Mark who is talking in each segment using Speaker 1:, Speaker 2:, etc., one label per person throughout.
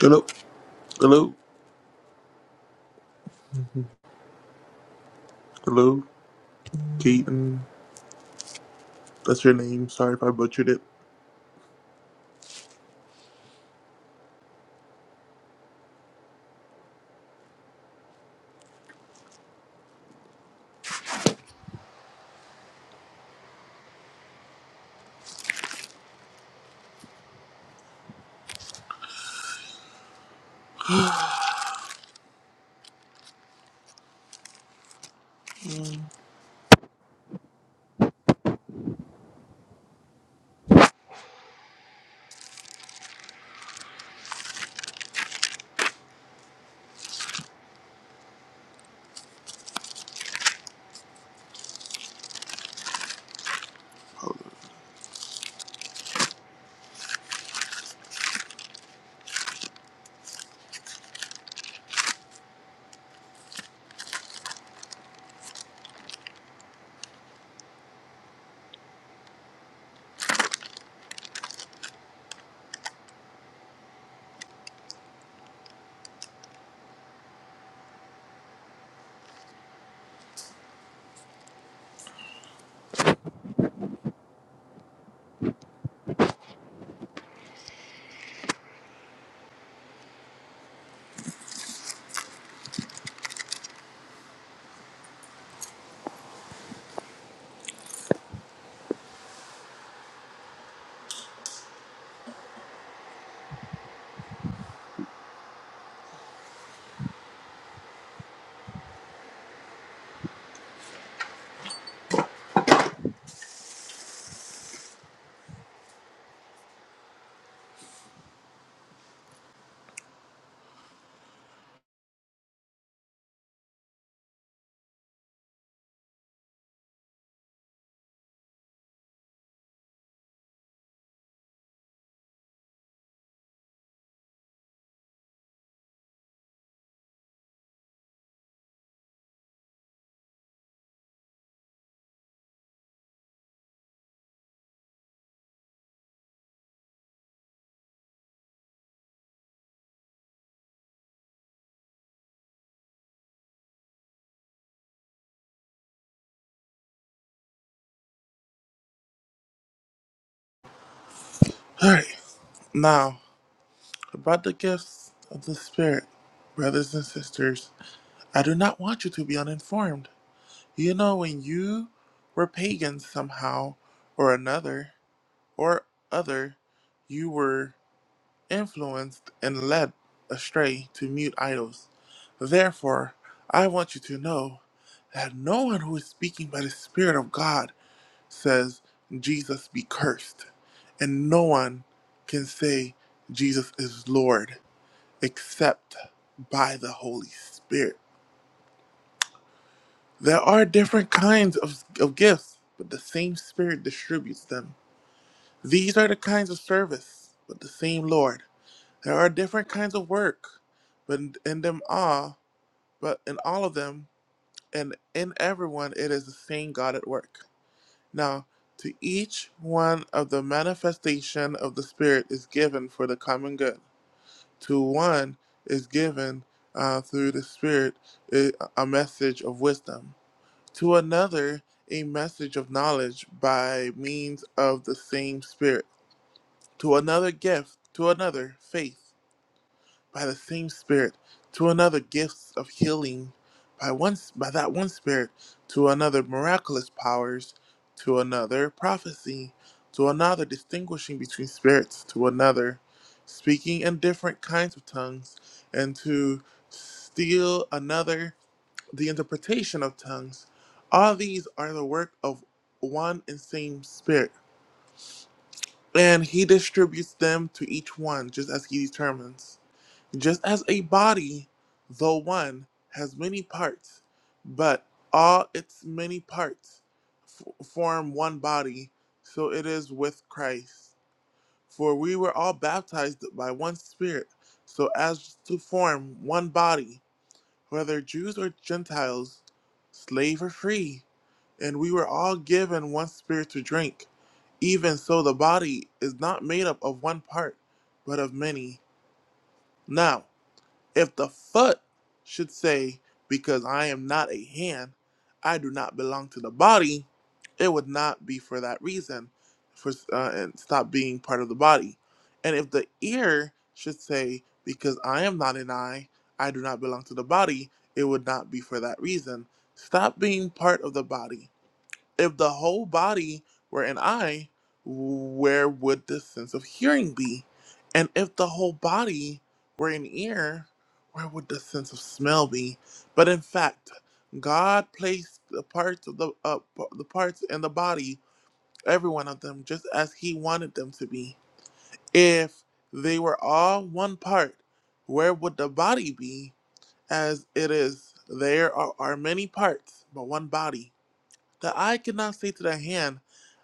Speaker 1: Hello, hello, hello, Keaton. That's your name. Sorry if I butchered it. All right, now about the gifts of the Spirit, brothers and sisters. I do not want you to be uninformed. You know, when you were pagans somehow or another or other, you were influenced and led astray to mute idols. Therefore, I want you to know that no one who is speaking by the Spirit of God says, Jesus be cursed. And no one can say Jesus is Lord except by the Holy Spirit. There are different kinds of, of gifts, but the same Spirit distributes them. These are the kinds of service, but the same Lord. There are different kinds of work, but in, in them all, but in all of them, and in everyone, it is the same God at work. Now, to each one of the manifestation of the Spirit is given for the common good. To one is given uh, through the Spirit a a message of wisdom. To another, a message of knowledge by means of the same Spirit. To another, gift. To another, faith by the same spirit to another gifts of healing by one by that one spirit to another miraculous powers to another prophecy to another distinguishing between spirits to another speaking in different kinds of tongues and to still another the interpretation of tongues all these are the work of one and same spirit and he distributes them to each one just as he determines just as a body, though one, has many parts, but all its many parts f- form one body, so it is with Christ. For we were all baptized by one Spirit, so as to form one body, whether Jews or Gentiles, slave or free, and we were all given one Spirit to drink. Even so, the body is not made up of one part, but of many. Now, if the foot should say, Because I am not a hand, I do not belong to the body, it would not be for that reason, for uh, and stop being part of the body. And if the ear should say, Because I am not an eye, I do not belong to the body, it would not be for that reason. Stop being part of the body if the whole body were an eye, where would the sense of hearing be? And if the whole body were an ear, where would the sense of smell be? But in fact, God placed the parts of the uh, p- the parts in the body, every one of them, just as He wanted them to be. If they were all one part, where would the body be? As it is, there are, are many parts, but one body the eye cannot say to the hand,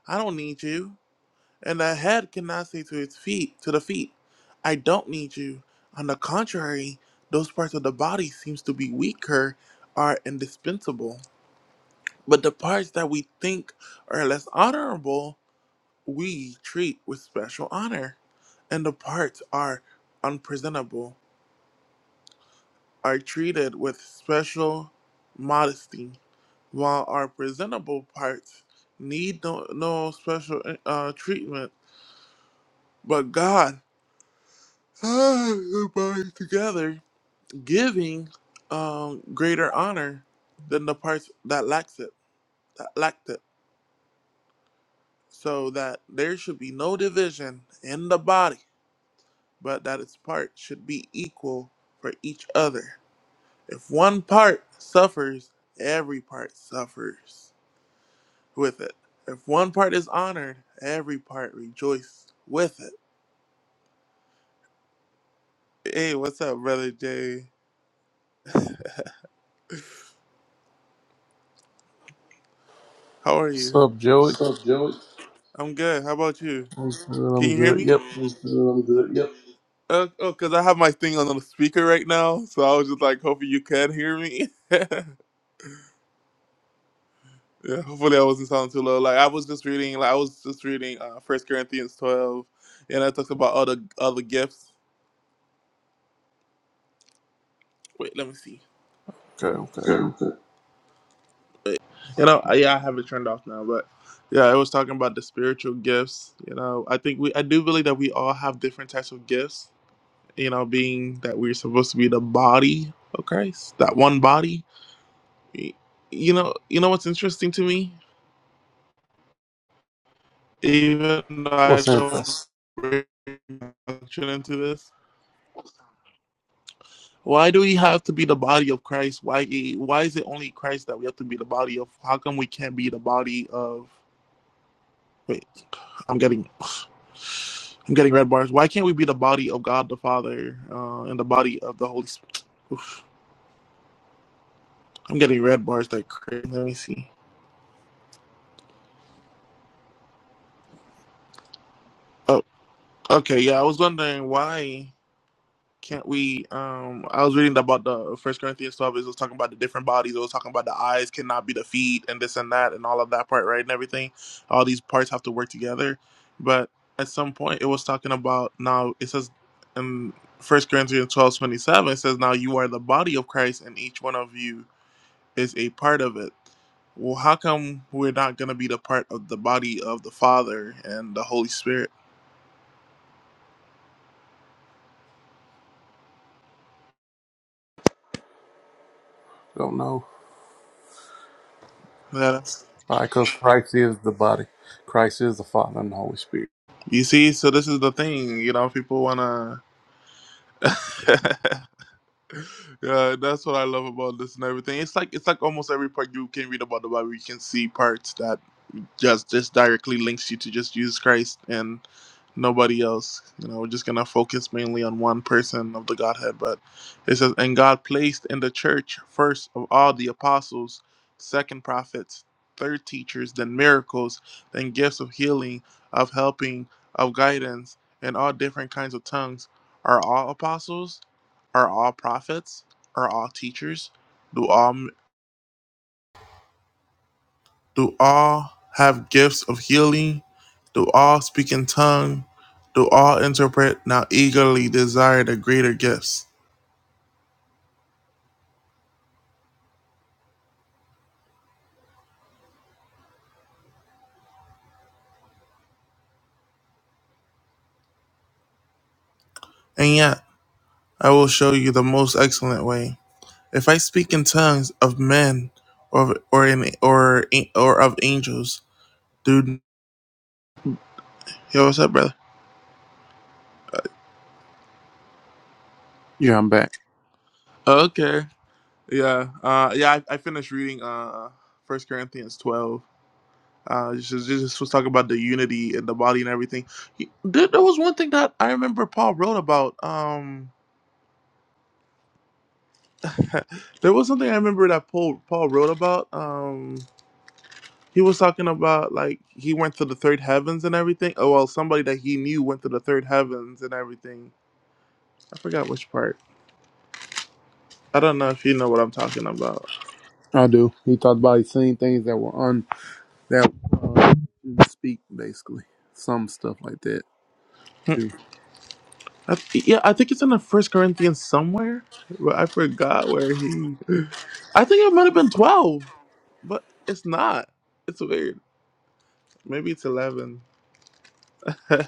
Speaker 1: I don't need you. And the head cannot say to its feet, to the feet, I don't need you. On the contrary, those parts of the body seems to be weaker are indispensable. But the parts that we think are less honorable, we treat with special honor. And the parts are unpresentable are treated with special modesty while our presentable parts need no, no special uh, treatment, but God ties the body together giving um, greater honor than the parts that lacks it, that lacked it, so that there should be no division in the body, but that its parts should be equal for each other. If one part suffers, every part suffers. with it. If one part is honored, every part rejoices with it. Hey, what's up, brother Jay? How are
Speaker 2: What's
Speaker 1: you?
Speaker 2: up, Joey?
Speaker 1: What's up, Joey? I'm good. How about you?
Speaker 2: I'm good.
Speaker 1: Can
Speaker 2: I'm
Speaker 1: you hear
Speaker 2: good.
Speaker 1: me?
Speaker 2: Yep.
Speaker 1: I'm good. I'm good. Yep. Uh, oh, because I have my thing on the speaker right now, so I was just like, hoping you can hear me. yeah, hopefully I wasn't sounding too low. Like I was just reading, like I was just reading uh First Corinthians twelve, and I talked about all the all the gifts. Wait, let me see. Let
Speaker 2: Okay.
Speaker 1: me
Speaker 2: Okay.
Speaker 1: Okay. you know I, yeah i have it turned off now but yeah i was talking about the spiritual gifts you know i think we i do believe that we all have different types of gifts you know being that we're supposed to be the body of christ that one body Y- you know you know what's interesting to me even though i
Speaker 2: What's
Speaker 1: don't
Speaker 2: interest?
Speaker 1: bring doctrine into this why do we have to be the body of christ why why is it only christ that we have to be the body of how come we can't be the body of Wait, I'm getting I'm getting red bars. Why can't we be the body of God the Father uh, and the body of the Holy Spirit? I'm getting red bars. That crazy. Let me see. Oh, okay. Yeah, I was wondering why. Can't we? Um, I was reading about the First Corinthians twelve. It was talking about the different bodies. It was talking about the eyes cannot be the feet and this and that and all of that part, right? And everything. All these parts have to work together. But at some point, it was talking about now. It says in First Corinthians twelve twenty seven. It says now you are the body of Christ, and each one of you is a part of it. Well, how come we're not gonna be the part of the body of the Father and the Holy Spirit?
Speaker 2: Don't know.
Speaker 1: That's
Speaker 2: Why? Because Christ is the body. Christ is the Father and the Holy Spirit.
Speaker 1: you see. So this is the thing. You know, people wanna. yeah, that's what I love about this and everything. It's like it's like almost every part you can read about the Bible, you can see parts that just this directly links you to just Jesus Christ and nobody else. You know, we're just gonna focus mainly on one person of the Godhead. But it says, and God placed in the church first of all the apostles, second prophets, third teachers, then miracles, then gifts of healing, of helping, of guidance, and all different kinds of tongues. Are all apostles? Are all prophets? Are all teachers? Do all do all have gifts of healing? Do all speak in tongue? Do all interpret? Now eagerly desire the greater gifts. And yet, I will show you the most excellent way. If I speak in tongues of men, or or in, or or of angels, do yo, what's up, brother?
Speaker 2: Yeah, I'm back.
Speaker 1: Okay, yeah, uh, yeah. I, I finished reading uh First Corinthians twelve Uh, Jesus, Jesus was talking about the unity and the body and everything. He, there, there was one thing that I remember Paul wrote about. Um, there was something I remember that Paul Paul wrote about. Um, he was talking about like he went to the third heavens and everything. Oh well, somebody that he knew went to the third heavens and everything. I forgot which part. I don't know if you know what I'm talking about.
Speaker 2: I do. He talked about he seen things that were un that uh, didn't speak basically. Some stuff like that
Speaker 1: Hmm,
Speaker 2: too.
Speaker 1: I th- yeah, I think it's in the First Corinthians somewhere. But I forgot where he. I think it might have been twelve, but it's not. It's weird. Maybe it's eleven. Wait,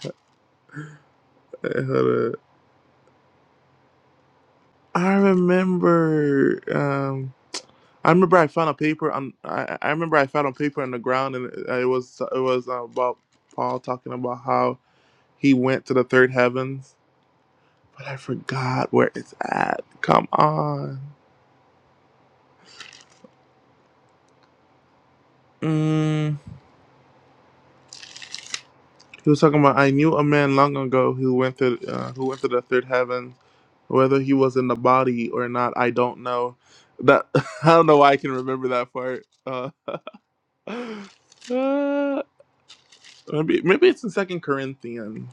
Speaker 1: hold up. I remember. Um, I remember I found a paper on. I, I remember I found a paper on the ground, and it, it was it was uh, about Paul talking about how he went to the third heavens, but I forgot where it's at. Come on. Mm. He was talking about I knew a man long ago who went to uh, who went to the third heavens, whether he was in the body or not. I don't know. That I don't know why I can remember that part. Uh, Uh, maybe maybe it's in Second Corinthians.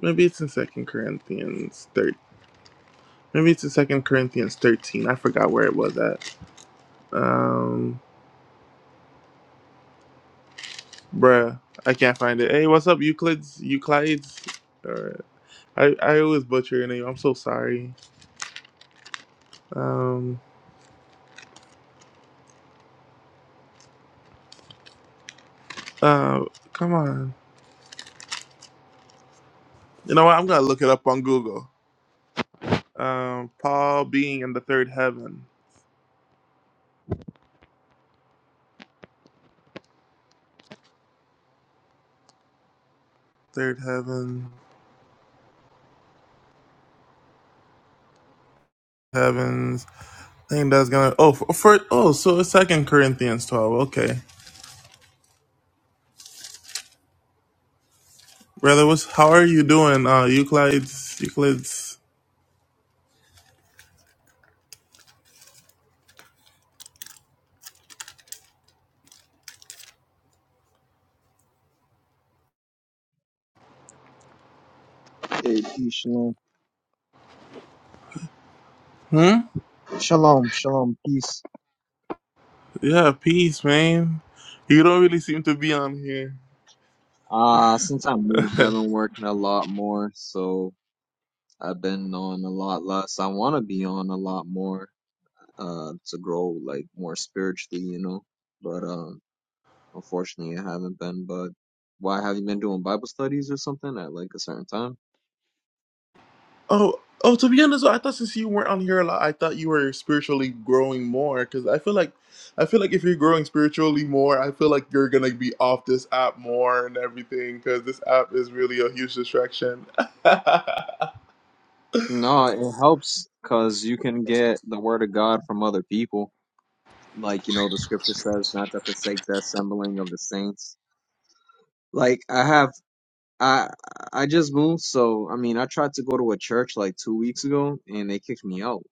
Speaker 1: Maybe it's in Second Corinthians thirteen. Maybe it's in Second Corinthians thirteen. I forgot where it was at. Um, bruh, I can't find it. Hey, what's up, Euclides? Euclides. All right. I I always butcher your name. I'm so sorry. Um, uh, come on. You know what? I'm gonna look it up on Google. Um, Paul being in the third heaven. Third heaven. Heavens. I think that's gonna. Oh, for, for oh, so it's Second Corinthians twelve. Okay, brother, what's how are you doing? Uh, Euclides, Euclides.
Speaker 3: Hey, peace, shalom.
Speaker 1: Hmm?
Speaker 3: Shalom, shalom, peace.
Speaker 1: Yeah, peace, man. You don't really seem to be on here.
Speaker 3: Uh, since I moved, I've been working a lot more, so I've been on a lot less. I want to be on a lot more, uh, to grow, like, more spiritually, you know. But, um, unfortunately, I haven't been. But why have you been doing Bible studies or something at, like, a certain time?
Speaker 1: Oh, oh. To be honest, I thought since you weren't on here a lot, I thought you were spiritually growing more. Cause I feel like, I feel like if you're growing spiritually more, I feel like you're gonna be off this app more and everything. Cause this app is really a huge distraction.
Speaker 3: No, it helps because you can get the word of God from other people. Like, you know, the scripture says not to forsake the assembling of the saints. Like, I have I I just moved, so I mean, I tried to go to a church like two weeks ago, and they kicked me out.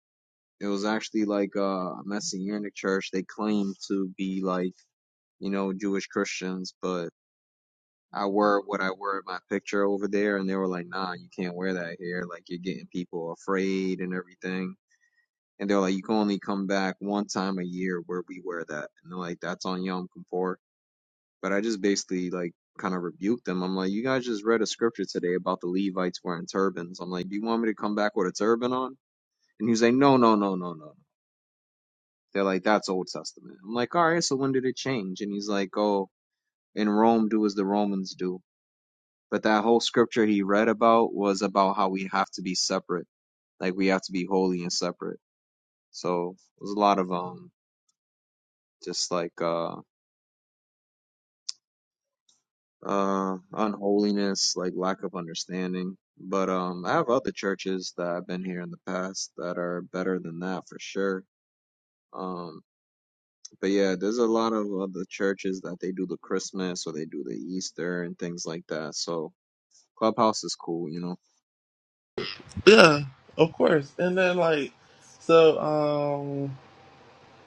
Speaker 3: It was actually like uh, a Messianic church. They claimed to be like you know Jewish Christians, but I wore what I wore in my picture over there, and they were like, "Nah, you can't wear that here. Like you're getting people afraid and everything." And they're like, "You can only come back one time a year where we wear that." And they're like, "That's on Yom Kippur." But I just basically like kind of rebuked them. I'm like, you guys just read a scripture today about the Levites wearing turbans. I'm like, do you want me to come back with a turban on? And he's like, no, no, no, no, no. no." They're like, that's Old Testament. I'm like, all right, so when did it change? And he's like, oh, in Rome, do as the Romans do. But that whole scripture he read about was about how we have to be separate, like we have to be holy and separate. So it was a lot of um, just like uh uh, unholiness, like lack of understanding. But um, I have other churches that I've been here in the past that are better than that for sure. Um, but yeah, there's a lot of other churches that they do the Christmas or they do the Easter and things like that. So Clubhouse is cool, you know.
Speaker 1: Yeah, of course. And then like so um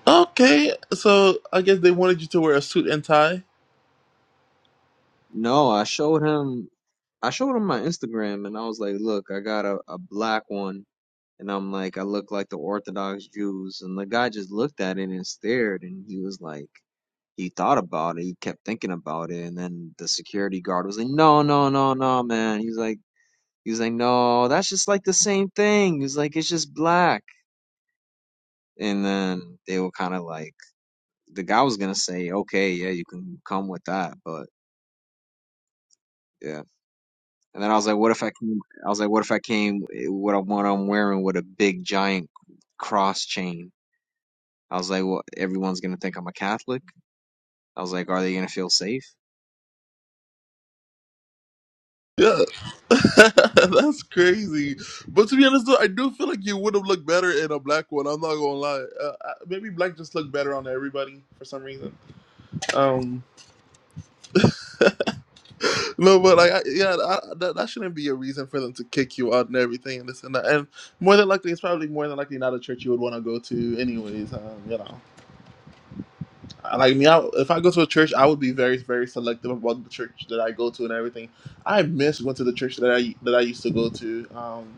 Speaker 1: okay, so I guess they wanted you to wear a suit and tie.
Speaker 3: No, I showed him, I showed him my Instagram, and I was like, look, I got a, a black one. And I'm like, I look like the Orthodox Jews. And the guy just looked at it and stared, and he was like, he thought about it. He kept thinking about it, and then the security guard was like, "No, no, no, no, man." He's like, he's like, "No, that's just like the same thing." He's like, "It's just black." And then they were kind of like, the guy was gonna say, "Okay, yeah, you can come with that," but yeah. And then I was like, "What if I came?" I was like, "What if I came? eh, What i what I'm wearing with a big giant cross chain?" I was like, "Well, everyone's gonna think I'm a Catholic." I was like, "Are they gonna feel safe?"
Speaker 1: Yeah. That's crazy. But to be honest though, I do feel like you would have looked better in a black one. I'm not going to lie. Uh, I- maybe black just looked better on everybody for some reason. Um no, but like I, yeah, I, that that shouldn't be a reason for them to kick you out and everything and this and that. And more than likely it's probably more than likely not a church you would want to go to anyways, um, you know. I- like me, I, if I go to a church, I would be very, very selective about the church that I go to and everything. I miss going to the church that I that I used to go to, um,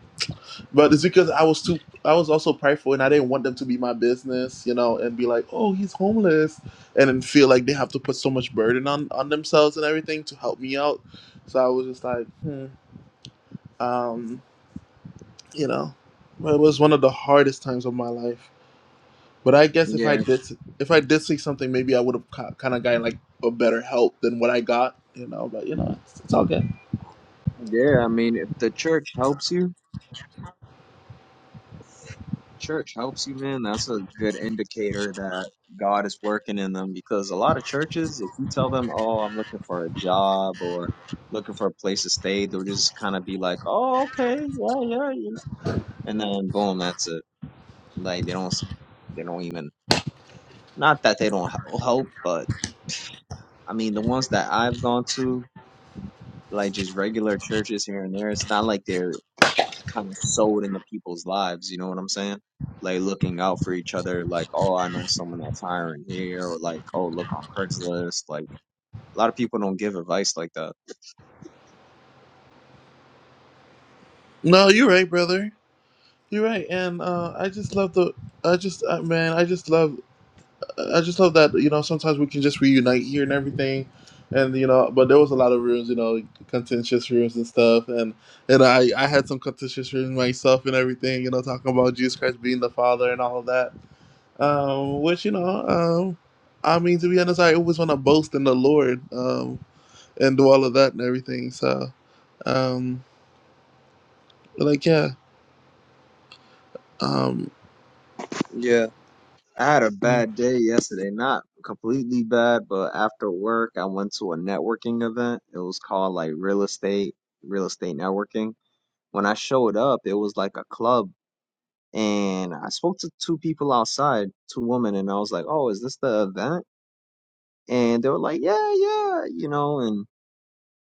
Speaker 1: but it's because I was too, I was also prideful, and I didn't want them to be my business, you know, and be like, oh, he's homeless, and then feel like they have to put so much burden on on themselves and everything to help me out. So I was just like, hmm, um, you know, but it was one of the hardest times of my life. But I guess if I
Speaker 3: Yeah,
Speaker 1: did if I did see something, maybe I would have kind of gotten like a better help than what I got, you know. But you know, it's, it's all good.
Speaker 3: yeah. I mean, if the church helps you, church helps you, man, that's a good indicator that God is working in them because a lot of churches, if you tell them, oh, I'm looking for a job or looking for a place to stay, they'll just kind of be like, oh, okay, yeah, yeah, you know, and then boom, that's it. Like they don't, s- they don't even, not that they don't hel- help, but I mean, the ones that I've gone to, like just regular churches here and there, it's not like they're kind of sewed into people's lives. You know what I'm saying? Like looking out for each other. Like, oh, I know someone that's hiring here, or like, oh, look on Craigslist. Like, a lot of people don't give advice like that.
Speaker 1: No, you're right, brother. You're right, and uh, I just love the. I just uh, man, I just love. I just love that you know sometimes we can just reunite here and everything, and you know. But there was a lot of rooms, you know, like, contentious rooms and stuff, and and I I had some contentious rooms myself and everything, you know, talking about Jesus Christ being the Father and all of that Um, which you know, um, I mean, to be honest, I always want to boast in the Lord, um, and do all of that and everything. So, um, like, yeah, um,
Speaker 3: Yeah, I had a bad day yesterday. Not completely bad, but after work, I went to a networking event. It was called like real estate, real estate networking. When I showed up, it was like a club, and I spoke to two people outside, two women, and I was like, "Oh, is this the event?" And they were like, "Yeah, yeah," you know, and.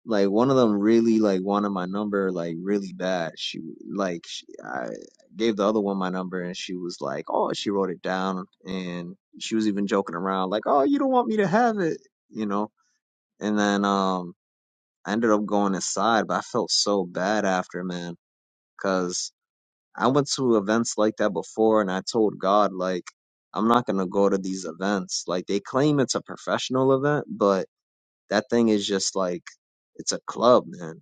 Speaker 3: Like one of them really like wanted my number like really bad. She like she, I gave the other one my number and she was like, "Oh," she wrote it down and she was even joking around like, "Oh, you don't want me to have it," you know. And then um I ended up going inside, but I felt so bad after, man, cuz I went to events like that before and I told God like I'm not going to go to these events. Like they claim it's a professional event, but that thing is just like it's a club, man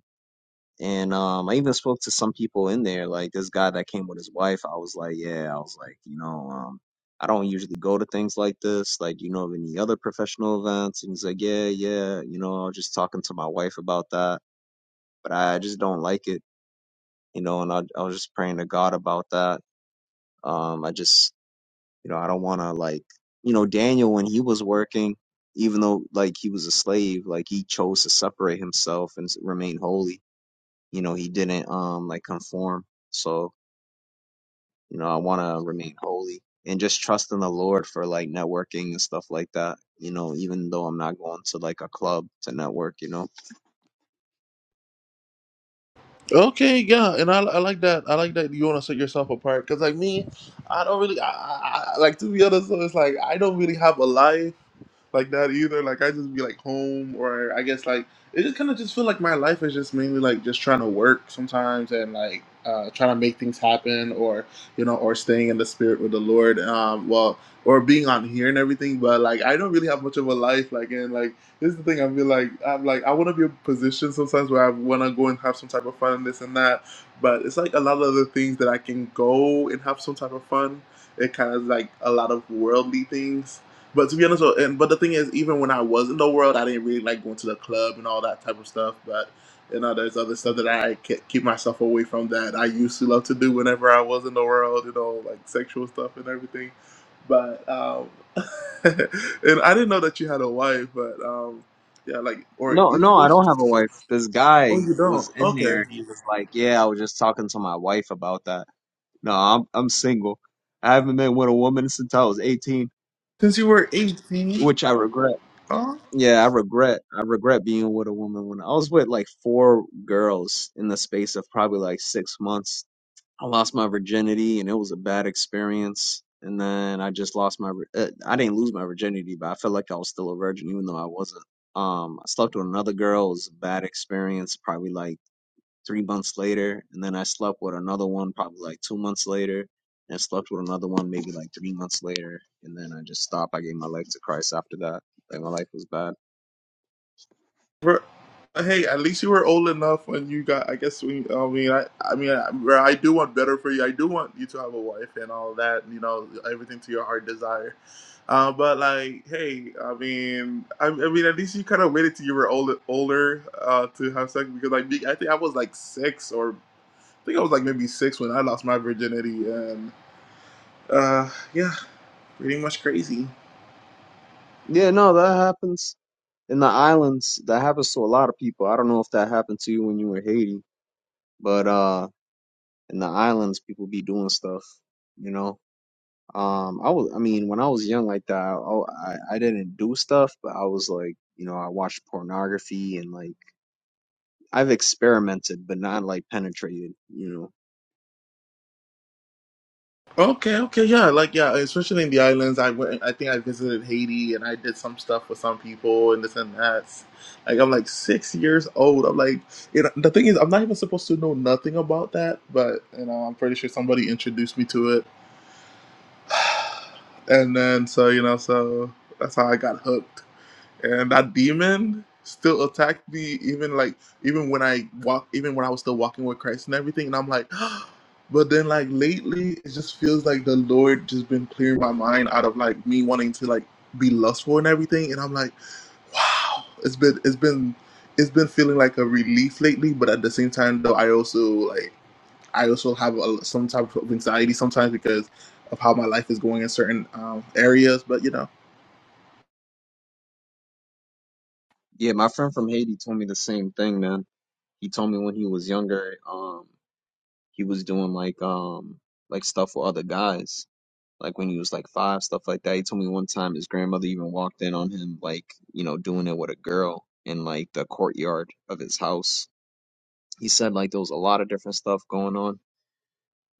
Speaker 3: and um, I even spoke to some people in there, like this guy that came with his wife. I was like, yeah, I was like, you know, um, I don't usually go to things like this. Like, you know, of any other professional events? And he's like, yeah, yeah, you know, I was just talking to my wife about that, but I just don't like it, you know, and I, I was just praying to God about that. Um, I just, you know, I don't want to like, you know, Daniel, when he was working, even though like he was a slave, like he chose to separate himself and s- remain holy you know he didn't um like conform so you know i want to remain holy and just trust in the lord for like networking and stuff like that you know even though i'm not going to like a club to network you know
Speaker 1: okay, yeah, and I, I like that. I like that you want to set yourself apart because, like me, I don't really, I, I, I- like to be honest, so it's like I don't really have a life. like that either. Like I just be like home, or I guess like it just kind of just feel like my life is just mainly like just trying to work sometimes and like uh, trying to make things happen, or you know, or staying in the spirit with the Lord. Um, well, or being on here and everything, but like I don't really have much of a life. Like and like this is the thing. I feel like I'm like I want to be in a position sometimes where I want to go and have some type of fun and this and that. But it's like a lot of the things that I can go and have some type of fun. It kind of like a lot of worldly things but to be honest, uh, and but the thing is, even when I was in the world, I didn't really like going to the club and all that type of stuff. But you know, there's other stuff that I ke- keep myself away from that I used to love to do whenever I was in the world. You know, like sexual stuff and everything. But um, and I didn't know that you had a wife. But um, yeah, like or
Speaker 3: no
Speaker 1: even
Speaker 3: no i
Speaker 1: go.
Speaker 3: don't have a wife this guy
Speaker 1: Oh, you don't.
Speaker 3: was in
Speaker 1: Okay.
Speaker 3: there he was like yeah i was just talking to my wife about that no i'm i'm single i haven't been with a woman since i was 18
Speaker 1: Since you were 18.
Speaker 3: which i regret
Speaker 1: huh?
Speaker 3: yeah, I regret. I regret being with a woman when I was with like four girls in the space of probably like six months I lost my virginity and it was a bad experience. And then I just lost my, vir- uh, I didn't lose my virginity, but I felt like I was still a virgin, even though I wasn't. Um, I slept with another girl. It was a bad experience, probably like three months later. And then I slept with another one, probably like two months later. And I slept with another one, maybe like three months later. And then I just stopped. I gave my life to Christ after that. Like my life was bad.
Speaker 1: Bro, hey, at least you were old enough when you got. I guess when I mean, I, I mean, I, bro, I do want better for you. I do want you to have a wife and all that. You know, everything to your heart desire. Uh, but like, hey, I mean, I, I mean, at least you kind of waited till you were old, older uh, to have sex because like, me- I think I was like six or I think I was like maybe six when I lost my virginity and uh, yeah, pretty much crazy.
Speaker 3: Yeah, no, that happens in the islands. That happens to a lot of people. I don't know if that happened to you when you were in Haiti, but, uh, in the islands people be doing stuff you know um i was i mean when i was young like that I, oh, I i didn't do stuff but i was like you know i watched pornography and like i've experimented but not like penetrated you know
Speaker 1: Okay, okay, yeah, like yeah, especially in the islands. I went. I think I visited Haiti, and I did some stuff with some people, and this and that. Like I'm like six years old. I'm like, you know, the thing is, I'm not even supposed to know nothing about that, but you know, I'm pretty sure somebody introduced me to it, and then so you know, so that's how I got hooked and that demon still attacked me even like even when i walk even when i was still walking with christ and everything and i'm like but then like lately it just feels like the lord just been clearing my mind out of like me wanting to like be lustful and everything and i'm like wow it's been it's been it's been feeling like a relief lately but at the same time though i also like i also have a, some type of anxiety sometimes because of how my life is going in certain um, areas but you know
Speaker 3: yeah my friend from haiti told me the same thing man he told me when he was younger um he was doing like um like stuff with other guys like when he was like five, stuff like that. He told me one time his grandmother even walked in on him, like, you know, doing it with a girl in like the courtyard of his house. He said like there was a lot of different stuff going on.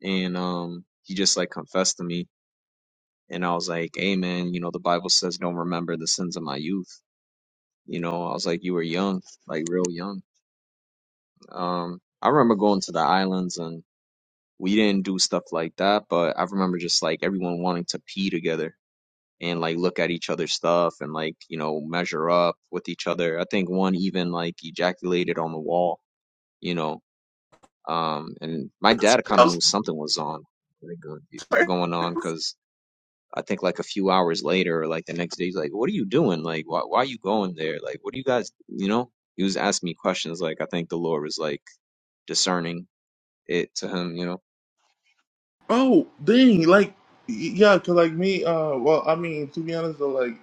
Speaker 3: And um he just like confessed to me and I was like, Hey man, you know, the Bible says don't remember the sins of my youth. You know, I was like, You were young, like real young. Um I remember going to the islands and we didn't do stuff like that, but I remember just like everyone wanting to pee together and like look at each other's stuff and like you know measure up with each other. I think one even like ejaculated on the wall, you know. Um, and my dad kind of
Speaker 1: I'm
Speaker 3: knew something was on like, go-
Speaker 1: sorry.
Speaker 3: going on because I think like a few hours later, or like the next day, he's like, "What are you doing? Like, why why are you going there? Like, what do you guys, you know?" He was asking me questions. Like, I think the Lord was like discerning it to him, you know.
Speaker 1: Oh, dang! Like, yeah, cause like me. Uh, well, I mean, to be honest, though, like,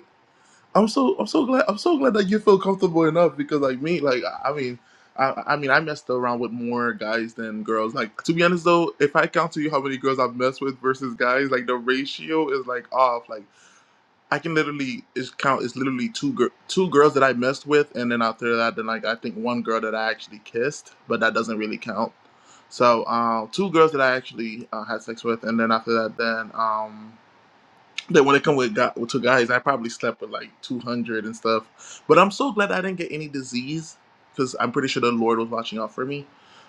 Speaker 1: I'm so I'm so glad I'm so glad that you feel comfortable enough because like me, like, I I mean, I I mean, I messed around with more guys than girls. Like, to be honest, though, if I count to you how many girls I've messed with versus guys, like the ratio is like off. Like. I can literally it's count. It's literally two gir- two girls that I messed with, and then after that, then like I think one girl that I actually kissed, but that doesn't really count. So uh, two girls that I actually uh, had sex with, and then after that, then. Um, that when it come with gu to guys, I probably slept with like 200 and stuff. But I'm so glad I didn't get any disease because I'm pretty sure the Lord was watching out for me.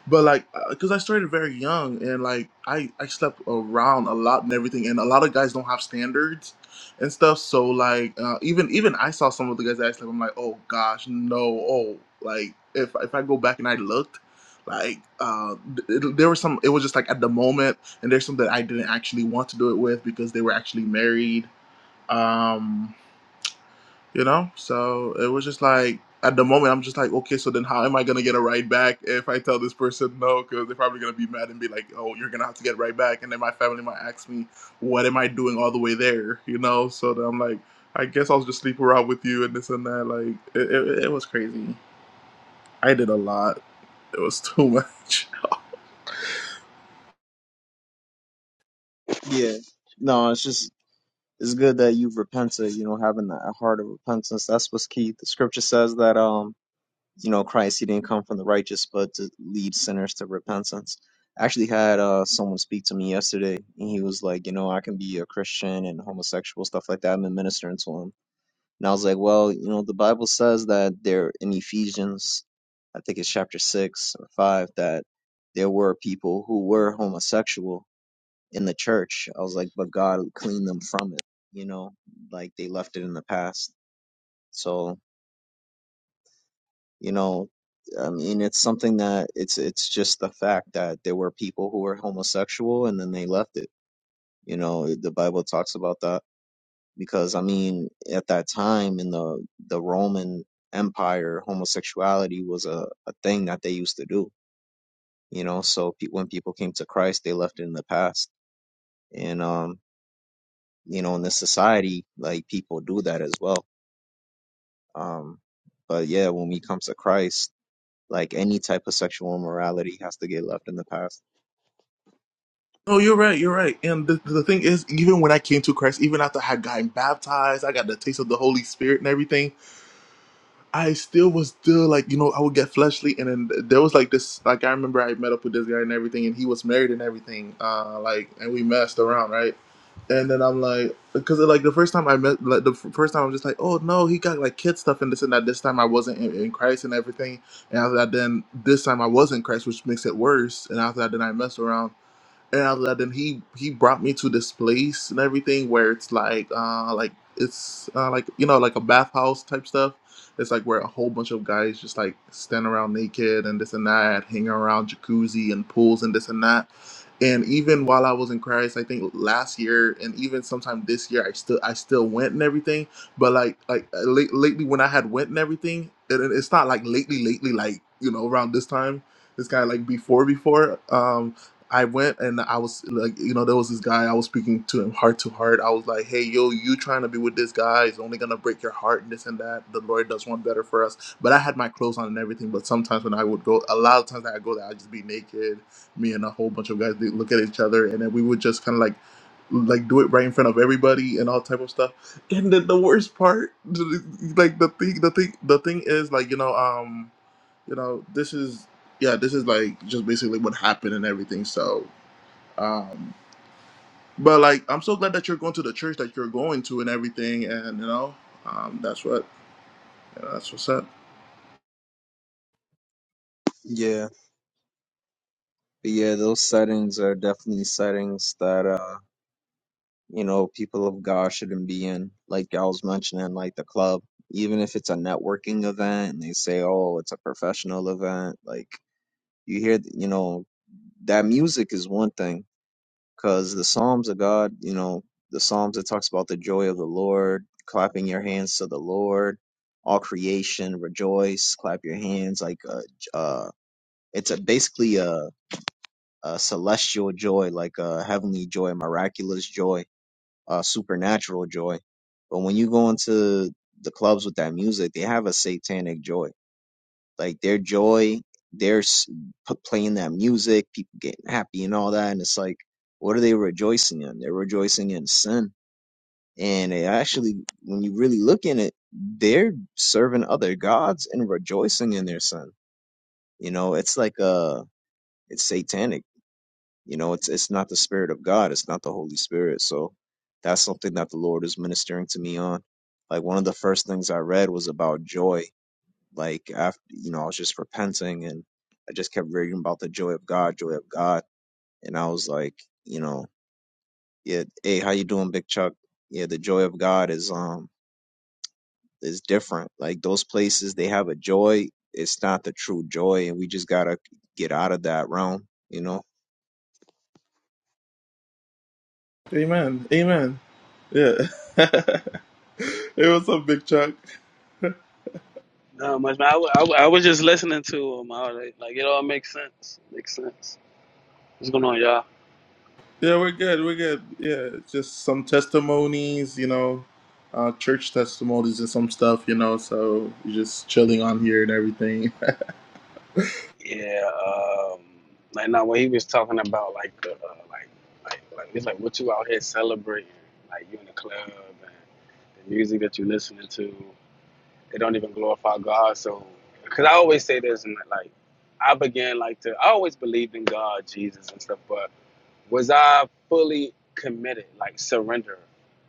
Speaker 1: But like, because I started very young and like I, I slept around a lot and everything, and a lot of guys don't have standards and stuff. So like, uh, even even I saw some of the guys that I slept. I'm like, oh gosh, no, oh like if if I go back and I looked, like uh, th- there was some. It was just like at the moment and there's some that I didn't actually want to do it with because they were actually married. Um, you know, so it was just like at the moment I'm just like, okay, so then how am I gonna get a ride back if I tell this person no? Because they're probably gonna be mad and be like, oh, you're gonna have to get right back, and then my family might ask me, what am I doing all the way there? You know, so then I'm like, I guess I'll just sleep around with you and this and that. Like it, it, it was crazy. I did a lot. It was too much.
Speaker 3: Yeah. No, it's just it's good that you've repented, you know, having a heart of repentance. That's what's key. The scripture says that, um, you know, Christ, he didn't come from the righteous, but to lead sinners to repentance. I actually had uh, someone speak to me yesterday, and he was like, you know, I can be a Christian and homosexual, stuff like that. I've been ministering to him. And I was like, well, you know, the Bible says that there in Ephesians, I think it's chapter six or five, that there were people who were homosexual in the church. I was like, but God cleaned them from it, you know, like they left it in the past. So, you know, I mean, it's something that it's it's just the fact that there were people who were homosexual and then they left it. You know, the Bible talks about that because I mean, at that time in the the Roman Empire, homosexuality was a, a thing that they used to do. You know, so pe- when people came to Christ, they left it in the past, and um, you know, in this society, like people do that as well Um, but yeah, when we come to Christ, like any type of sexual immorality has to get left in the past.
Speaker 1: Oh, you're right. You're right. And the, the thing is, even when I came to Christ, even after I had gotten baptized, I got the taste of the Holy Spirit and everything. I still was still like, you know, I would get fleshly. And then there was like this, like I remember I met up with this guy and everything, and he was married and everything. Uh, like, and we messed around, right? And then I'm like, because like the first time I met, like the f- first time I'm just like, oh no, he got like kid stuff and this and that. This time I wasn't in, in Christ and everything. And after that, then this time I was in Christ, which makes it worse. And after that, then I messed around and I let him. He he brought me to this place and everything where it's like uh like it's uh, like you know like a bathhouse type stuff. It's like where a whole bunch of guys just like stand around naked and this and that, hanging around jacuzzi and pools and this and that. And even while I was in Christ, I think last year and even sometime this year, I still I still went and everything. But like like uh, late, lately when I had went and everything, it, it- it's not like lately lately like you know around this time. It's kind of like before before. Um, I went and I was like, you know, there was this guy I was speaking to him heart to heart. I was like, hey, yo, you trying to be with this guy is only gonna break your heart and this and that. The Lord does want better for us. But I had my clothes on and everything. But sometimes when I would go, a lot of times that I go there, I'd just be naked. Me and a whole bunch of guys they look at each other, and then we would just kind of like, like do it right in front of everybody and all type of stuff. And then the worst part, like the thing, the thing, the thing is like, you know, um, you know, this is yeah, this is like just basically what happened and everything. So, um, but like, I'm so glad that you're going to the church that you're going to and everything, and you know, um, that's what you know, that's what's up.
Speaker 3: Yeah, but yeah, those settings are definitely settings that uh, you know, people of God shouldn't be in. Like you was mentioning, like the club, even if it's a networking event and they say, oh, it's a professional event, like You hear, you know, that music is one thing because the Psalms of God, you know, the Psalms that talks about the joy of the Lord, clapping your hands to the Lord, all creation rejoice, clap your hands, like uh, j- uh it's a basically a, a celestial joy, like a heavenly joy, miraculous joy, uh, supernatural joy. But when you go into the clubs with that music, they have a satanic joy like their joy, their s- p- playing that music, people getting happy and all that. And it's like, what are they rejoicing in? They're rejoicing in sin. And they actually, when you really look in it, they're serving other gods and rejoicing in their sin. You know, it's like uh it's satanic. You know, it's it's not the spirit of God. It's not the Holy Spirit. So that's something that the Lord is ministering to me on. Like one of the first things I read was about joy like after you know, I was just repenting and I just kept reading about the joy of God, joy of God, and I was like, you know, yeah, hey, how you doing, Big Chuck? Yeah, the joy of God is um is different. Like those places, they have a joy. It's not the true joy, and we just gotta get out of that realm, you know.
Speaker 1: Amen. Amen. Yeah. it was a big Chuck?
Speaker 4: Not much, man. I, w- I, w- I was just listening to him. All right. Like, like, it all makes sense. Makes sense. What's going on, y'all?
Speaker 1: Yeah, we're good. We're good. Yeah, just some testimonies, you know, uh, church testimonies and some stuff, you know. So you're just chilling on here and everything.
Speaker 4: Yeah. Um, like, now what he was talking about, like, the, uh, like, like, like, it's like what you out here celebrating. Like, you in the club and the music that you listening to, they don't even glorify God. So, because I always say this, and like, I began, like, to, I always believed in God, Jesus, and stuff, but Was I fully committed, like surrender?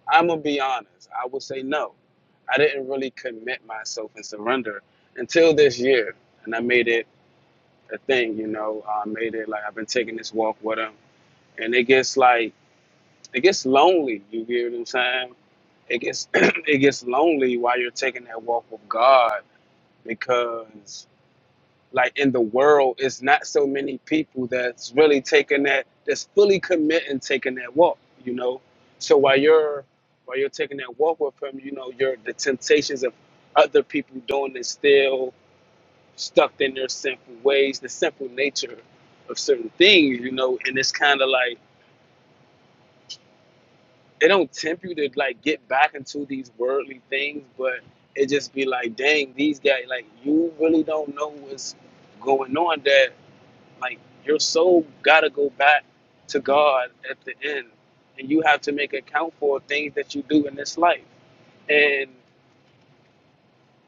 Speaker 4: I'm gonna be honest. I would say no. I didn't really commit myself and surrender until this year, and I made it a thing. You know, I made it like I've been taking this walk with him, and it gets like it gets lonely. You get what I'm saying? It gets it gets lonely while you're taking that walk with God because like in the world it's not so many people that's really taking that that's fully committing taking that walk you know so while you're while you're taking that walk with him you know your the temptations of other people doing this still stuck in their sinful ways the sinful nature of certain things you know and it's kind of like it don't tempt you to like get back into these worldly things but it just be like dang these guys like you really don't know what's going on that Like your soul gotta go back to God at the end, and you have to make account for things that you do in this life. And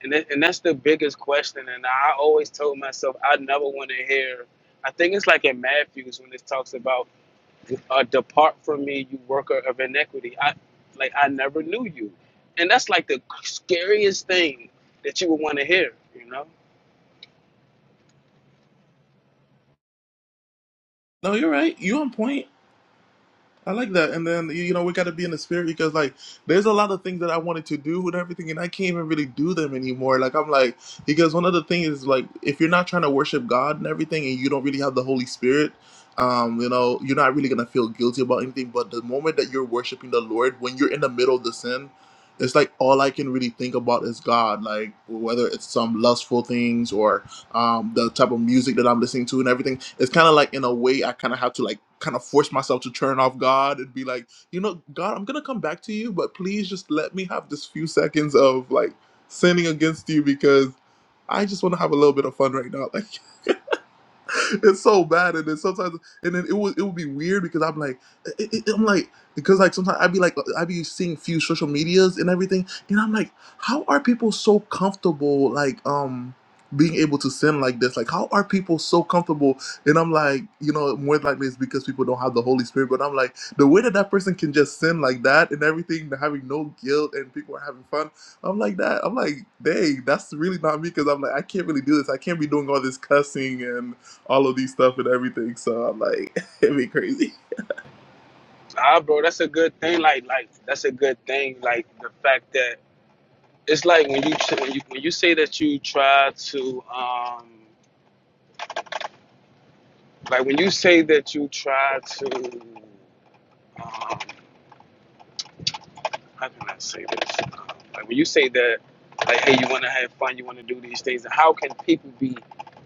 Speaker 4: and that, and that's the biggest question. And I always told myself I never want to hear. I think it's like in Matthew's when it talks about, uh, "Depart from me, you worker of iniquity." I like I never knew you, and that's like the scariest thing that you would want to hear. You know.
Speaker 1: No, you're right. You on point. I like that. And then you know we got to be in the spirit because like there's a lot of things that I wanted to do with everything, and I can't even really do them anymore. Like I'm like because one of the things is like if you're not trying to worship God and everything, and you don't really have the Holy Spirit. Um, you know, you're not really gonna feel guilty about anything, but the moment that you're worshiping the Lord, when you're in the middle of the sin, it's like all I can really think about is God. Like whether it's some lustful things or um, the type of music that I'm listening to and everything. It's kind of like in a way I kind of have to like kind of force myself to turn off God and be like, you know, God, I'm gonna come back to you, but please just let me have this few seconds of like sinning against you because I just want to have a little bit of fun right now. Like, it's so bad, and then sometimes, and then it would it would be weird because I'm like, it, it, I'm like, because like sometimes I'd be like, I'd be seeing few social medias and everything, and I'm like, how are people so comfortable like um being able to sin like this? Like, how are people so comfortable? And I'm like, you know, more than likely it's because people don't have the Holy Spirit. But I'm like, the way that that person can just sin like that and everything, having no guilt, and people are having fun. I'm like that. I'm like, dang, that's really not me because I'm like, I can't really do this. I can't be doing all this cussing and all of these stuff and everything. So I'm like, it'd be crazy.
Speaker 4: Ah, bro, that's a good thing. Like, like that's a good thing. Like the fact that it's like when you when you when you say that you try to um like when you say that you try to um how can I say this um, like when you say that like hey you want to have fun you want to do these things and how can people be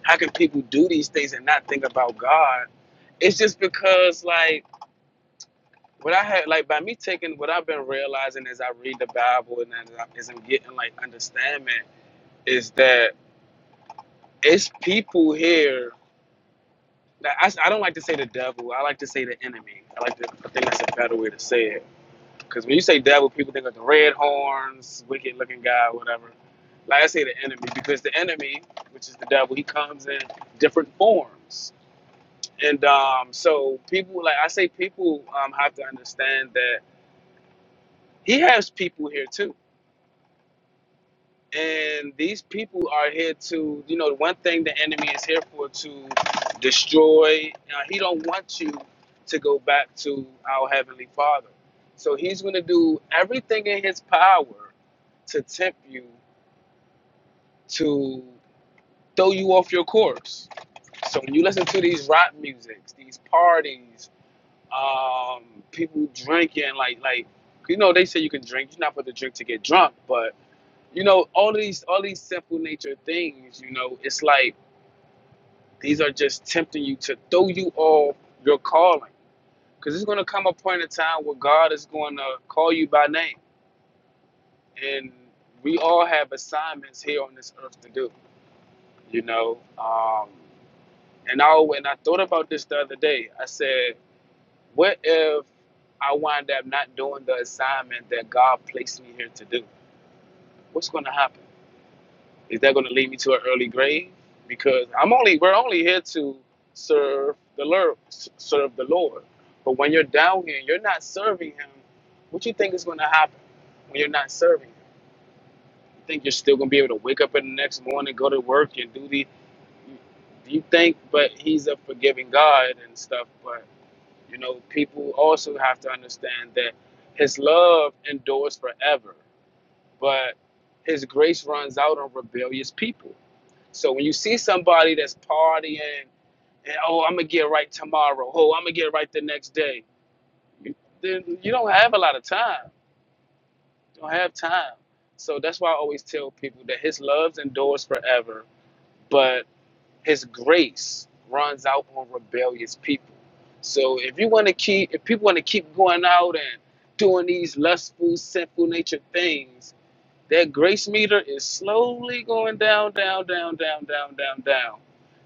Speaker 4: how can people do these things and not think about God it's just because like what I had like by me taking what I've been realizing as I read the Bible and as, I, as I'm getting like understanding is that it's people here I, I don't like to say the devil. I like to say the enemy. I like to I think that's a better way to say it. Because when you say devil, people think of the red horns, wicked looking guy, whatever. Like I say, the enemy, because the enemy, which is the devil, he comes in different forms. And um, so people, like I say, people um, have to understand that he has people here too And these people are here to, you know, one thing the enemy is here for to destroy. Uh, he don't want you to go back to our heavenly Father. So he's going to do everything in his power to tempt you to throw you off your course. So when you listen to these rap musics, these parties, um, people drinking, like like you know, they say you can drink. You're not supposed to drink to get drunk, but you know all of these all these simple nature things you know it's like these are just tempting you to throw you off your calling because it's going to come a point in time where god is going to call you by name and we all have assignments here on this earth to do you know um and i when i thought about this the other day i said what if i wind up not doing the assignment that god placed me here to do what's going to happen Is that going to lead me to an early grave? Because I'm only we're only here to serve the Lord, serve the Lord. But when you're down here, and you're not serving Him. What you think is going to happen when you're not serving Him? You think you're still going to be able to wake up in the next morning, go to work, and do the? Do you think? But He's a forgiving God and stuff. But you know, people also have to understand that His love endures forever, but His grace runs out on rebellious people so when you see somebody that's partying and oh, I'm gonna get right tomorrow. Oh, I'm gonna get right the next day. You, then you don't have a lot of time. You don't have time. So that's why I always tell people that His love endures forever, but His grace runs out on rebellious people. So if you want to keep, if people want to keep going out and doing these lustful, sinful nature things, that grace meter is slowly going down, down, down, down, down, down, down.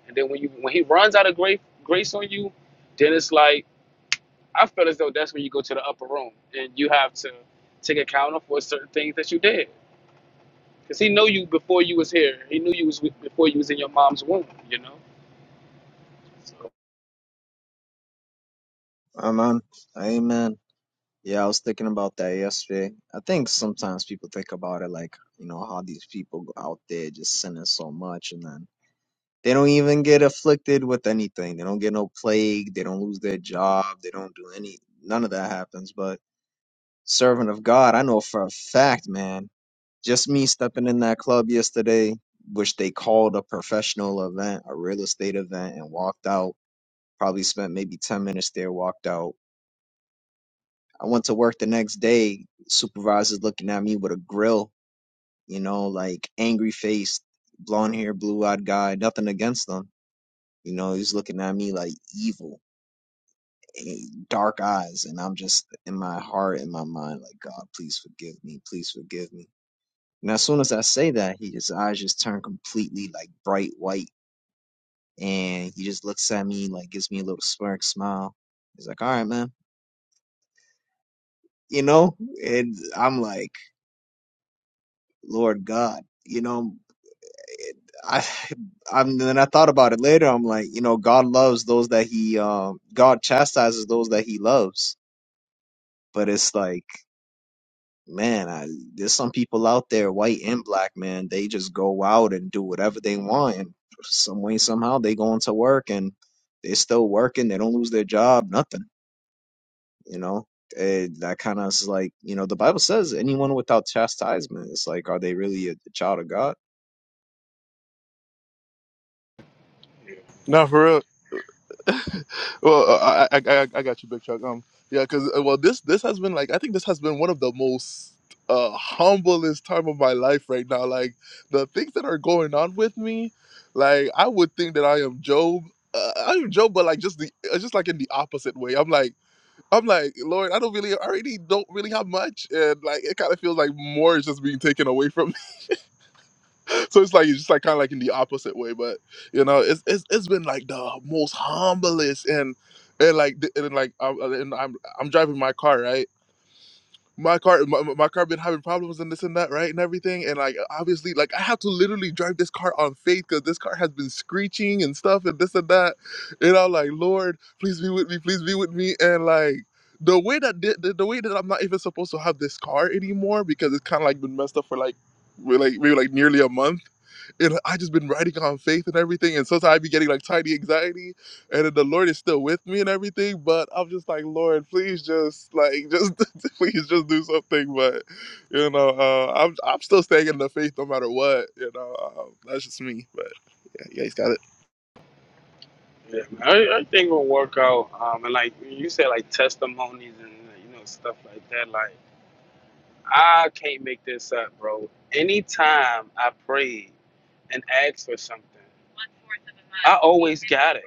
Speaker 4: And then when you when he runs out of grace grace on you, then it's like I feel as though that's when you go to the upper room and you have to take account of for certain things that you did. Cause he knew you before you was here. He knew you was with- before you was in your mom's womb. You know. So
Speaker 3: Amen. Amen. Yeah, I was thinking about that yesterday. I think sometimes people think about it like, you know, how these people go out there just sinning so much, and then They don't even get afflicted with anything. They don't get no plague. They don't lose their job. They don't do any, none of that happens. But servant of God, I know for a fact, man, just me stepping in that club yesterday, which they called a professional event, a real estate event, and walked out. Probably spent maybe 10 minutes there, walked out. I went to work the next day. Supervisor's looking at me with a grill, you know, like angry faced, blonde hair, blue eyed guy, nothing against them. You know, he's looking at me like evil eh, dark eyes and i'm just in my heart in my mind like god please forgive me please forgive me and as soon as i say that he his eyes just turn completely like bright white and he just looks at me like gives me a little smirk smile he's like all right man you know and i'm like lord god you know i i'm then i thought about it later i'm like you know god loves those that he um god chastises those that he loves but it's like man, I, there's some people out there, white and black, man, they just go out and do whatever they want. And some way, somehow, they go into work and they're still working. They don't lose their job, nothing, you know? Eh, that kind of is like, you know, the Bible says anyone without chastisement, it's like, are they really a, child of God?
Speaker 1: No, for real. well, uh, I, I I I got you, Big Chuck. Um, yeah, because well, this this has been like I think this has been one of the most uh humblest time of my life right now. Like the things that are going on with me, like I would think that I am Job. Uh, I am Job, but like just the uh, just like in the opposite way. I'm like I'm like Lord, I don't really I already don't really have much, and like it kind of feels like more is just being taken away from so it's like it's just like kind of like in the opposite way but you know it's it's, it's been like the most humblest and and like th- and like I'm, and I'm i'm driving my car right my car my, my my car been having problems and this and that right and everything and like obviously like i have to literally drive this car on faith because this car has been screeching and stuff and this and that and i'm like lord please be with me please be with me and like the way that the, the the way that i'm not even supposed to have this car anymore because it's kind of like been messed up for like we're like maybe like nearly a month and I just been writing on faith and everything. And sometimes I be getting like tiny anxiety, and then the Lord is still with me and everything. But I'm just like, Lord, please just like just please just do something. But you know, uh, I'm I'm still staying in the faith no matter what. You know, um, that's just me. But yeah, yeah, he's got it.
Speaker 4: yeah, man, I, I will work out. Um, and like you said, like testimonies and you know stuff like that. like. I can't make this up, bro. Anytime I prayed and asked for something, I always got it.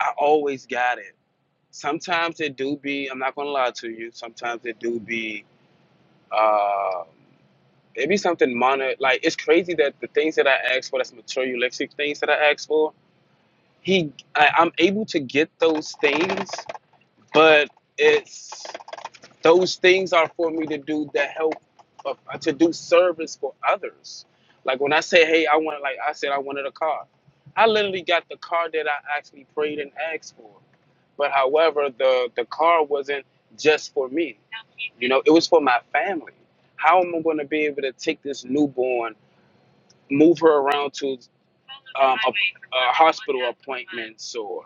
Speaker 4: I always got it. Sometimes it do be, I'm not gonna lie to you, sometimes it do be um it be something minor. Like it's crazy that the things that I asked for, that's materialistic things that I asked for, he I, I'm able to get those things, but it's those things are for me to do that help uh, to do service for others like when i say hey i want like i said i wanted a car i literally got the car that i actually prayed and asked for but however the the car wasn't just for me you know it was for my family how am i going to be able to take this newborn move her around to um, a, a hospital appointments or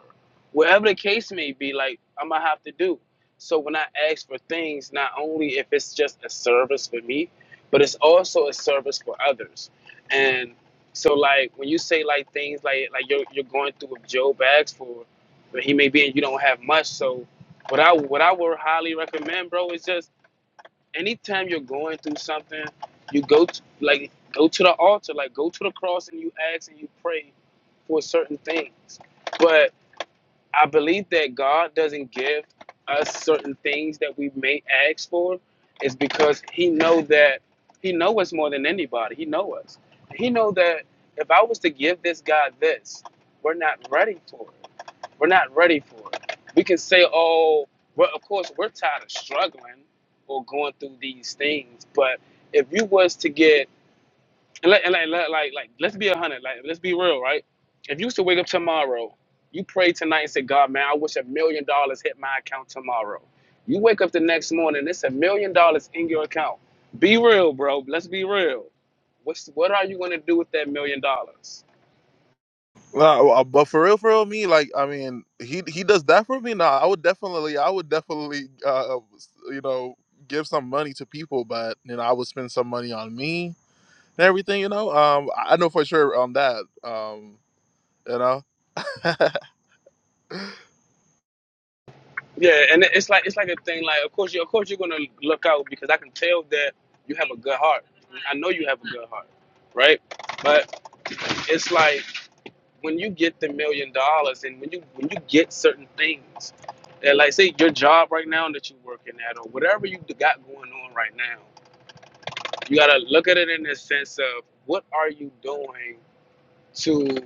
Speaker 4: whatever the case may be. Like I'm gonna have to do. So when I ask for things, not only if it's just a service for me, but it's also a service for others. And so like when you say like things like like you're you're going through what Job asked for, but he may be and you don't have much. So what I what I would highly recommend, bro, is just anytime you're going through something, you go to, like go to the altar, like go to the cross and you ask and you pray for certain things. but. I believe that God doesn't give us certain things that we may ask for is because he know that he know us more than anybody. He know us. He know that if I was to give this guy this, we're not ready for it. We're not ready for it. We can say, oh, well, of course, we're tired of struggling or going through these things. But if you was to get and like, and like, like, like, like, let's be a hundred. Like, let's be real, right? If you used to wake up tomorrow, you pray tonight and say, God, man, I wish a million dollars hit my account tomorrow. You wake up the next morning, it's a million dollars in your account. Be real, bro. Let's be real. What's what are you gonna do with that million dollars?
Speaker 1: Well, uh, but for real, for real, me like I mean, he he does that for me. Nah, I would definitely, I would definitely, uh, you know, give some money to people. But you know, I would spend some money on me and everything, you know. Um, I I know for sure on that. Um, you know. oh,
Speaker 4: Yeah, and it- it's like it's like a thing. Like, of course, you of course you're gonna look out because I can tell that you have a good heart. I know you have a good heart, right? But it's like. when you get the million dollars and when you when you get certain things that like say your job right now that you're working at or whatever you got going on right now you got to look at it in the sense of what are you doing to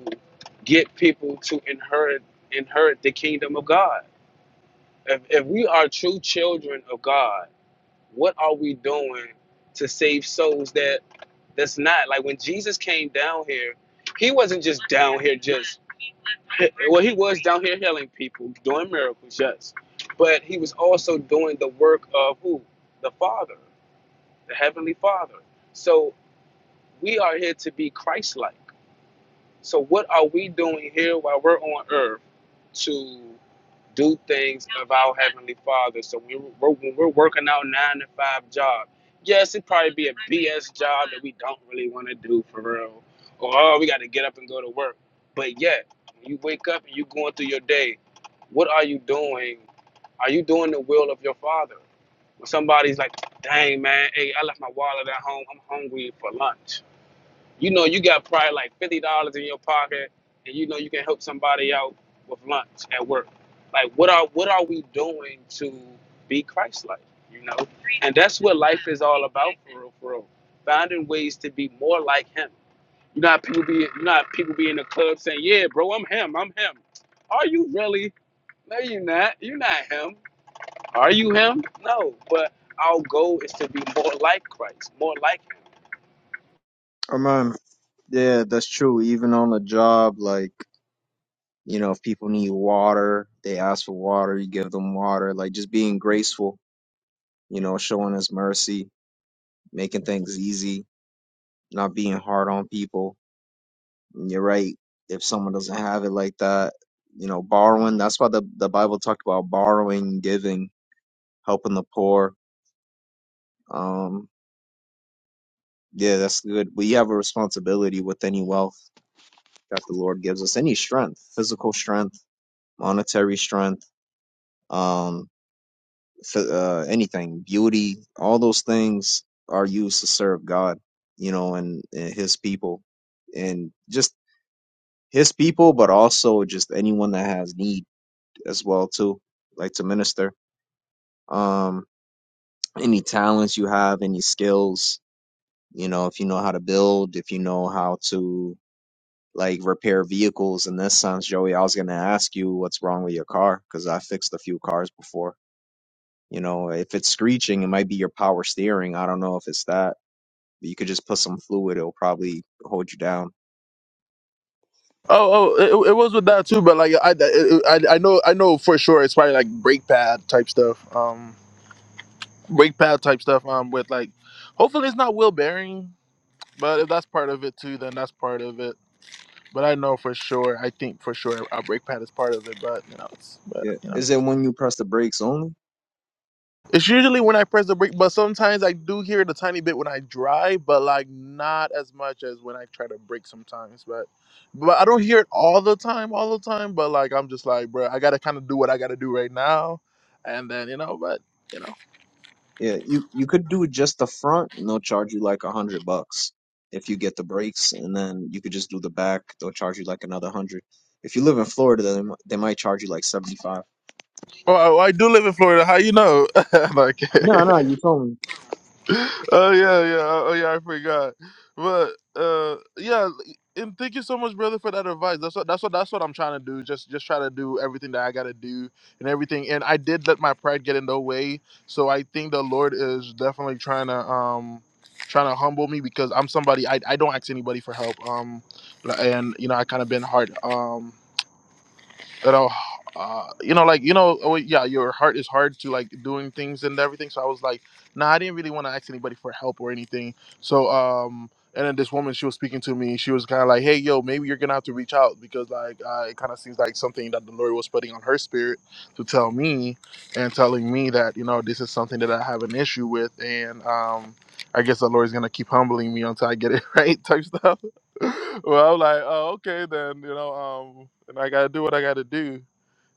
Speaker 4: get people to inherit inherit the kingdom of god if, if we are true children of god what are we doing to save souls that that's not like when Jesus came down here, he wasn't just down here just well, he was down here healing people, doing miracles, yes. But he was also doing the work of who? The Father, the Heavenly Father. So we are here to be Christ like. So what are we doing here while we're on earth to do things of our heavenly Father? So when we're, when we're working our nine to five job, yes, it'd probably be a BS job that we don't really want to do for real, or oh, we got to get up and go to work. But yet, when you wake up and you going through your day, what are you doing? Are you doing the will of your Father? When somebody's like, "Dang man, hey, I left my wallet at home. I'm hungry for lunch." You know, you got probably like fifty dollars in your pocket, and you know you can help somebody out with lunch at work. Like, what are what are we doing to be Christ-like? You know, and that's what life is all about for real, for real. Finding ways to be more like Him. You know, how people be you know how people be in the club saying, "Yeah, bro, I'm Him. I'm Him." Are you really? No, you're not. You're not Him. Are you Him? No, but our goal is to be more like Christ, more like Him.
Speaker 3: Oh man, yeah, that's true. Even on the job, like You know, if people need water, they ask for water, you give them water. Like just being graceful, you know, showing us mercy, making things easy. not being hard on people. And you're right. If someone doesn't have it like that, you know, borrowing. That's why the the Bible talked about borrowing, giving, helping the poor. Um, yeah, that's good. We have a responsibility with any wealth that the Lord gives us, any strength, physical strength, monetary strength, um, f- uh, anything, beauty, all those things are used to serve God, you know, and, and His people, and just His people, but also just anyone that has need as well too, like to minister. Um, any talents you have, any skills, you know, if you know how to build, if you know how to like repair vehicles. In this sense, Joey, I was gonna ask you what's wrong with your car because I fixed a few cars before. You know, if it's screeching, it might be your power steering. I don't know if it's that. But you could just put some fluid; it'll probably hold you down.
Speaker 1: oh, it, it was with that too, but like I, it, I, I know, I know for sure it's probably like brake pad type stuff. Um, brake pad type stuff. Um, with like, hopefully it's not wheel bearing, but if that's part of it too, then that's part of it. But I know for sure. I think for sure a brake pad is part of it, but you know, it's but
Speaker 3: Yeah.
Speaker 1: you know.
Speaker 3: Is it when you press the brakes only?
Speaker 1: It's usually when I press the brake, but sometimes I do hear it a tiny bit when I drive, but like not as much as when I try to brake sometimes. But but I don't hear it all the time, all the time. But like I'm just like, bro, I gotta kind of do what I gotta do right now, and then you know, but you know,
Speaker 3: Yeah, you you could do just the front and they'll charge you like a hundred bucks if you get the brakes, and then you could just do the back. They'll charge you like another hundred. If you live in Florida, then they mi- they might charge you like seventy five.
Speaker 1: well, I, I do live in Florida. How you know? like
Speaker 3: No, no, you told me.
Speaker 1: Oh yeah, yeah. Oh yeah, I forgot. But uh, yeah. And thank you so much, brother, for that advice. That's what that's what that's what I'm trying to do. Just just try to do everything that I gotta do and everything. And I did let my pride get in the way. So I think the Lord is definitely trying to um trying to humble me because I'm somebody I, I don't ask anybody for help. Um and you know I kind of been hard. um you know, uh, you know, like you know, oh, yeah, your heart is hard to like doing things and everything. So I was like, nah, I didn't really want to ask anybody for help or anything. So um, and then this woman, she was speaking to me. She was kind of like, hey, yo, maybe you're gonna have to reach out because like uh, it kind of seems like something that the Lord was putting on her spirit to tell me and telling me that you know this is something that I have an issue with and um. I guess the Lord's gonna keep humbling me until I get it right, type stuff. well, I'm like, oh, okay, then, you know, um, and I gotta do what I gotta do,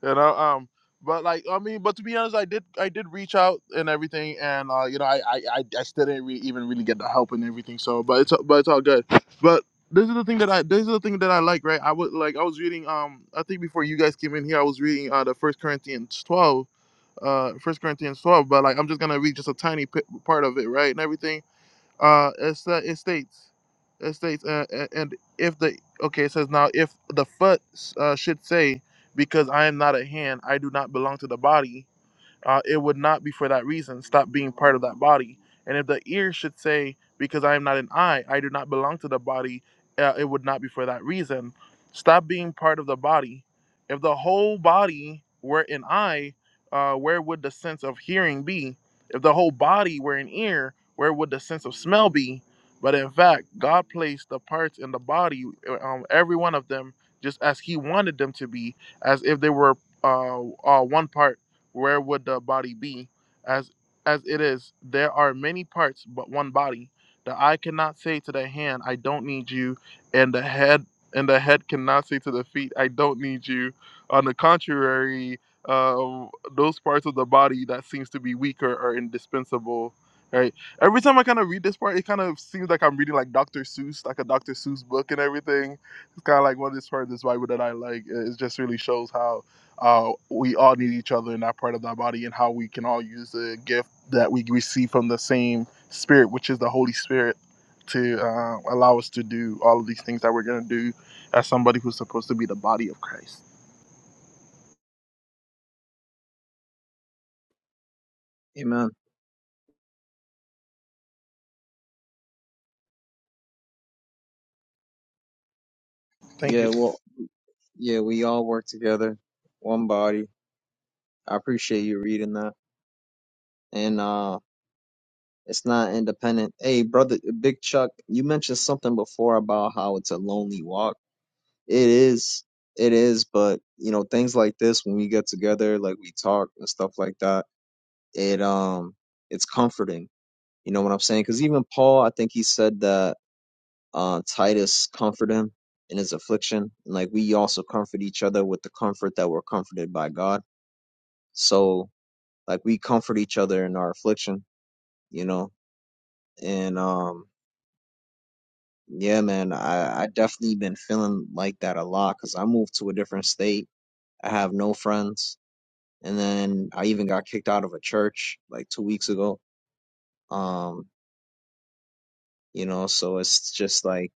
Speaker 1: you know, um, but like, I mean, but to be honest, I did, I did reach out and everything, and uh, you know, I, I, I, I still didn't re- even really get the help and everything, so, but it's, but it's all good. But this is the thing that I, this is the thing that I like, right? I was like, I was reading, um, I think before you guys came in here, I was reading uh the First Corinthians twelve, uh, First Corinthians twelve, but like, I'm just gonna read just a tiny p- part of it, right, and everything uh, it's, uh, it states, it states, uh, a- and if the okay, it says now if the foot uh, should say, because I am not a hand, I do not belong to the body, uh, it would not be for that reason. Stop being part of that body. And if the ear should say, Because I am not an eye, I do not belong to the body, uh, it would not be for that reason. Stop being part of the body. If the whole body were an eye, uh, where would the sense of hearing be? If the whole body were an ear, where would the sense of smell be? But in fact, God placed the parts in the body, uh, um, every one of them, just as He wanted them to be, as if they were uh, uh, one part where would the body be? As as it is, there are many parts, but one body. The eye cannot say to the hand, I don't need you, and the head and the head cannot say to the feet, I don't need you. On the contrary, uh, those parts of the body that seems to be weaker are indispensable. Right. Every time I kind of read this part, it kind of seems like I'm reading like Dr. Seuss, like a Dr. Seuss book and everything. It's kind of like one of this part of this Bible that I like. It it just really shows how uh, we all need each other in that part of that body and how we can all use the gift that we receive from the same spirit which is the holy spirit to uh, allow us to do all of these things that we're going to do as somebody who's supposed to be the body of christ
Speaker 3: Amen.
Speaker 1: thank you
Speaker 3: Yeah, well, yeah, we all work together, one body. I appreciate you reading that, and uh, it's not independent. Hey, brother, Big Chuck, you mentioned something before about how it's a lonely walk. It is. It is, but you know, things like this when we get together, like we talk and stuff like that, it um it's comforting. You know what I'm saying? Cuz even Paul, I think he said that uh Titus comforted him in his affliction, and like we also comfort each other with the comfort that we're comforted by God. So, like we comfort each other in our affliction, you know? And um yeah, man, I I definitely been feeling like that a lot cuz I moved to a different state. I have no friends and then I even got kicked out of a church like two weeks ago. Um, you know, so it's just like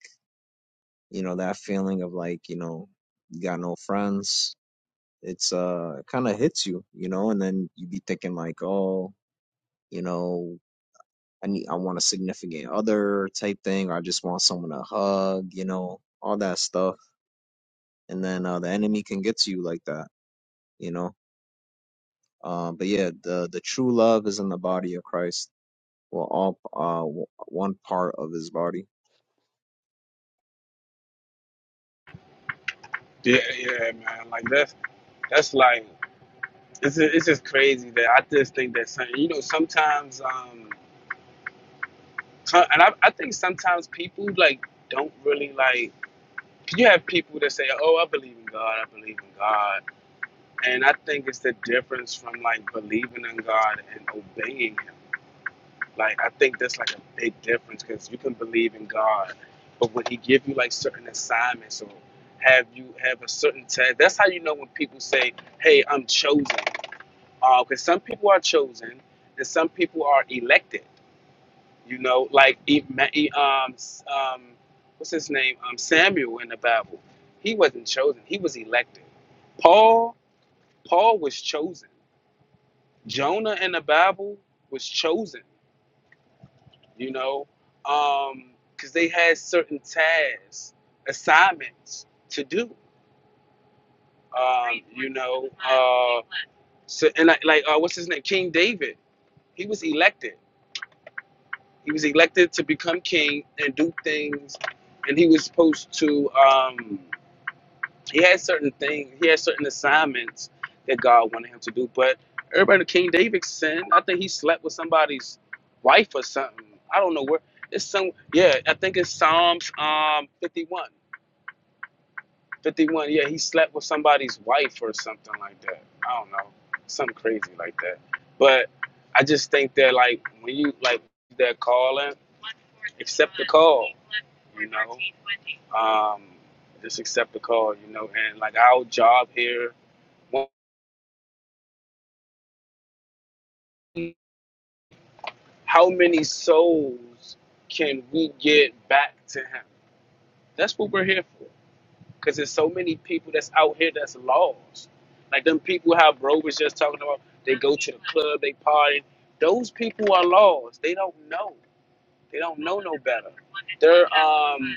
Speaker 3: you know that feeling of like you know you got no friends. It's uh it kind of hits you, you know, and then you be thinking like, oh, you know, I need I want a significant other type thing, or I just want someone to hug, you know, all that stuff, and then uh, the enemy can get to you like that, you know. Uh, but yeah, the the true love is in the body of Christ well, all uh w- one part of his body.
Speaker 4: Yeah, yeah, man. Like that's that's like. It's just, it's just crazy that I just think that some, you know sometimes um some- and I, I think sometimes people like don't really like 'cause you have people that say oh I believe in God I believe in God and I think it's the difference from like believing in God and obeying Him like I think that's like a big difference because you can believe in God but when He give you like certain assignments or have you have a certain task that's how you know when people say hey I'm chosen because some people are chosen and some people are elected. You know, like E- Ma- E- um, S- um, what's his name? Um, Samuel in the Bible. He wasn't chosen. He was elected. Paul, Paul was chosen. Jonah in the Bible was chosen. You know, because they had certain tasks, assignments to do. Um, you know, uh, so and like, like uh, what's his name? King David. He was elected He was elected to become king and do things, and he was supposed to. Um, he had certain things. He had certain assignments that God wanted him to do. But everybody, King David sinned. I think he slept with somebody's wife or something. I don't know where. It's some. Yeah, I think it's Psalms um 51. 51. Yeah, he slept with somebody's wife or something like that. I don't know. Something crazy like that. But I just think that, like, when you, like, they're calling, accept the call, you know? Um, just accept the call, you know? And, like, our job here, how many souls can we get back to him? That's what we're here for. Cause there's so many people that's out here that's lost. Like them people how bro was just talking about. They go to the club, they party. Those people are lost. They don't know. They don't know no better. They're um.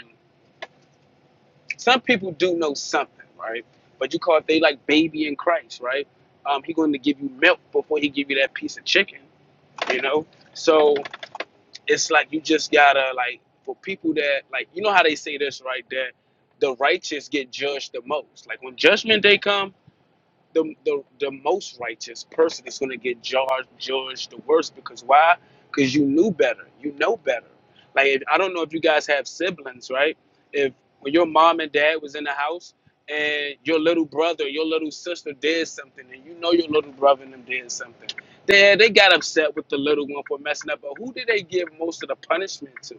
Speaker 4: Some people do know something, right? But you call it they like baby in Christ, right? Um, he going to give you milk before he give you that piece of chicken, you know. So it's like you just gotta like for people that like you know how they say this right there, the righteous get judged the most. Like when judgment day come the, the, the most righteous person is going to get judged, judged the worst because why? Because you knew better. You know better. Like, if, I don't know if you guys have siblings, right? If when your mom and dad was in the house and your little brother, your little sister did something and you know your little brother and them did something, then they got upset with the little one for messing up. But who did they give most of the punishment to?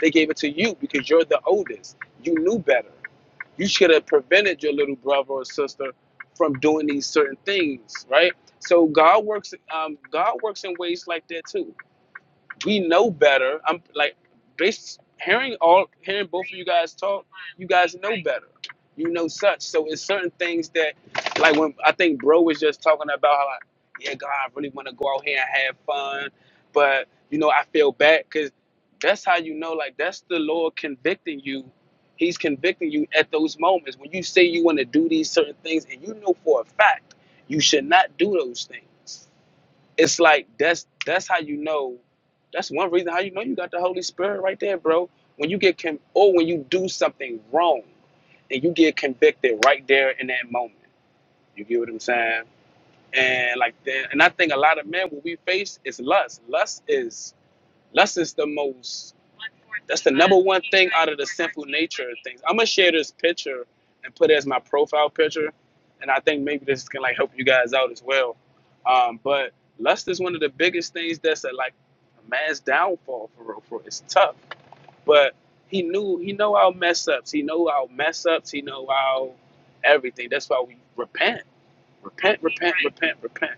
Speaker 4: They gave it to you because you're the oldest. You knew better. You should have prevented your little brother or sister from doing these certain things, right? So God works. Um, God works in ways like that too. We know better. I'm like, based hearing all hearing both of you guys talk you guys know better. You know such. So it's certain things that, like when I think bro was just talking about how, like, yeah, God, I really want to go out here and have fun, but you know I feel bad because that's how you know, like that's the Lord convicting you. He's convicting you at those moments when you say you want to do these certain things and you know for a fact you should not do those things it's like that's that's how you know that's one reason how you know you got the holy spirit right there bro when you get con- or when you do something wrong and you get convicted right there in that moment you get what i'm saying and like that and i think a lot of men what we face is lust lust is Lust is the most that's the number one thing out of the sinful nature of things. I'm gonna share this picture and put it as my profile picture, and I think maybe this can like help you guys out as well. Um, but lust is one of the biggest things that's a, like a man's downfall for real. For it's tough, but he knew he know our mess ups. He know our mess ups. He know our everything. That's why we repent, repent, repent, repent, repent.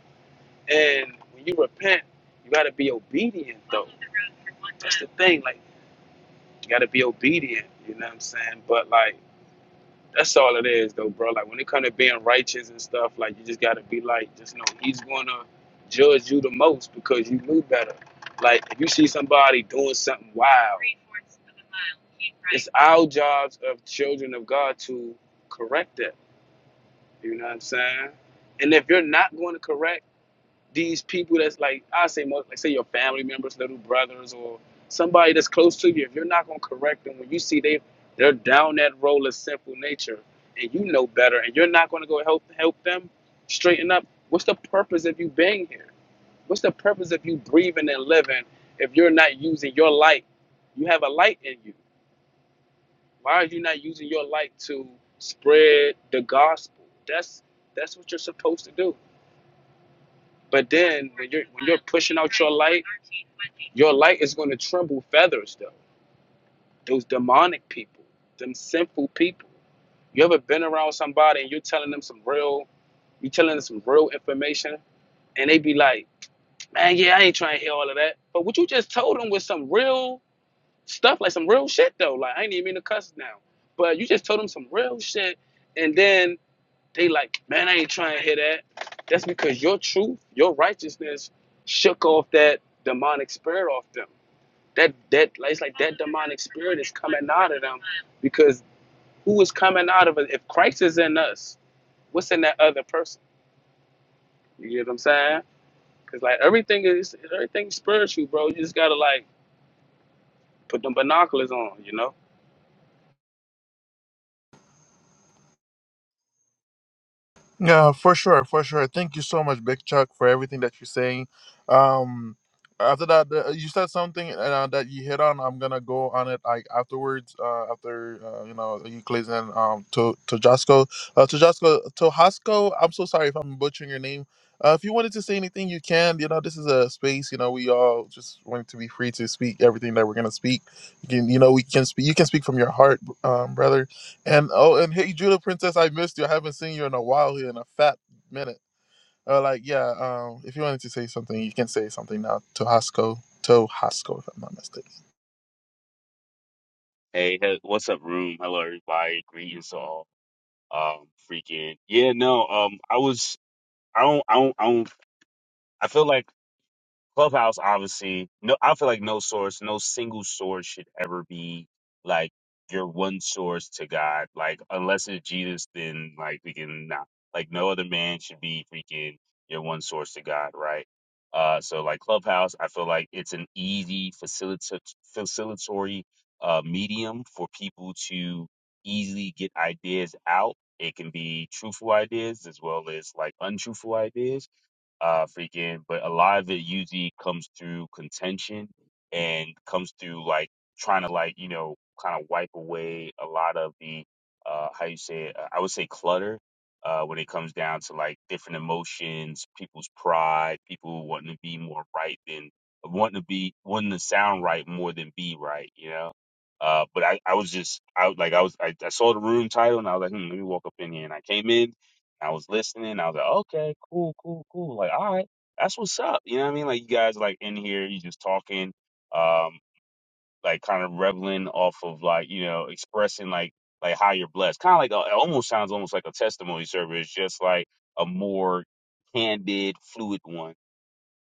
Speaker 4: And when you repent, you got to be obedient, though. That's the thing. Like, you got to be obedient. You know what I'm saying? But, like, that's all it is, though, bro. Like, when it comes to being righteous and stuff, like, you just got to be like, just know he's going to judge you the most because you knew better. Like, if you see somebody doing something wild, it's our jobs of children of God to correct it. You know what I'm saying? And if you're not going to correct, these people that's like I say most like say your family members, little brothers or somebody that's close to you, if you're not gonna correct them when you see they they're down that road of sinful nature and you know better and you're not gonna go help help them straighten up, what's the purpose of you being here? What's the purpose of you breathing and living if you're not using your light? You have a light in you. Why are you not using your light to spread the gospel? That's that's what you're supposed to do. But then when you're when you're pushing out your light, your light is going to tremble feathers though. Those demonic people, them sinful people. You ever been around somebody and you're telling them some real, you telling them some real information, and they be like, "Man, yeah, I ain't trying to hear all of that." But what you just told them was some real stuff, like some real shit though. Like I ain't even mean to cuss now, but you just told them some real shit, and then they like, man, I ain't trying to hear that. That's because your truth, your righteousness shook off that demonic spirit off them. That that like, it's like that demonic spirit is coming out of them because who is coming out of it? If Christ is in us, what's in that other person? You get what I'm saying? Cause like everything is everything spiritual, bro. You just gotta like put them binoculars on, you know.
Speaker 1: Yeah, for sure, for sure. Thank you so much, Big Chuck, for everything that you're saying. Um, after that, uh, you said something uh, that you hit on. I'm gonna go on it like afterwards. Uh, after uh, you know you, Clayton, um, to to Josco, uh, to Josco, to Hasco. I'm so sorry if I'm butchering your name. Uh, if you wanted to say anything, you can. You know, this is a space. You know, we all just want to be free to speak everything that we're gonna speak. You can, you know, we can speak. You can speak from your heart, um, brother and oh, and hey, Judah Princess, I missed you. I haven't seen you in a while here in a fat minute. Uh, like, yeah, um, if you wanted to say something, you can say something now to Hasco, to Hasco, if I'm not mistaken.
Speaker 5: Hey, he- what's up, room? Hello, everybody. Greetings to all. Um, freaking yeah, no. Um, I was. I don't. I don't. I don't. I feel like. Clubhouse, obviously, no, I feel like no source, no single source should ever be like your one source to God. Like, unless it's Jesus, then like we can not. Like, no other man should be freaking your one source to God, right? Uh, so like Clubhouse, I feel like it's an easy facilita- facilitatory uh, medium for people to easily get ideas out. It can be truthful ideas as well as like untruthful ideas uh freaking but a lot of it usually comes through contention and comes through like trying to like you know kind of wipe away a lot of the uh how you say it, uh, i would say clutter uh when it comes down to like different emotions people's pride people wanting to be more right than wanting to be wanting to sound right more than be right you know uh, but I, I was just I like I was I, I saw the room title and I was like hmm, let me walk up in here and I came in I was listening. I was like, okay, cool, cool, cool. Like, all right, that's what's up. You know what I mean? Like, you guys like in here, you just talking, um, like kind of reveling off of like you know expressing like like how you're blessed. Kind of like a, it almost sounds almost like a testimony service, just like a more candid, fluid one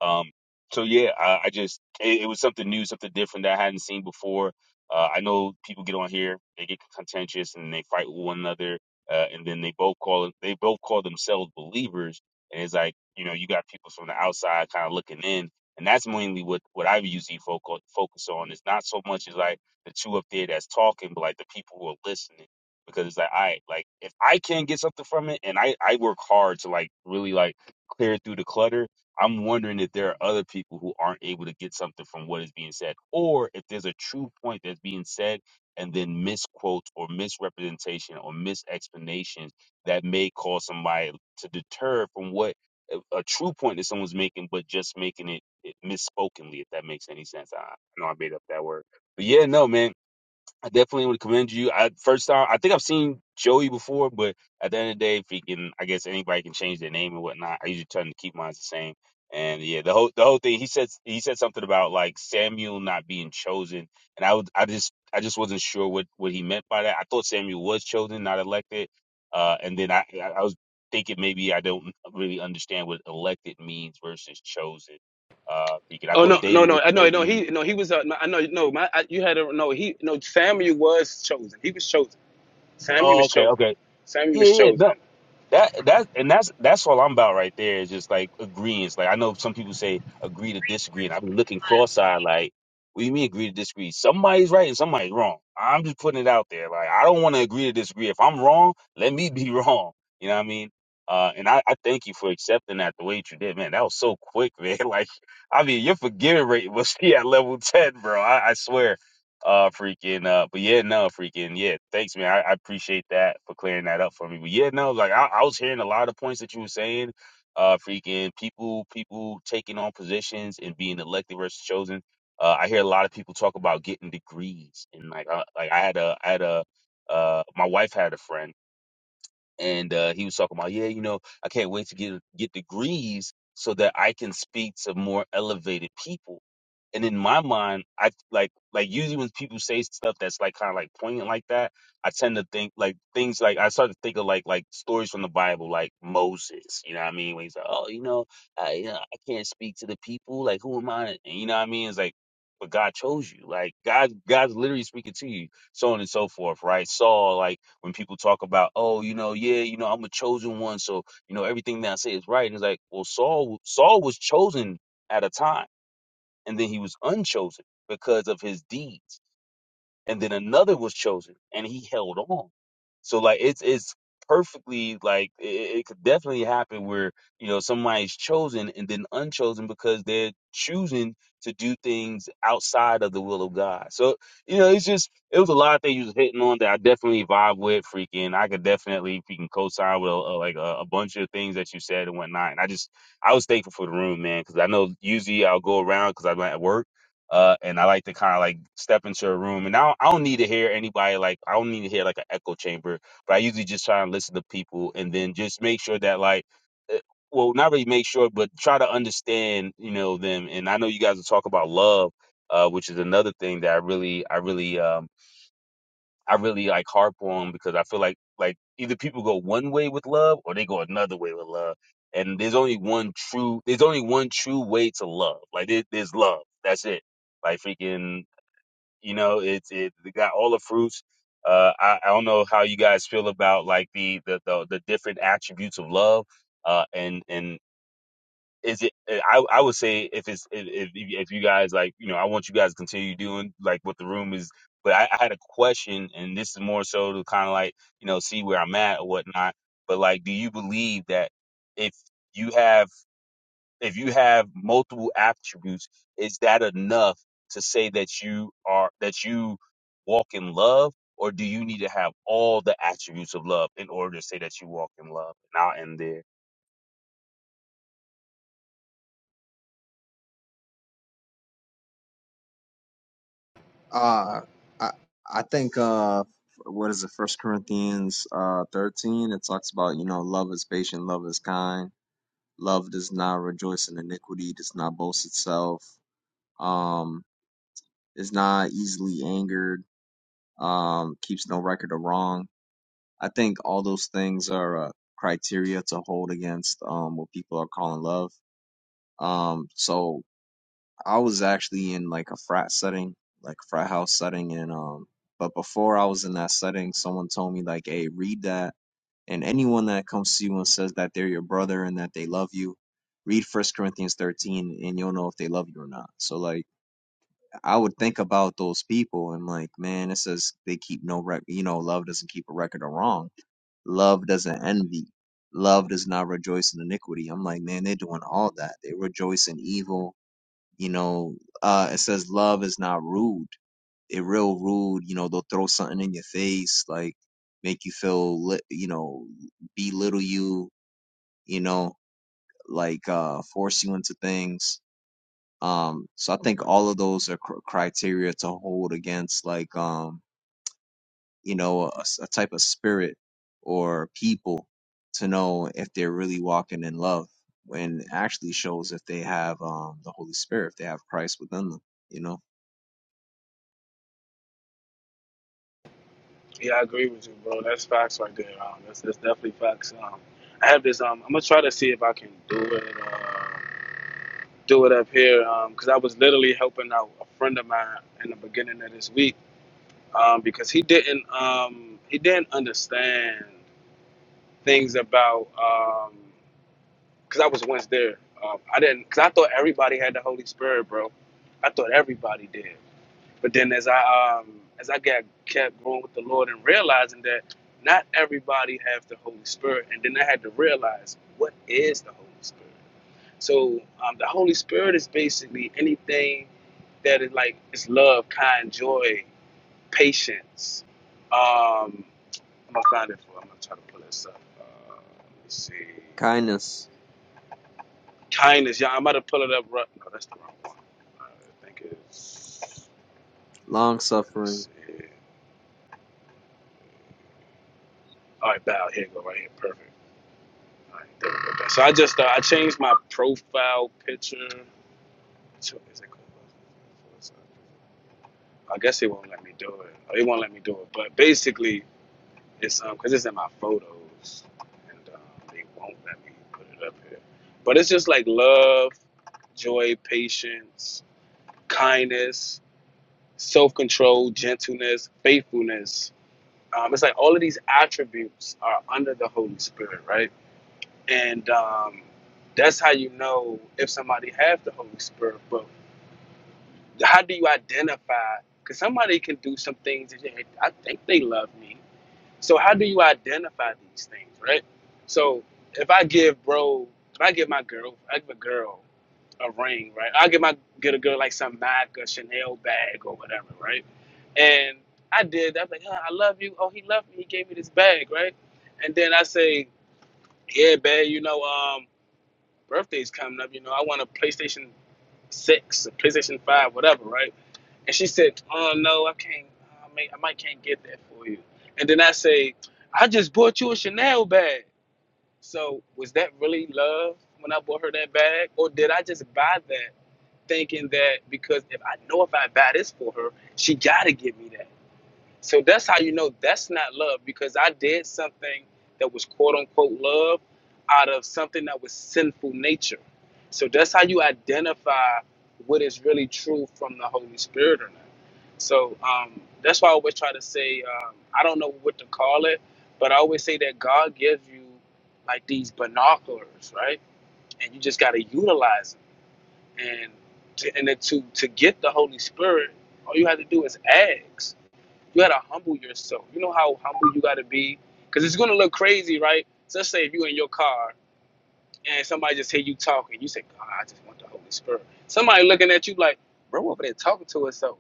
Speaker 5: um, so yeah, I, I just it, it was something new, something different that I hadn't seen before. Uh, I know people get on here, they get contentious and they fight with one another, uh, and then they both call they both call themselves believers, and it's like you know you got people from the outside kind of looking in, and that's mainly what what I usually focus focus on. It's not so much as like the two up there that's talking, but like the people who are listening. Because it's like I like if I can get something from it, and I I work hard to like really like clear through the clutter, I'm wondering if there are other people who aren't able to get something from what is being said, or if there's a true point that's being said and then misquotes or misrepresentation or misexplanations that may cause somebody to deter from what a a true point that someone's making, but just making it, it misspokenly, if that makes any sense. I I know I made up that word. But yeah, no, man. I definitely would commend you. I first time I think I've seen Joey before, but at the end of the day, if he can, I guess anybody can change their name and whatnot. I usually try to keep mine the same. And yeah, the whole the whole thing he said he said something about like Samuel not being chosen, and I would I just I just wasn't sure what what he meant by that. I thought Samuel was chosen, not elected. Uh, and then I I I was thinking maybe I don't really understand what elected means versus chosen. Uh, because I
Speaker 4: Oh
Speaker 5: thought
Speaker 4: no,
Speaker 5: David
Speaker 4: no,
Speaker 5: was
Speaker 4: no, I know, no.
Speaker 5: chosen.
Speaker 4: He, no, he was. Uh, no, I know, no. My, I, you had a no. He, no. Samuel was chosen. He was chosen. Samuel
Speaker 5: Oh,
Speaker 4: was
Speaker 5: okay,
Speaker 4: chosen.
Speaker 5: okay.
Speaker 4: Samuel
Speaker 5: Yeah,
Speaker 4: was
Speaker 5: yeah. No,
Speaker 4: chosen.
Speaker 5: That that and that's that's all I'm about right there is just like agreeing. Like I know some people say agree to disagree, and I've been looking cross-eyed like, what do you mean agree to disagree? Somebody's right and somebody's wrong. I'm just putting it out there. Like I don't want to agree to disagree. If I'm wrong, let me be wrong. You know what I mean? Uh, and I, I thank you for accepting that the way that you did, man. That was so quick, man. Like, I mean, your forgiving rate was yeah, level ten, bro. I, I swear. Uh, freaking. Uh, but yeah, no, freaking. Yeah, thanks, man. I, I appreciate that for clearing that up for me. But yeah, no, like I, I was hearing a lot of points that you were saying. Uh, freaking people, people taking on positions and being elected versus chosen. Uh, I hear a lot of people talk about getting degrees and like, uh, like I had a, I had a, uh, my wife had a friend and uh, he was talking about, yeah, you know, I can't wait to get get degrees so that I can speak to more elevated people and in my mind, I like like usually when people say stuff that's like kind of like poignant like that, I tend to think like things like I start to think of like like stories from the Bible, like Moses. You know what I mean? When he's like, oh, you know, I, you know, I can't speak to the people. Like, who am I? And you know what I mean? It's like, but God chose you. Like God, God's literally speaking to you, so on and so forth, right? Saul, like when people talk about, oh, you know, yeah, you know, I'm a chosen one, so you know everything that I say is right. And it's like, well, Saul, Saul was chosen at a time and then he was unchosen because of his deeds and then another was chosen and he held on so like it's it's perfectly like it, it could definitely happen where you know somebody's chosen and then unchosen because they're choosing to do things outside of the will of god so you know it's just it was a lot of things you was hitting on that i definitely vibe with freaking i could definitely freaking co-sign with uh, like a, a bunch of things that you said and whatnot and i just I was thankful for the room, man, because I know usually I'll go around because I'm at work uh, and I like to kind of like step into a room, and I don't, I don't need to hear anybody like I don't need to hear like an echo chamber, but I usually just try and listen to people, and then just make sure that like, eh, well, not really make sure, but try to understand you know them. And I know you guys will talk about love, uh, which is another thing that I really I really um, I really like harp on because I feel like like either people go one way with love or they go another way with love. And there's only one true there's only one true way to love. Like there, there's love. That's it. Like freaking you know, it's it they got all the fruits. Uh I, I don't know how you guys feel about like the the the, the different attributes of love. Uh, and and is it eh, I, I would say if it's if, if if you guys like you know i want you guys to continue doing like what the room is but i, I had a question and this is more so to kind of like you know see where i'm at or whatnot but like do you believe that if you have if you have multiple attributes is that enough to say that you are that you walk in love or do you need to have all the attributes of love in order to say that you walk in love and i'll end there
Speaker 3: Uh I I think uh what is it? First Corinthians uh thirteen. It talks about you know love is patient, love is kind, love does not rejoice in iniquity, does not boast itself, um, is not easily angered, um, keeps no record of wrong. I think all those things are uh, criteria to hold against um what people are calling love. Um, so I was actually in like a frat setting, like frat house setting, and um, but before I was in that setting, someone told me like, "Hey, read that." And anyone that comes to you and says that they're your brother and that they love you, read First Corinthians 13, and you'll know if they love you or not. So like, I would think about those people and like, man, it says they keep no record. You know, love doesn't keep a record of wrong. Love doesn't envy. Love does not rejoice in iniquity. I'm like, man, they're doing all that. They rejoice in evil you know uh it says love is not rude it real rude you know they'll throw something in your face like make you feel li- you know belittle you you know like uh force you into things um so i think all of those are cr- criteria to hold against like um you know a, s- a type of spirit or people to know if they're really walking in love when it actually shows if they have um the holy spirit if they have christ within them you know
Speaker 4: Yeah, I agree with you, bro. That's facts right there. Um, that's, that's definitely facts. Um, I have this. Um, I'm gonna try to see if I can do it. Uh, do it up here. Um, cause I was literally helping out a friend of mine in the beginning of this week. Um, because he didn't. Um, he didn't understand things about. Um, cause I was once there. Um, I didn't. Cause I thought everybody had the Holy Spirit, bro. I thought everybody did. But then as I um as I got kept growing with the Lord and realizing that not everybody has the Holy Spirit, and then I had to realize what is the Holy Spirit. So um, the Holy Spirit is basically anything that is like it's love, kind, joy, patience. Um, I'm gonna find it for. I'm gonna try to pull this up. Uh, let me see.
Speaker 3: Kindness,
Speaker 4: Kindness. Yeah, I'm about to pull it up. Right. No, that's the wrong one. I think it's.
Speaker 3: long
Speaker 4: Let me
Speaker 3: suffering.
Speaker 4: see. All right, bow. Here you go. Right here. Perfect. I ain't thinking about So I just uh, I changed my profile picture. to- is it called- I guess it won't let me do it. Oh, It won't let me do it. But basically, it's um because it's in my photos, and um, they won't let me put it up here. But it's just like love, joy, patience, kindness, self-control, gentleness, faithfulness. Um, it's like all of these attributes are under the Holy Spirit, right? and um, that's how you know if somebody has the Holy Spirit. But how do you identify? Because somebody can do some things that you- I think they love me. So how do you identify these things, right? So if I give bro, if I give my girl, I give a girl a ring, right? I give my get a girl like some Mac or Chanel bag or whatever, right? And I did. I was like, huh, I love you. Oh, he loved me. He gave me this bag, right? And then I say, yeah, babe, you know, um birthday's coming up. You know, I want a PlayStation six, a PlayStation five, whatever, right? And she said, "Oh no, I can't. I, may, I might can't get that for you." And then I say, "I just bought you a Chanel bag." So was that really love when I bought her that bag, or did I just buy that thinking that because if I know if I buy this for her, she gotta give me that? So that's how you know that's not love because I did something that was quote unquote love out of something that was sinful nature. So that's how you identify what is really true from the Holy Spirit or not. So um, that's why I always try to say um, I don't know what to call it, but I always say that God gives you like these binoculars, right? And you just got to utilize them. And to, and then to to get the Holy Spirit, all you have to do is ask you gotta humble yourself. You know how humble you gotta be, because it's gonna look crazy, right? So let's say if you in your car and somebody just hear you talking, you say, "God, I just want the Holy Spirit." Somebody looking at you like, "Bro, over there talking to herself,"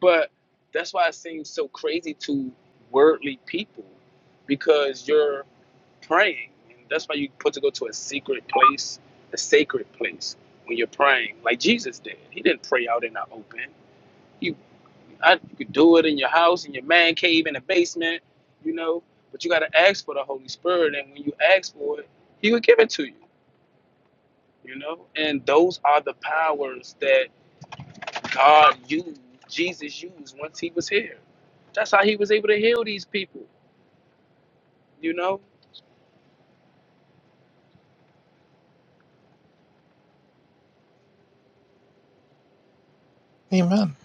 Speaker 4: but that's why it seems so crazy to worldly people, because you're praying, and that's why you put to go to a secret place, a sacred place when you're praying, like Jesus did. He didn't pray out in the open you, I, you could do it in your house, in your man cave, in the basement, you know. But you got to ask for the Holy Spirit, and when you ask for it, He will give it to you, you know. And those are the powers that God used, Jesus used once He was here. That's how He was able to heal these people, you know.
Speaker 1: Amen.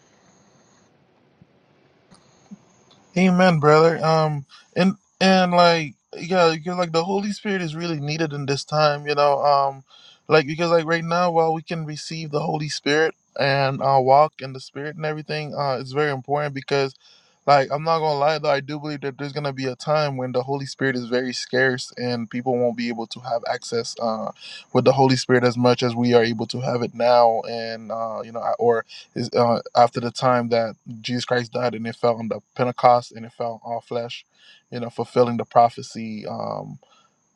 Speaker 1: Amen, brother. Um, and and like, yeah, because like the Holy Spirit is really needed in this time, you know. Um, like because like right now, while we can receive the Holy Spirit and uh, walk in the Spirit and everything, uh, it's very important because. Like, I'm not gonna lie though, I do believe that there's gonna be a time when the Holy Spirit is very scarce and people won't be able to have access uh, with the Holy Spirit as much as we are able to have it now. And uh, you know, I- or is uh, after the time that Jesus Christ died and it fell on the Pentecost and it fell on all flesh, you know, fulfilling the prophecy. Um,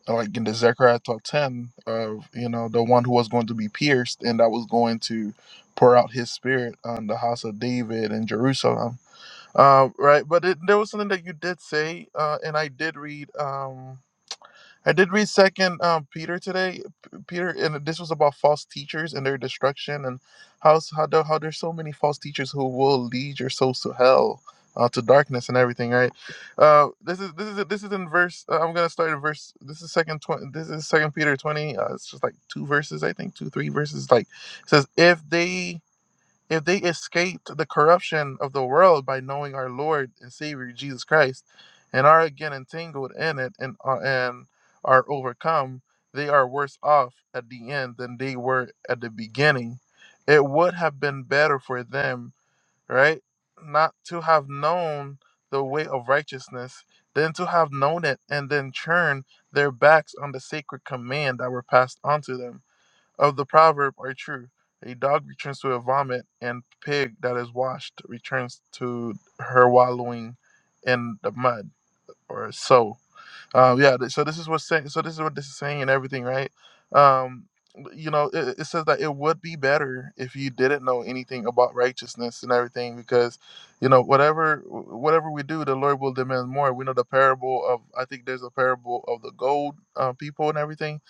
Speaker 1: like in the Zechariah twelve 10 of you know the one who was going to be pierced and that was going to pour out his spirit on the house of David and Jerusalem uh, right, but it, there was something that you did say, uh, and I did read. Um, I did read Second um, Peter today, P- Peter, and this was about false teachers and their destruction, and how s- how, there, how there's so many false teachers who will lead your souls to hell, uh, to darkness and everything. Right. Uh, this is this is this is in verse. Uh, I'm gonna start in verse. This is second twenty. This is Second Peter twenty. Uh, it's just like two verses, I think, two three verses. Like it says, if they if they escaped the corruption of the world by knowing our Lord and Savior Jesus Christ, and are again entangled in it and are, and are overcome, they are worse off at the end than they were at the beginning. It would have been better for them, right, not to have known the way of righteousness than to have known it and then turn their backs on the sacred command that were passed on to them of the proverb are true. A dog returns to her vomit, and pig that is washed returns to her wallowing in the mud, or so. Um, yeah, th- so this is what's saying. So this is what this is saying and everything, right? Um, you know, it, it says that it would be better if you didn't know anything about righteousness and everything, because you know whatever wh- whatever we do, the Lord will demand more. We know the parable of I think there's a parable of the gold uh, people and everything,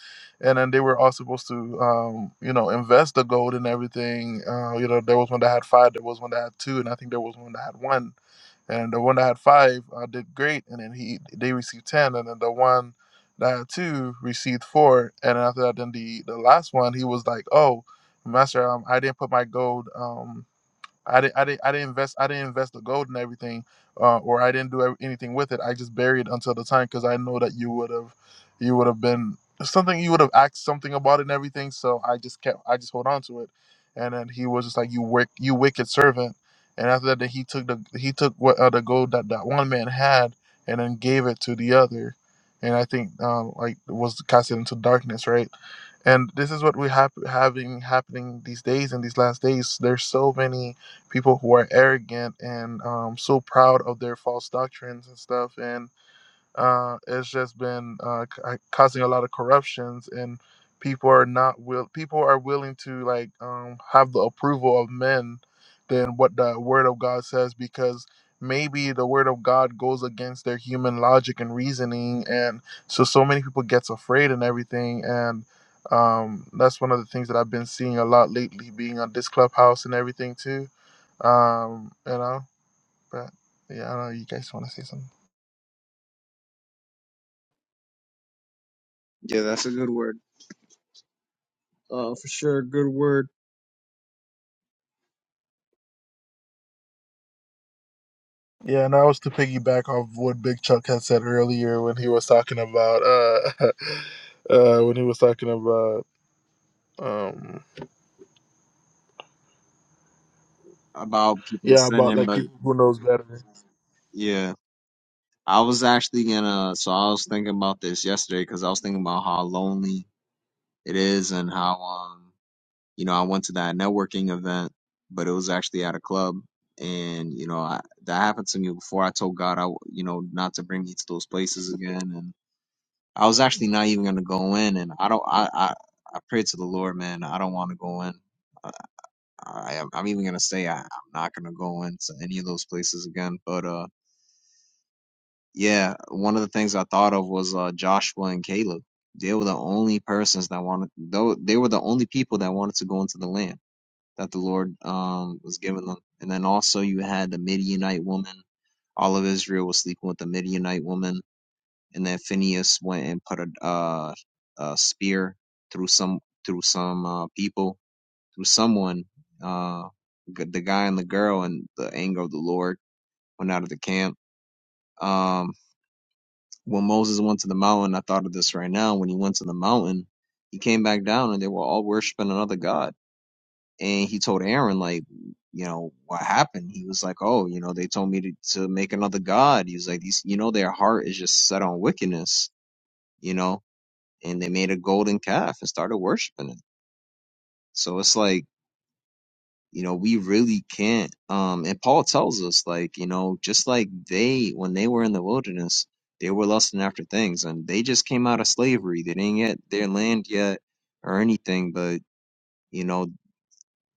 Speaker 1: and then they were all supposed to um, you know invest the gold and everything. Uh, you know, there was one that had five, there was one that had two, and I think there was one that had one and the one that had five uh, did great, and then he they received ten, and then the one that had two received four, and after that, then the the last one he was like, "Oh, master, um, I didn't put my gold. Um, I didn't, I didn't, I didn't invest, I didn't invest the gold and everything, uh, or I didn't do ev- anything with it. I just buried it until the time because I know that you would have, you would have been something, you would have asked something about it and everything. So I just kept, I just hold on to it, and then he was just like, "You wick, you wicked servant." And after that, then he took the, he took what uh, the gold that that one man had, and then gave it to the other, and I think um, like was casted into darkness, right? and this is what we have having happening these days in these last days there's so many people who are arrogant and um, so proud of their false doctrines and stuff. And uh, it's just been uh, ca- causing a lot of corruptions. And people are not will people are willing to like um, have the approval of men than what the Word of God says because maybe the Word of God goes against their human logic and reasoning. And so so many people gets afraid and everything. And um, that's one of the things that I've been seeing a lot lately, being on this clubhouse and everything too um, you know, but yeah, I know you guys want to say something.
Speaker 3: Yeah, that's a good word. Uh, for sure, a good word
Speaker 1: Yeah, and that was to piggyback off what Big Chuck had said earlier when he was talking about uh, uh, when he was talking about um,
Speaker 3: about people
Speaker 1: yeah, about
Speaker 3: sinning,
Speaker 1: like
Speaker 3: but
Speaker 1: people who knows better.
Speaker 3: yeah. I was actually gonna, so I was thinking about this yesterday because I was thinking about how lonely it is and how, um, you know, I went to that networking event, but it was actually at a club. And, you know, I, that happened to me before. I told God, I, w- you know, not to bring me to those places again. And I was actually not even gonna go in. And I don't, I, I, I pray to the Lord, man, I don't want to go in. I am, I'm even gonna say I, I'm not gonna go into any of those places again. But uh, yeah, one of the things I thought of was uh, Joshua and Caleb. They were the only persons that wanted. Though they were the only people that wanted to go into the land that the Lord um was giving them. And then also you had the Midianite woman. All of Israel was sleeping with the Midianite woman. And then Phineas went and put a uh, a spear through some through some uh, people through someone, uh, the guy and the girl, and the anger of the Lord went out of the camp. Um, when Moses went to the mountain, I thought of this right now. When he went to the mountain, he came back down and they were all worshiping another God. And he told Aaron, like, you know, what happened? He was like, oh, you know, they told me to, to make another God. He was like, these, you know, their heart is just set on wickedness, you know, and they made a golden calf and started worshiping it. So it's like, You know, we really can't. Um, and Paul tells us, like, you know, just like they, when they were in the wilderness, they were lusting after things, and they just came out of slavery. They didn't get their land yet or anything, but you know,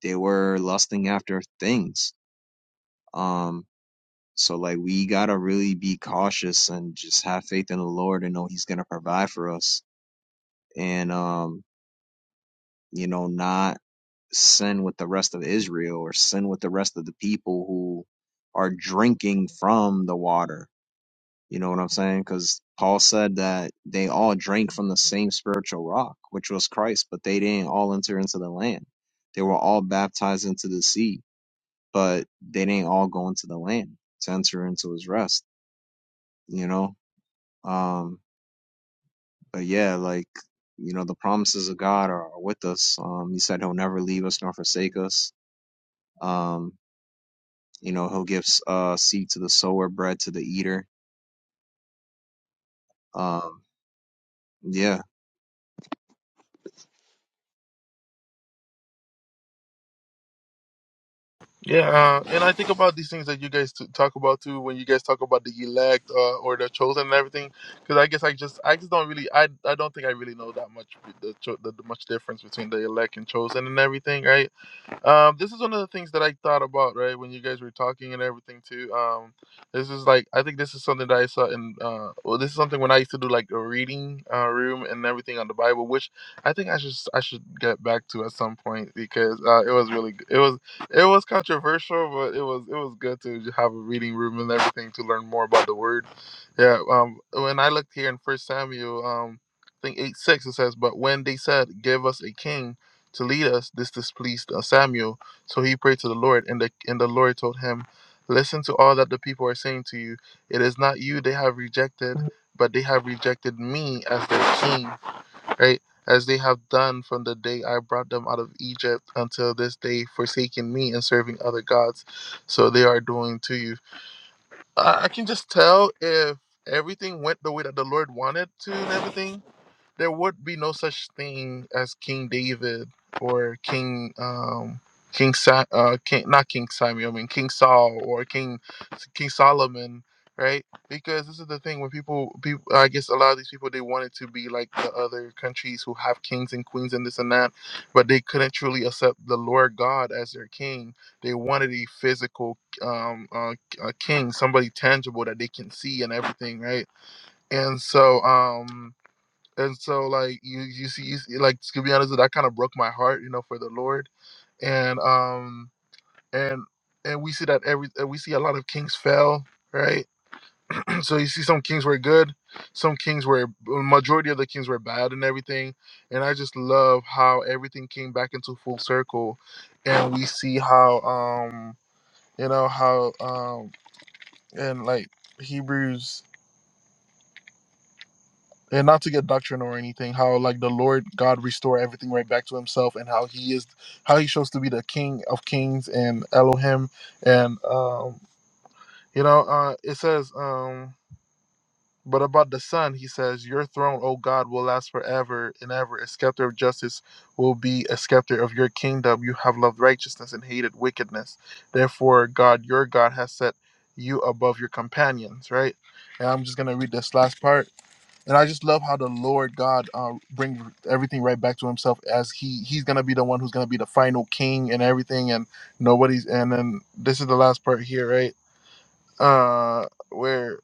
Speaker 3: they were lusting after things. Um, so like, we gotta really be cautious and just have faith in the Lord and know He's gonna provide for us, and um, you know, not sin with the rest of Israel or sin with the rest of the people who are drinking from the water. You know what I'm saying? Because Paul said that they all drank from the same spiritual rock, which was Christ, but they didn't all enter into the land. They were all baptized into the sea, but they didn't all go into the land to enter into his rest, you know? Um, but yeah, like, you know, the promises of God are, are with us. Um, he said he'll never leave us nor forsake us. Um, You know, he'll give uh seed to the sower, bread to the eater. Um, yeah.
Speaker 1: Yeah, uh, and I think about these things that you guys t- talk about too when you guys talk about the elect uh, or the chosen and everything. Because I guess I just I just don't really I I don't think I really know that much the, cho- the, the much difference between the elect and chosen and everything, right? Um, this is one of the things that I thought about, right, when you guys were talking and everything too. Um, this is like I think this is something that I saw in uh, well, this is something when I used to do like a reading uh, room and everything on the Bible, which I think I should I should get back to at some point because uh, it was really g- it was it was controversial, but it was it was good to j- have a reading room and everything to learn more about the Word. Yeah. Um, when I looked here in First Samuel, um, I think eight six it says, but when they said, "Give us a king." to lead us. This displeased uh, Samuel, so he prayed to the Lord, and the and the Lord told him, "Listen to all that the people are saying to you. It is not you they have rejected, but they have rejected me as their king, right? As they have done from the day I brought them out of Egypt until this day, forsaking me and serving other gods. So they are doing to you." I, I can just tell if everything went the way that the Lord wanted to and everything, there would be no such thing as King David or King um King Sa- uh King not King Samuel, I mean King Saul or King King Solomon, right? Because this is the thing when people people I guess a lot of these people they wanted to be like the other countries who have kings and queens and this and that, but they couldn't truly accept the Lord God as their king. They wanted a physical um uh, a king, somebody tangible that they can see and everything, right? And so, um, and so like you, you see, you see like to be honest, that kind of broke my heart, you know, for the Lord, and um, and and we see that every uh, we see a lot of kings fell, right? so you see some kings were good, some kings were well, majority of the kings were bad and everything, and I just love how everything came back into full circle, and we see how um, you know how um, and like Hebrews and not to get doctrine or anything how like the lord god restore everything right back to himself and how he is how he shows to be the king of kings and elohim and um you know uh it says um but about the son he says your throne o god will last forever and ever a scepter of justice will be a scepter of your kingdom you have loved righteousness and hated wickedness therefore god your god has set you above your companions right and i'm just going to read this last part and I just love how the Lord God uh, brings everything right back to Himself, as He He's gonna be the one who's gonna be the final King and everything, and nobody's. And then this is the last part here, right? Uh, where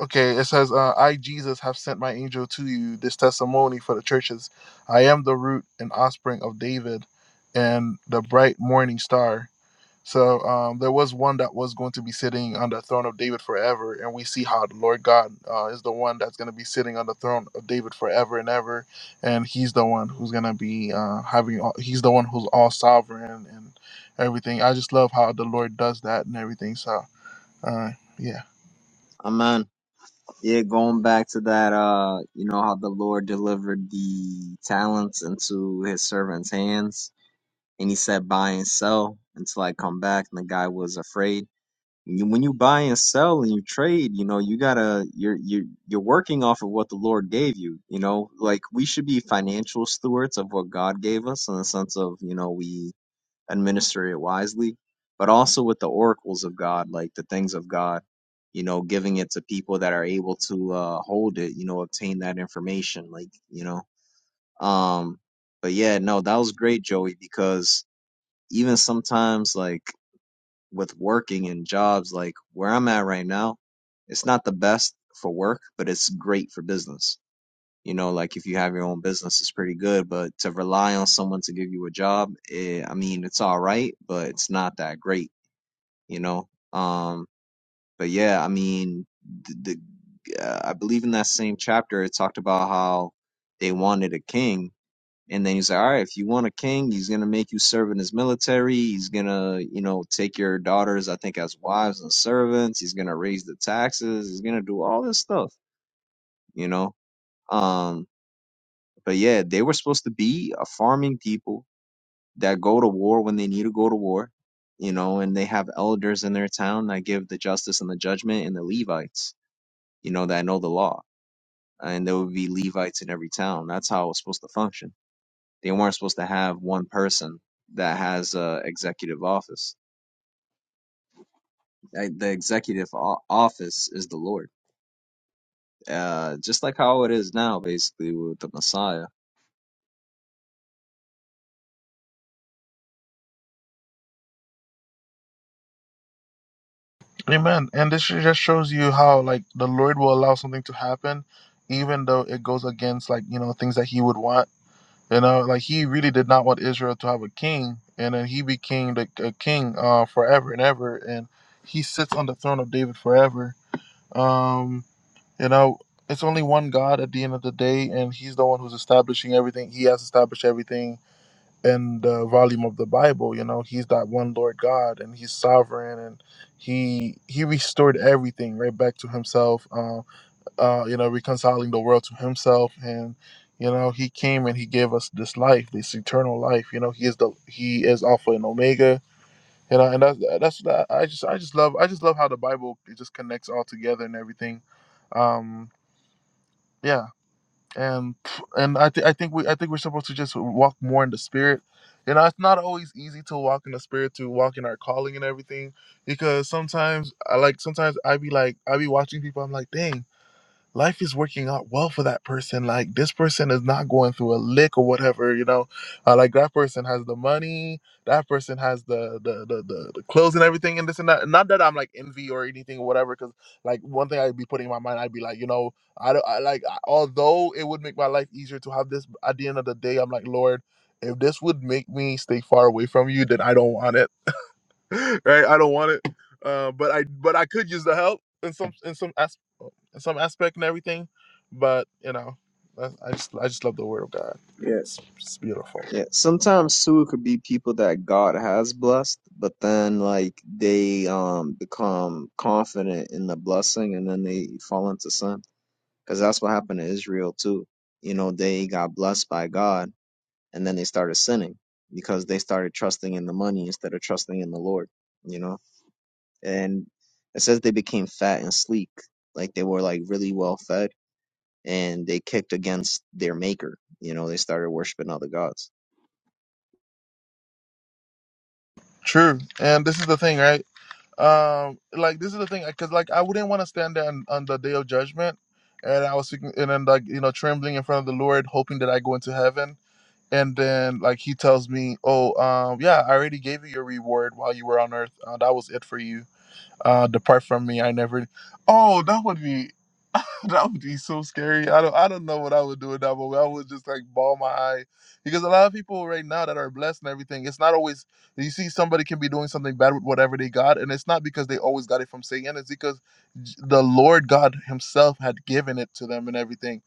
Speaker 1: okay, it says, uh, "I Jesus have sent my angel to you. This testimony for the churches. I am the root and offspring of David, and the bright morning star." So um, there was one that was going to be sitting on the throne of David forever, and we see how the Lord God uh, is the one that's going to be sitting on the throne of David forever and ever, and He's the one who's going to be uh, having. All, he's the one who's all sovereign and everything. I just love how the Lord does that and everything. So uh, yeah,
Speaker 3: Amen. Yeah, going back to that, uh, you know, how the Lord delivered the talents into his servant's hands and he said buy and sell until I come back and the guy was afraid. You, when you buy and sell and you trade, you know, you gotta you're you're you're working off of what the Lord gave you, you know. Like we should be financial stewards of what God gave us in the sense of, you know, we and minister it wisely, but also with the oracles of God, like the things of God, you know, giving it to people that are able to uh, hold it, you know, obtain that information, like, you know. Um, but yeah, no, that was great, Joey, because even sometimes, like, with working and jobs, like where I'm at right now, it's not the best for work, but it's great for business you know, like if you have your own business, it's pretty good, but to rely on someone to give you a job, eh, I mean, it's all right, but it's not that great, you know? Um, but yeah, I mean, the, the uh, I believe in that same chapter, it talked about how they wanted a king. And then he's like, all right, if you want a king, he's going to make you serve in his military. He's going to, you know, take your daughters, I think, as wives and servants. He's going to raise the taxes. He's going to do all this stuff, you know? Um, But yeah, they were supposed to be a farming people that go to war when they need to go to war, you know, and they have elders in their town that give the justice and the judgment and the Levites, you know, that know the law. And there would be Levites in every town. That's how it was supposed to function. They weren't supposed to have one person that has a executive office. Uh, The executive o- office is the Lord. Uh, just like how it is now, basically, with the Messiah.
Speaker 1: Amen. And this just shows you how like the Lord will allow something to happen, even though it goes against like you know things that He would want You know, like he really did not want Israel to have a king, and then he became the, a king uh, forever and ever, and he sits on the throne of David forever. Um, you know, it's only one God at the end of the day, and he's the one who's establishing everything. He has established everything in the volume of the Bible. You know, he's that one Lord God, and he's sovereign, and he he restored everything right back to himself. Um, uh, you know, reconciling the world to himself. And, you know, he came and he gave us this life, this eternal life. You know, he is the he is Alpha and Omega. You know, and that's that's I just I just love I just love how the Bible it just connects all together and everything. Um, yeah, and and I think I think we I think we're supposed to just walk more in the spirit. You know, it's not always easy to walk in the spirit to walk in our calling and everything because sometimes I like sometimes I be like I be watching people I'm like dang life is working out well for that person. Like this person is not going through a lick or whatever, you know. Uh, like that person has the money, that person has the the, the the the clothes and everything and this and that. Not that I'm like envy or anything or whatever, because like one thing I'd be putting in my mind, I'd be like, you know, I don't I, like I- although it would make my life easier to have this. At the end of the day, I'm like, Lord, if this would make me stay far away from you, then I don't want it right? I don't want it, uh, but I but I could use the help in some in some as, in some aspect and everything. But you know, I, I just I just love the Word of God. It's, it's beautiful.
Speaker 3: Yeah, sometimes too, it could be people that God has blessed, but then like they um become confident in the blessing and then they fall into sin. Because that's what happened to Israel too. You know, they got blessed by God and then they started sinning because they started trusting in the money instead of trusting in the Lord, you know? And it says they became fat and sleek, like they were like really well fed and they kicked against their maker. You know, they started worshiping other gods.
Speaker 1: True, and this is the thing, right? Um, like this is the thing, because like I wouldn't want to stand there on, on the day of judgment, and I was thinking, and then like you know trembling in front of the Lord, hoping that I go into heaven. And then, like he tells me, "Oh, um, yeah, I already gave you your reward while you were on earth. Uh, that was it for you." Uh, depart from me. I never. Oh, that would be that would be so scary. I don't I don't know what I would do in that moment. I would just like ball my eye. Because a lot of people right now that are blessed and everything, it's not always you see somebody can be doing something bad with whatever they got, and it's not because they always got it from Satan, it's because j- the Lord God Himself had given it to them and everything.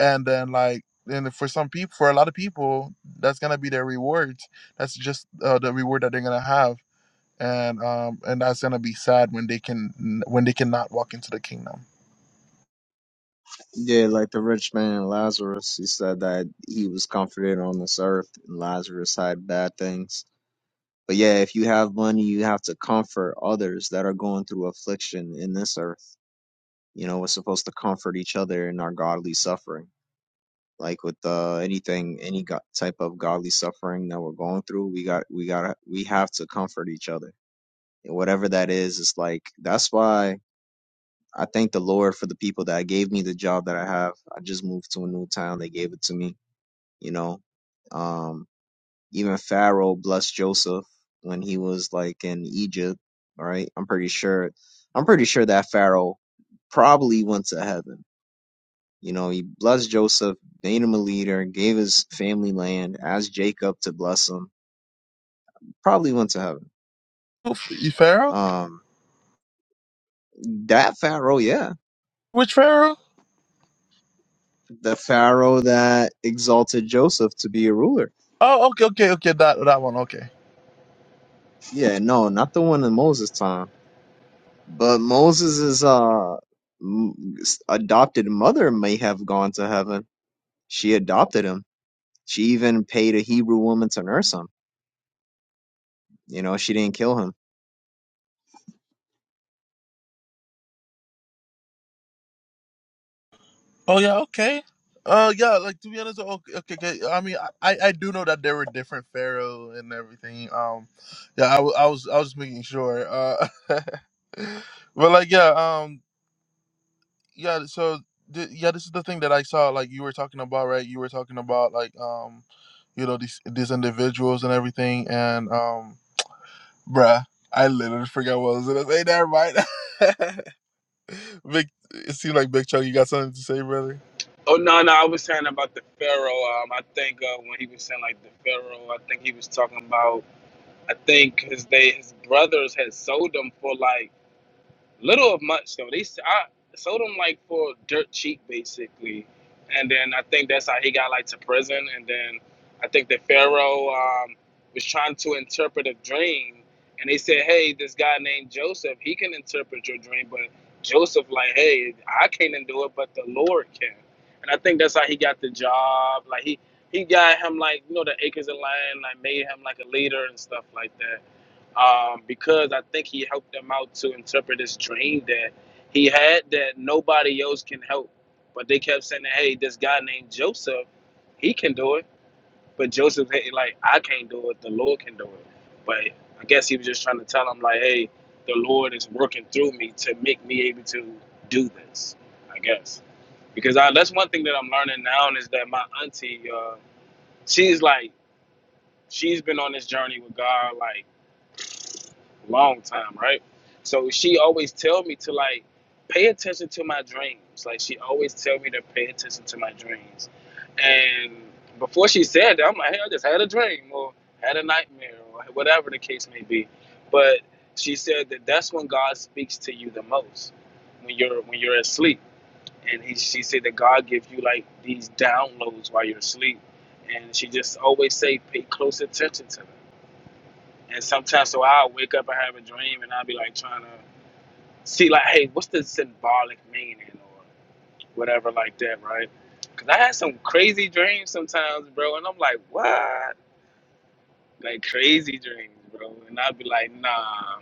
Speaker 1: And then like and for some people for a lot of people, that's gonna be their rewards. That's just uh, the reward that they're gonna have and um and that's gonna be sad when they can when they cannot walk into the kingdom.
Speaker 3: Yeah, like the rich man and Lazarus, he said that he was comforted on this earth, and Lazarus had bad things. But yeah, if you have money, you have to comfort others that are going through affliction in this earth. You know, we're supposed to comfort each other in our godly suffering. Like with uh, anything, any go- type of godly suffering that we're going through, we got, we got, we have to comfort each other. And whatever that is, it's like that's why I thank the Lord for the people that gave me the job that I have. I just moved to a new town; they gave it to me. You know, um, Even Pharaoh blessed Joseph when he was like in Egypt, right? I'm pretty sure. I'm pretty sure that Pharaoh probably went to heaven. You know, he blessed Joseph, made him a leader, gave his family land, asked Jacob to bless him. Probably went to heaven.
Speaker 1: Oh, Pharaoh?
Speaker 3: Um, that Pharaoh, yeah,
Speaker 1: Which Pharaoh?
Speaker 3: the Pharaoh that exalted Joseph to be a ruler.
Speaker 1: Oh, okay, okay, okay, that that one, okay.
Speaker 3: Yeah, no, not the one in Moses' time, but Moses' uh m- adopted mother may have gone to heaven She adopted him. She even paid a Hebrew woman to nurse him. You know, she didn't kill him.
Speaker 1: Oh yeah, okay. Uh, yeah, like to be honest, oh, okay, okay, okay. I mean, I I do know that there were different Pharaoh and everything. Um, yeah, I, wa- I was I was making sure. Uh, but like yeah, um. yeah so th- yeah this is the thing that i saw like you were talking about right you were talking about like um you know these these individuals and everything and um bruh i literally forgot what i was gonna say never mind big it seemed like big chuck you got something to say brother
Speaker 4: Oh no, no, I was saying about the Pharaoh. Um, I think uh, when he was saying like the Pharaoh, I think he was talking about. I think his they his brothers had sold him for like. little of much though. They s- I sold him like for dirt cheap basically, and then I think that's how he got like to prison. And then I think that Pharaoh um, was trying to interpret a dream, and they said, "Hey, this guy named Joseph, he can interpret your dream." But Joseph, like, "Hey, I can't do it, but the Lord can." And I think that's how he got the job. Like he he got him like you know the acres of land, like made him like a leader and stuff like that um, because I think he helped them out to interpret this dream that he had that nobody else can help. But they kept saying, "Hey, this guy named Joseph, he can do it." But Joseph, hey, like, I can't do it. The Lord can do it. But I guess he was just trying to tell him, like, "Hey, the Lord is working through me to make me able to do this." I guess because I, that's one thing that I'm learning now is that my auntie, uh, she's like, she's been on this journey with God, like long time, right? So she always tell me to like pay attention to my dreams. Like she always tell me to pay attention to my dreams. And before she said that, I'm like, hey, I just had a dream or had a nightmare or whatever the case may be. But she said that that's when God speaks to you the most when you're when you're asleep. And he, she said that God gives you like these downloads while you're asleep. And she just always say pay close attention to them. And sometimes, so I'll wake up and have a dream, and I'll be like trying to see, like, hey, what's the symbolic meaning or whatever, like that, right? Because I had some crazy dreams sometimes, bro, and I'm like, what? Like, crazy dreams, bro. And I'd be like, nah.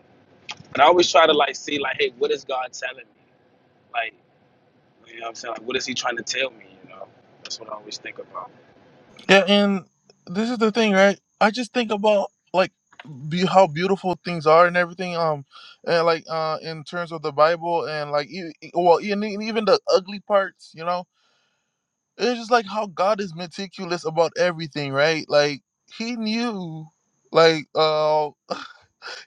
Speaker 4: And I always try to, like, see, like, hey, what is God telling me? Like, you know what I'm saying? Like, what is He trying to tell me, you know? That's what I always think about.
Speaker 1: yeah and this is the thing right i just think about like be how beautiful things are and everything um and like uh in terms of the bible and like e- e- well and e- and even the ugly parts you know it's just like how God is meticulous about everything, right? Like he knew, like uh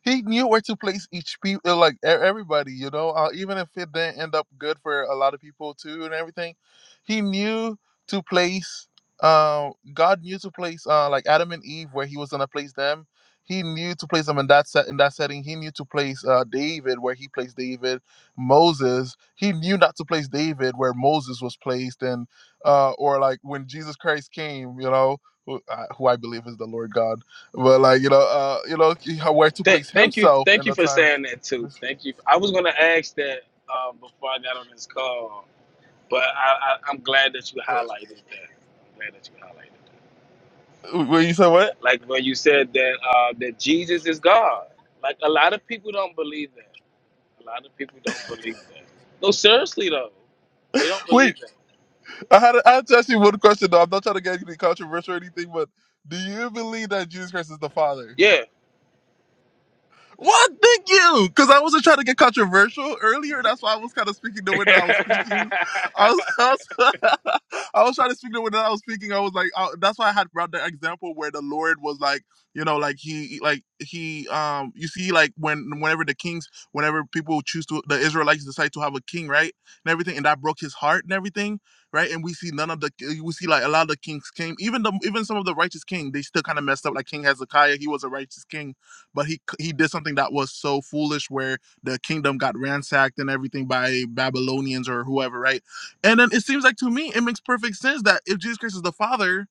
Speaker 1: he knew where to place each people, like e- everybody, you know. Uh, even if it didn't end up good for a lot of people too, and everything, he knew to place. Uh, God knew to place uh, like Adam and Eve where He was gonna place them. He knew to place them in that set in that setting. He knew to place uh, David where He placed David. Moses, He knew not to place David where Moses was placed, and uh, or like when Jesus Christ came, you know, who, uh, who I believe is the Lord God but like you know, uh, you know, where to
Speaker 4: Thank,
Speaker 1: place
Speaker 4: thank you,
Speaker 1: himself
Speaker 4: thank
Speaker 1: in
Speaker 4: you
Speaker 1: the
Speaker 4: for
Speaker 1: time.
Speaker 4: saying that too. Thank you. I was gonna ask that uh, before I got on this call But I, I, I'm glad that you
Speaker 1: Uh,
Speaker 4: highlighted that. I'm glad that you highlighted that.
Speaker 1: Wait, you said what?
Speaker 4: Like when you said that uh, that Jesus is God. Like a lot of people don't believe that. A lot of people don't believe that. No, seriously though, they don't believe
Speaker 1: Wait,
Speaker 4: that.
Speaker 1: I had I had to ask you one question though. I'm not trying to get anything controversial or anything, but do you believe that Jesus Christ is the Father?
Speaker 4: Yeah.
Speaker 1: What? Thank you. Because I wasn't trying to get controversial earlier. That's why I was kind of speaking the way that I was speaking. I was, I was, I was trying to speak the way that I was speaking. I was like, I, that's why I had brought the example where the Lord was like, you know, like he, like he, um, you see, like when, whenever the kings, whenever people choose to, the Israelites decide to have a king, right, and everything, and that broke his heart and everything, right, and we see none of the, we see like a lot of the kings came, even the, even some of the righteous king, they still kind of messed up. Like King Hezekiah, he was a righteous king but he he did something that was so foolish where the kingdom got ransacked and everything by Babylonians or whoever, right? And then it seems like to me it makes perfect sense that if Jesus Christ is the Father,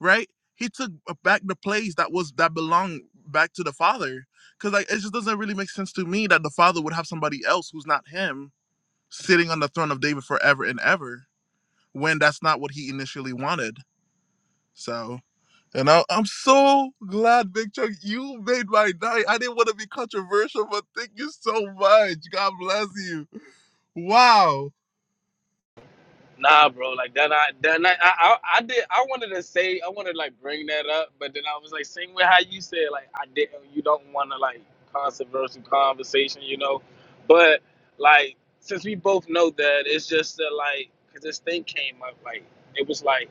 Speaker 1: right? He took back the place that was that belonged back to the Father, because like it just doesn't really make sense to me that the Father would have somebody else who's not him sitting on the throne of David forever and ever when that's not what he initially wanted. So. And I, I'm so glad, Big Chuck, you made my night. I didn't want to be controversial, but thank you so much. God bless you. Wow.
Speaker 4: Nah, bro. Like that. I then I, I I did. I wanted to say. I wanted to like bring that up, but then I was like, same with how you said. Like I didn't. You don't want to like controversial conversation, you know. But like since we both know that, it's just that like because this thing came up. Like it was like.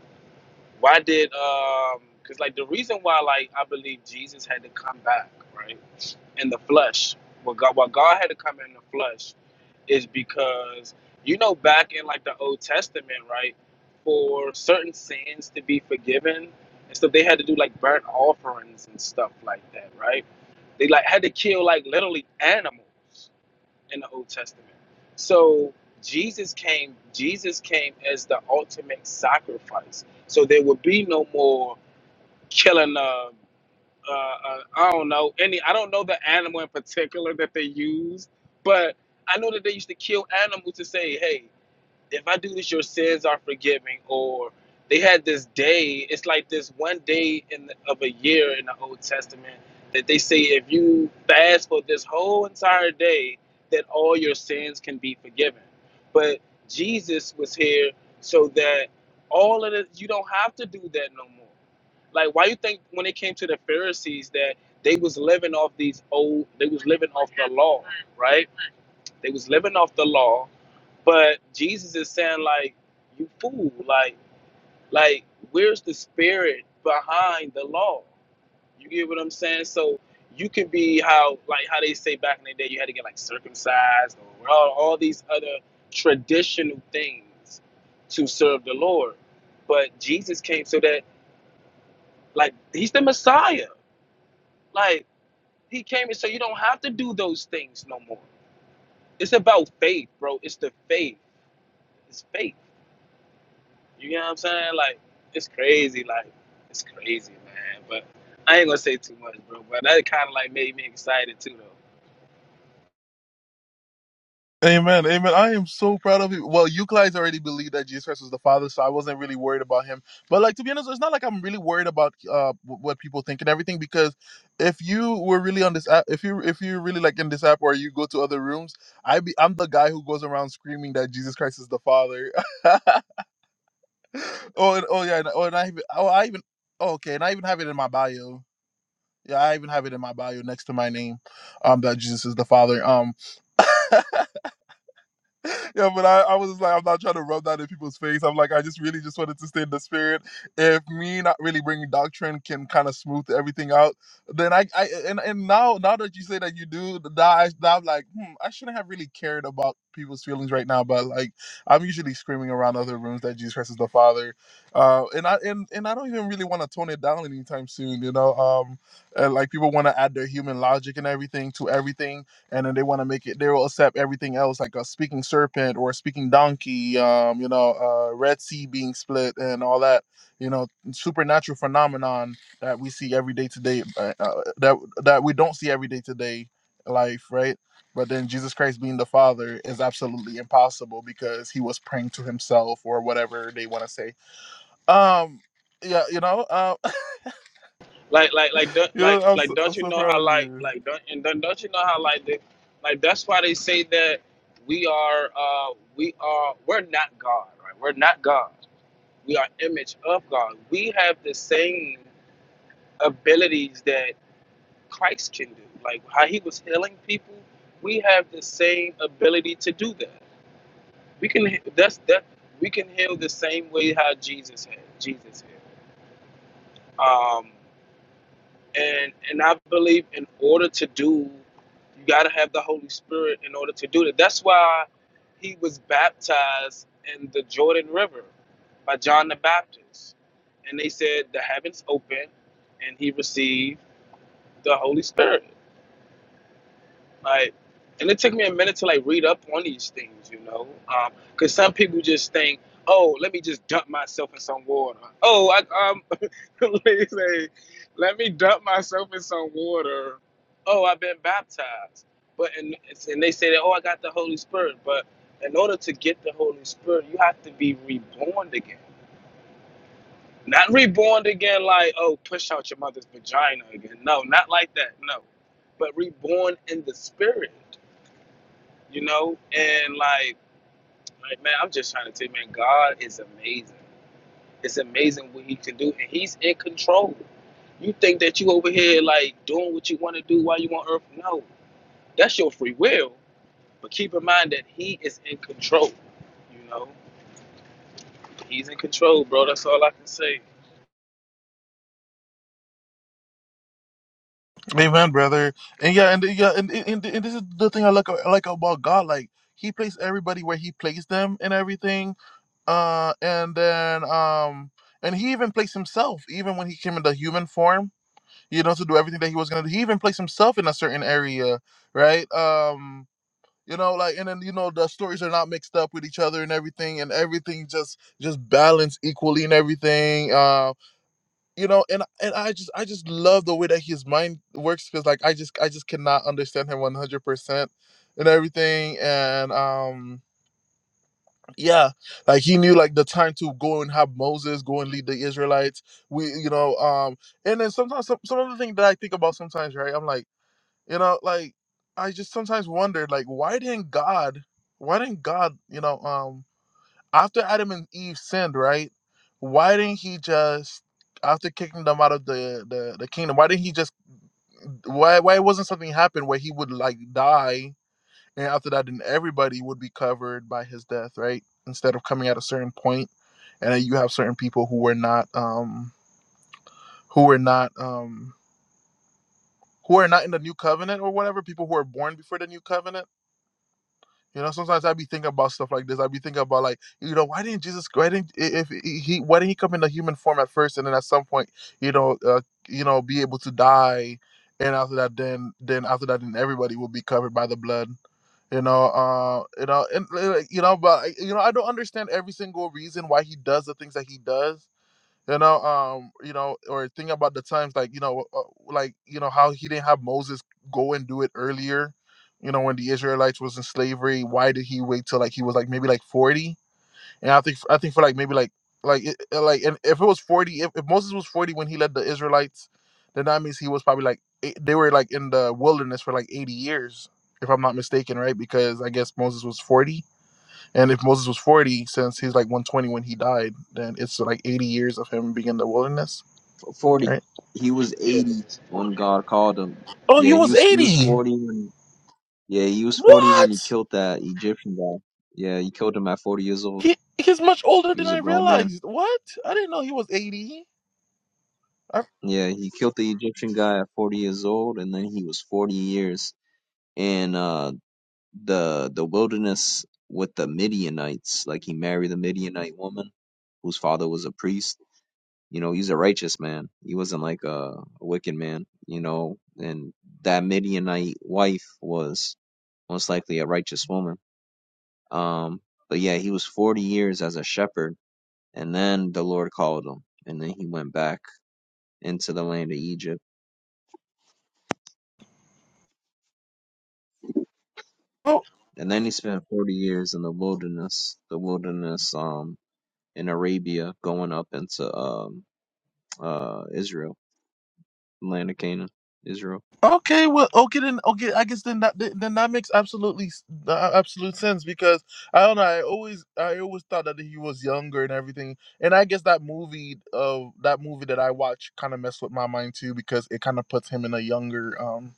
Speaker 4: Why did um? Because like the reason why like I believe Jesus had to come back right in the flesh. well, God, what God had to come in the flesh is because you know back in like the Old Testament, right? For certain sins to be forgiven, and stuff, they had to do like burnt offerings and stuff like that, right? They like had to kill like literally animals in the Old Testament. So Jesus came, Jesus came as the ultimate sacrifice. So there would be no more killing I a, uh, uh, I don't know any I don't know the animal in particular that they used, but I know that they used to kill animals to say, hey, if I do this, your sins are forgiven. Or they had this day. It's like this one day in the, of a year in the Old Testament that they say if you fast for this whole entire day, that all your sins can be forgiven. But Jesus was here so that all of it, you don't have to do that no more. Like why you think when it came to the Pharisees that they was living off these old, they was living off the law, right? They was living off the law but Jesus is saying like, you fool, like, like where's the spirit behind the law? You get what I'm saying? So you can be how like how they say back in the day you had to get like circumcised or all, all these other traditional things to serve the Lord. But Jesus came so that like he's the Messiah. Like he came and so you don't have to do those things no more. It's about faith, bro. It's the faith. It's faith. You get what I'm saying? Like, it's crazy. Like, it's crazy, man. But I ain't gonna say too much, bro. But that kind of like made me excited too, though.
Speaker 1: Amen. Amen. I am so proud of you. Well, you guys already believed that Jesus Christ was the Father, so I wasn't really worried about him. But like to be honest, it's not like I'm really worried about uh wh- what people think and everything because if you were really on this app, if you if you're really like in this app or you go to other rooms, I be I'm the guy who goes around screaming that Jesus Christ is the Father. oh, and, oh yeah. and- Oh, and I even. Oh, I even. Oh, okay, and I even have it in my bio. Yeah, I even have it in my bio next to my name, um, that Jesus is the Father. Um, yeah, but I, I was like, I'm not trying to rub that in people's face. I'm like, I just really just wanted to stay in the spirit. If me not really bringing doctrine can kind of smooth everything out, then I, I and, and now now that you say that you do, that I, now I'm like, hmm, I shouldn't have really cared about people's feelings right now. But like, I'm usually screaming around other rooms that Jesus Christ is the Father, uh, and I and, and I don't even really want to tone it down anytime soon. You know, um, and like people want to add their human logic and everything to everything and then they want to make it they'll accept everything else like a speaking serpent or a speaking donkey um you know uh red sea being split and all that you know supernatural phenomenon that we see every day today uh, uh, that that we don't see every day today life right but then jesus christ being the father is absolutely impossible because he was praying to himself or whatever they want to say um yeah you know uh,
Speaker 4: Like, like, like, don't,
Speaker 1: you know
Speaker 4: like,
Speaker 1: I'm
Speaker 4: like,
Speaker 1: so,
Speaker 4: don't
Speaker 1: I'm
Speaker 4: you
Speaker 1: so
Speaker 4: know
Speaker 1: proud
Speaker 4: how
Speaker 1: of
Speaker 4: like,
Speaker 1: you
Speaker 4: like, don't, and don't, don't you know how like, the, like that's why they say that we are, uh, we are, we're not God, right? We're not God. We are image of God. We have the same abilities that Christ can do. Like how he was healing people, we have the same ability to do that We can that's that we can heal the same way how Jesus had Jesus had. Um, and and I believe in order to do, you got to have the Holy Spirit in order to do that. That's why he was baptized in the Jordan River by John the Baptist, and they said the heavens opened, and he received the Holy Spirit. Like, and it took me a minute to like read up on these things, you know, um, because some people just think, oh, let me just dump myself in some water. Oh, I um, they say, let me dump myself in some water. Oh, I've been baptized, but and and they say that oh, I got the Holy Spirit, but in order to get the Holy Spirit, you have to be reborn again. Not reborn again, like oh, push out your mother's vagina again. No, not like that. No, but reborn in the Spirit you know and like like man i'm just trying to tell you man god is amazing it's amazing what he can do and he's in control you think that you over here like doing what you want to do while you on earth no that's your free will but keep in mind that he is in control you know he's in control bro that's all i can say
Speaker 1: Amen, brother. And yeah, and yeah, and, and, and this is the thing I like I like about God. Like He placed everybody where He placed them and everything. Uh, and then um, and He even placed Himself, even when He came in the human form, you know, to do everything that He was gonna do. He even placed Himself in a certain area, right? Um, you know, like and then you know the stories are not mixed up with each other and everything, and everything just just balanced equally and everything. Uh, you know and and i just i just love the way that his mind works because like i just i just cannot understand him 100% and everything and um yeah like he knew like the time to go and have moses go and lead the israelites we you know um and then sometimes some, some other thing that i think about sometimes right i'm like you know like i just sometimes wondered like why didn't god why didn't god you know um after Adam and Eve sinned, right? Why didn't he just after kicking them out of the the, the kingdom? Why didn't he just why why wasn't something happen where he would like die and after that then everybody would be covered by his death, right? Instead of coming at a certain point and then you have certain people who were not um who were not um who are not in the new covenant or whatever people who are born before the new covenant You know, sometimes I be thinking about stuff like this. I be thinking about like, you know, why didn't Jesus? Why didn't if he? he- Why didn't he come in the human form at first, and then at some point, you know, uh, you know, be able to die, and after that, then then after that, then everybody will be covered by the blood. You know, uh, you know, and uh, you know, but I- you know, I don't understand every single reason why he does the things that he does you know um you know or think about the times like you know uh, like you know how he didn't have moses go and do it earlier you know when the israelites was in slavery why did he wait till like he was like maybe like 40 and i think i think for like maybe like like it, it- like and if it was 40 if, if moses was 40 when he led the israelites then that means he was probably like eight, they were like in the wilderness for like 80 years if i'm not mistaken right because i guess moses was 40 and if Moses was 40, since he's like 120 when he died, then it's like 80 years of him being in the wilderness,
Speaker 3: F- Forty.
Speaker 1: right?
Speaker 3: He was
Speaker 4: yeah it
Speaker 3: eighty
Speaker 4: was
Speaker 3: when
Speaker 4: 40
Speaker 3: God called him.
Speaker 1: Oh,
Speaker 3: Yeah,
Speaker 1: he
Speaker 3: he
Speaker 1: was
Speaker 3: was he was
Speaker 1: 80.
Speaker 3: forty when yeah he was forty when he
Speaker 1: What?
Speaker 3: killed that Egyptian guy. Yeah, he killed him at forty years old.
Speaker 1: He he's much older
Speaker 3: He
Speaker 1: than
Speaker 3: was a
Speaker 1: I
Speaker 3: grown man.
Speaker 1: realized. What? I didn't know he was 80. I,
Speaker 3: Yeah, he killed the Egyptian guy at forty years old, and then he was forty years. in uh the the wilderness with the Midianites. Like he married the Midianite woman whose father was a priest. You know, he's a righteous man. He wasn't like a, a wicked man, you know, and that Midianite wife was most likely a righteous woman. Um but yeah, he was 40 years as a shepherd and then the Lord called him and then he went back into the land of Egypt.
Speaker 1: oh,
Speaker 3: And then he spent 40 years in the wilderness, the wilderness um. in Arabia going up into um uh Israel, land of Canaan, Israel.
Speaker 1: okay. Well, okay then. Okay, I guess then that then that makes absolutely s- uh, absolute sense because I don't know. I always I always thought that he was younger and everything. And I guess that movie of that movie that I watch kind of messed with my mind too because it kind of puts him in a younger um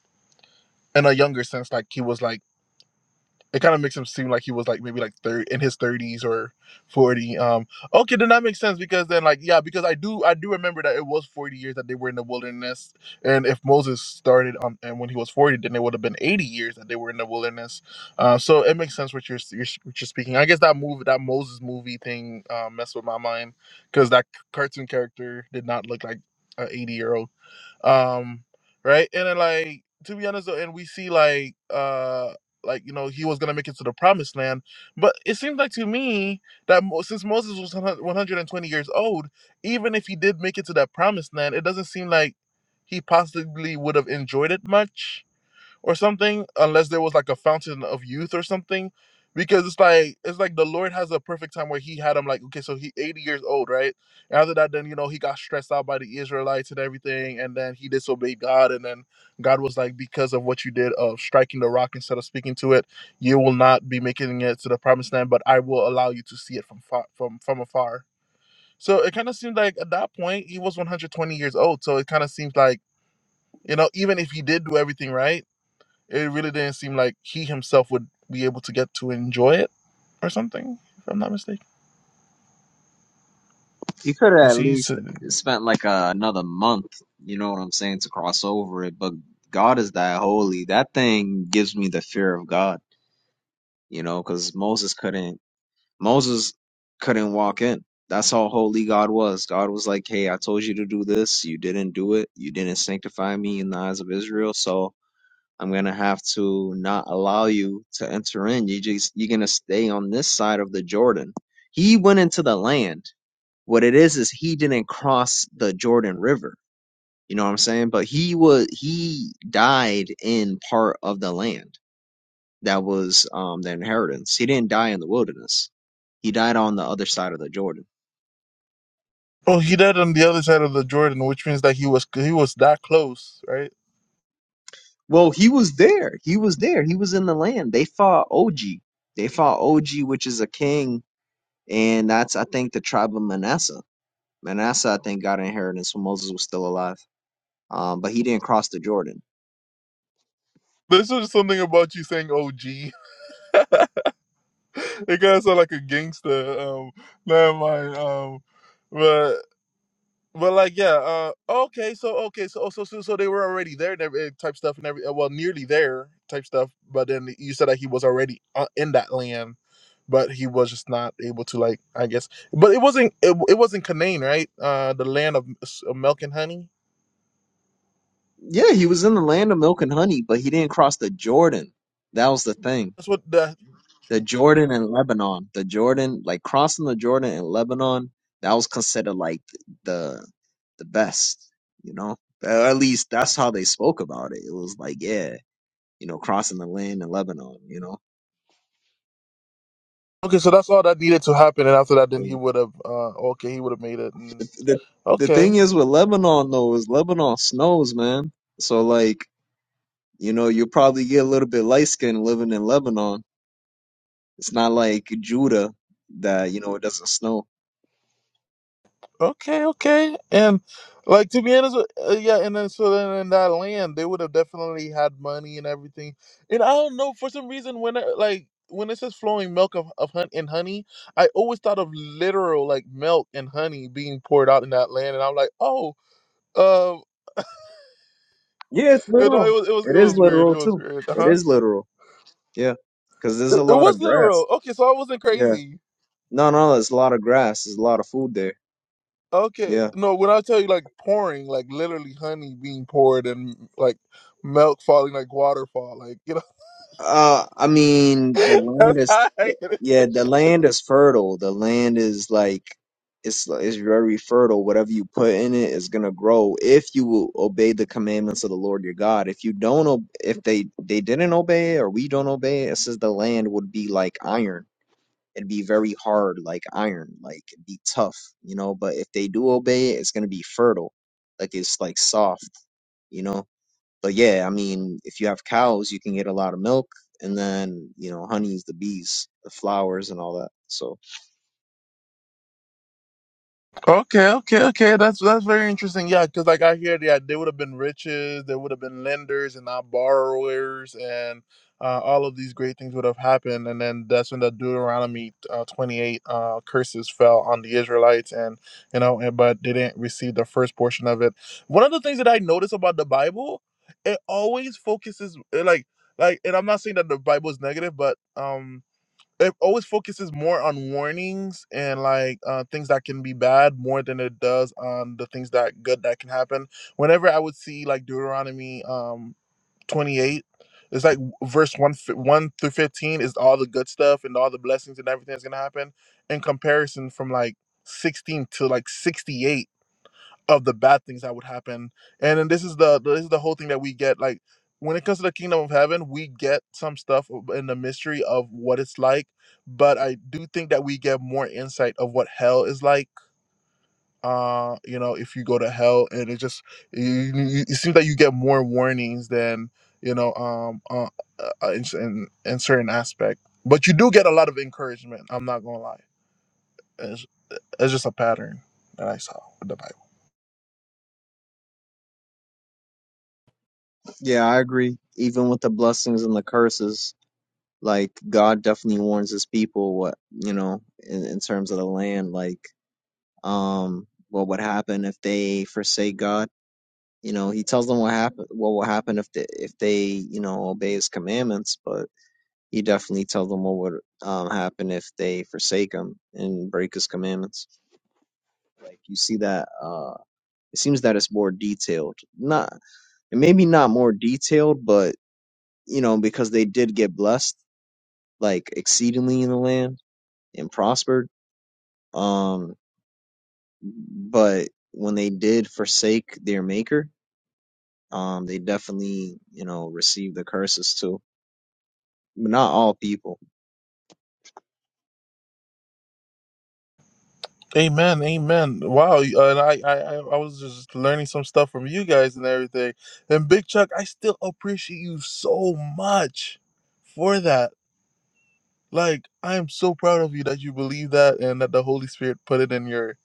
Speaker 1: in a younger sense like he was like it kind of makes him seem like he was like maybe like third in his 30s or 40 um okay then that makes sense because then like yeah because i do i do remember that it was 40 years that they were in the wilderness and if moses started on and when he was 40 then it would have been 80 years that they were in the wilderness uh, so it makes sense what you're, you're what you're speaking i guess that movie that moses movie thing uh, messed with my mind because that c- cartoon character did not look like a 80 year old um right and then like to be honest though, and we see like uh like you know he was gonna make it to the promised land but it seems like to me that Mo- since moses was 120 years old even if he did make it to that promised land it doesn't seem like he possibly would have enjoyed it much or something unless there was like a fountain of youth or something because it's like it's like the lord has a perfect time where he had him like okay so he 80 years old right And after that then you know he got stressed out by the israelites and everything and then he disobeyed god and then god was like because of what you did of striking the rock instead of speaking to it you will not be making it to the promised land but i will allow you to see it from far, from from afar so it kind of seemed like at that point he was 120 years old so it kind of seems like you know even if he did do everything right it really didn't seem like he himself would be able to get to enjoy it or something, if I'm not mistaken.
Speaker 3: He could
Speaker 1: He
Speaker 3: have at
Speaker 1: sees,
Speaker 3: least spent like uh another month, you know what I'm saying, to cross over it. But God is that holy. That thing gives me the fear of God, you know, because Moses couldn't. Moses couldn't walk in. That's how holy God was. God was like, "Hey, I told you to do this. You didn't do it. You didn't sanctify me in the eyes of Israel. So I'm gonna have to not allow you to enter in. You just you're gonna stay on this side of the Jordan. He went into the land. What it is is he didn't cross the Jordan River. You know what I'm saying? But he was he died in part of the land that was um the inheritance. He didn't die in the wilderness. He died on the other side of the Jordan.
Speaker 1: oh, he died on the other side of the Jordan, which means that he was he was that close, right?
Speaker 3: Well, he was there. He was there. He was in the land. They fought Og. They fought Og, which is a king, and that's I think the tribe of Manasseh Manasseh, I think, got an inheritance when Moses was still alive. Um, but he didn't cross the Jordan.
Speaker 1: This is something about you saying "OG." it kind of sound like a gangster. Um, never mind. Um, but But like, yeah. Uh, okay, so okay, so oh, so so, so they were already there, and every, type stuff, and every uh, well, nearly there, type stuff. But then you said that he was already uh, in that land, but he was just not able to, like, I guess. But it wasn't it, it wasn't Canaan, right? Uh, the land of s- of milk and honey.
Speaker 3: Yeah, he was in the land of milk and honey, but he didn't cross the Jordan. That was the thing.
Speaker 1: That's what the
Speaker 3: The Jordan and Lebanon. The Jordan, like crossing the Jordan and Lebanon, that was considered like the the best, you know? Or at least that's how they spoke about it. It was like, yeah, you know, crossing the land in Lebanon, you know?
Speaker 1: okay. So that's all that needed to happen, and after that, then he would have. Uh, okay, he would have made it. And,
Speaker 3: The the
Speaker 1: okay.
Speaker 3: thing is with Lebanon though is Lebanon snows, man. So like You know, you'll probably get a little bit light skinned living in Lebanon. It's not like Judah that, you know, it doesn't snow.
Speaker 1: Okay, okay, and like to be honest, with- uh, yeah, and then so then in that land they would have definitely had money and everything. And I don't know for some reason when it, like when it says flowing milk of of hun- and honey, I always thought of literal like milk and honey being poured out in that land, and I'm like, oh, um,
Speaker 3: Yeah, it's
Speaker 1: you know,
Speaker 3: literal.
Speaker 1: it was it was it
Speaker 3: It is
Speaker 1: was weird,
Speaker 3: literal
Speaker 1: it was
Speaker 3: too.
Speaker 1: weird, uh
Speaker 3: It
Speaker 1: huh.
Speaker 3: is literal. Yeah. Because there's
Speaker 1: It,
Speaker 3: a
Speaker 1: it
Speaker 3: lot
Speaker 1: was
Speaker 3: of
Speaker 1: literal.
Speaker 3: grass.
Speaker 1: Okay, so I wasn't
Speaker 3: Yeah.
Speaker 1: crazy.
Speaker 3: No, no, there's a lot of grass. There's a lot of food there.
Speaker 1: Okay,
Speaker 3: Yeah.
Speaker 1: no, when I tell you like pouring, like literally honey being poured and like milk falling like waterfall. Like you know.
Speaker 3: Uh, I mean, the land
Speaker 1: That's
Speaker 3: is
Speaker 1: how I get
Speaker 3: yeah,
Speaker 1: it.
Speaker 3: the land is fertile. The land is like it's it's very fertile. Whatever you put in it is gonna grow if you will obey the commandments of the Lord your God. If you don't, ob- if they they didn't obey it or we don't obey, it it says the land would be like iron. It'd be very hard, like iron, like it'd be tough, you know. But if they do obey it, it's gonna be fertile, like it's like soft, you know but yeah, I mean, if you have cows, you can get a lot of milk, and then you know, honey's the bees, the flowers, and all that. So
Speaker 1: Okay, okay, okay. That's that's very interesting. Yeah, because like I hear, yeah, they would have been riches, they would have been lenders and not borrowers, and uh, all of these great things would have happened. And then that's when the Deuteronomy uh, twenty-eight uh, curses fell on the Israelites, and you know, and, but they didn't receive the first portion of it. One of the things that I notice about the Bible, it always focuses uh, like like, and I'm not saying that the Bible is negative, but um it always focuses more on warnings and like uh, things that can be bad more than it does on the things that good that can happen. Whenever I would see like Deuteronomy um 28, it's like verse one fi- one through 15 is all the good stuff and all the blessings and everything that's gonna happen. In comparison, from like 16 to like 68 of the bad things that would happen and then this is the this is the whole thing that we get like when it comes to the kingdom of heaven we get some stuff of- in the mystery of what it's like but i do think that we get more insight of what hell is like uh you know if you go to hell and it just you, you- it seems that you get more warnings than you know um uh, uh, uh, in, in in certain aspect but you do get a lot of encouragement i'm not gonna lie it's, it's just a pattern that i saw with the bible
Speaker 3: yeah, I agree. Even with the blessings and the curses, like God definitely warns His people what you know in, in terms of the land, like um, what would happen if they forsake God. You know, he tells them what happen, what will happen if they, if they, you know, obey his commandments, but he definitely tells them what would um, happen if they forsake him and break his commandments. Like you see that uh it seems that it's more detailed. Not maybe not more detailed, but you know, because they did get blessed like exceedingly in the land and prospered. Um but when they did forsake their maker, um they definitely, you know, received the curses too. But not all people.
Speaker 1: Amen, amen. Wow, uh, and I, I, I I was just learning some stuff from you guys and everything. And Big Chuck, I still appreciate you so much for that. Like I am so proud of you that you believe that and that the Holy Spirit put it in your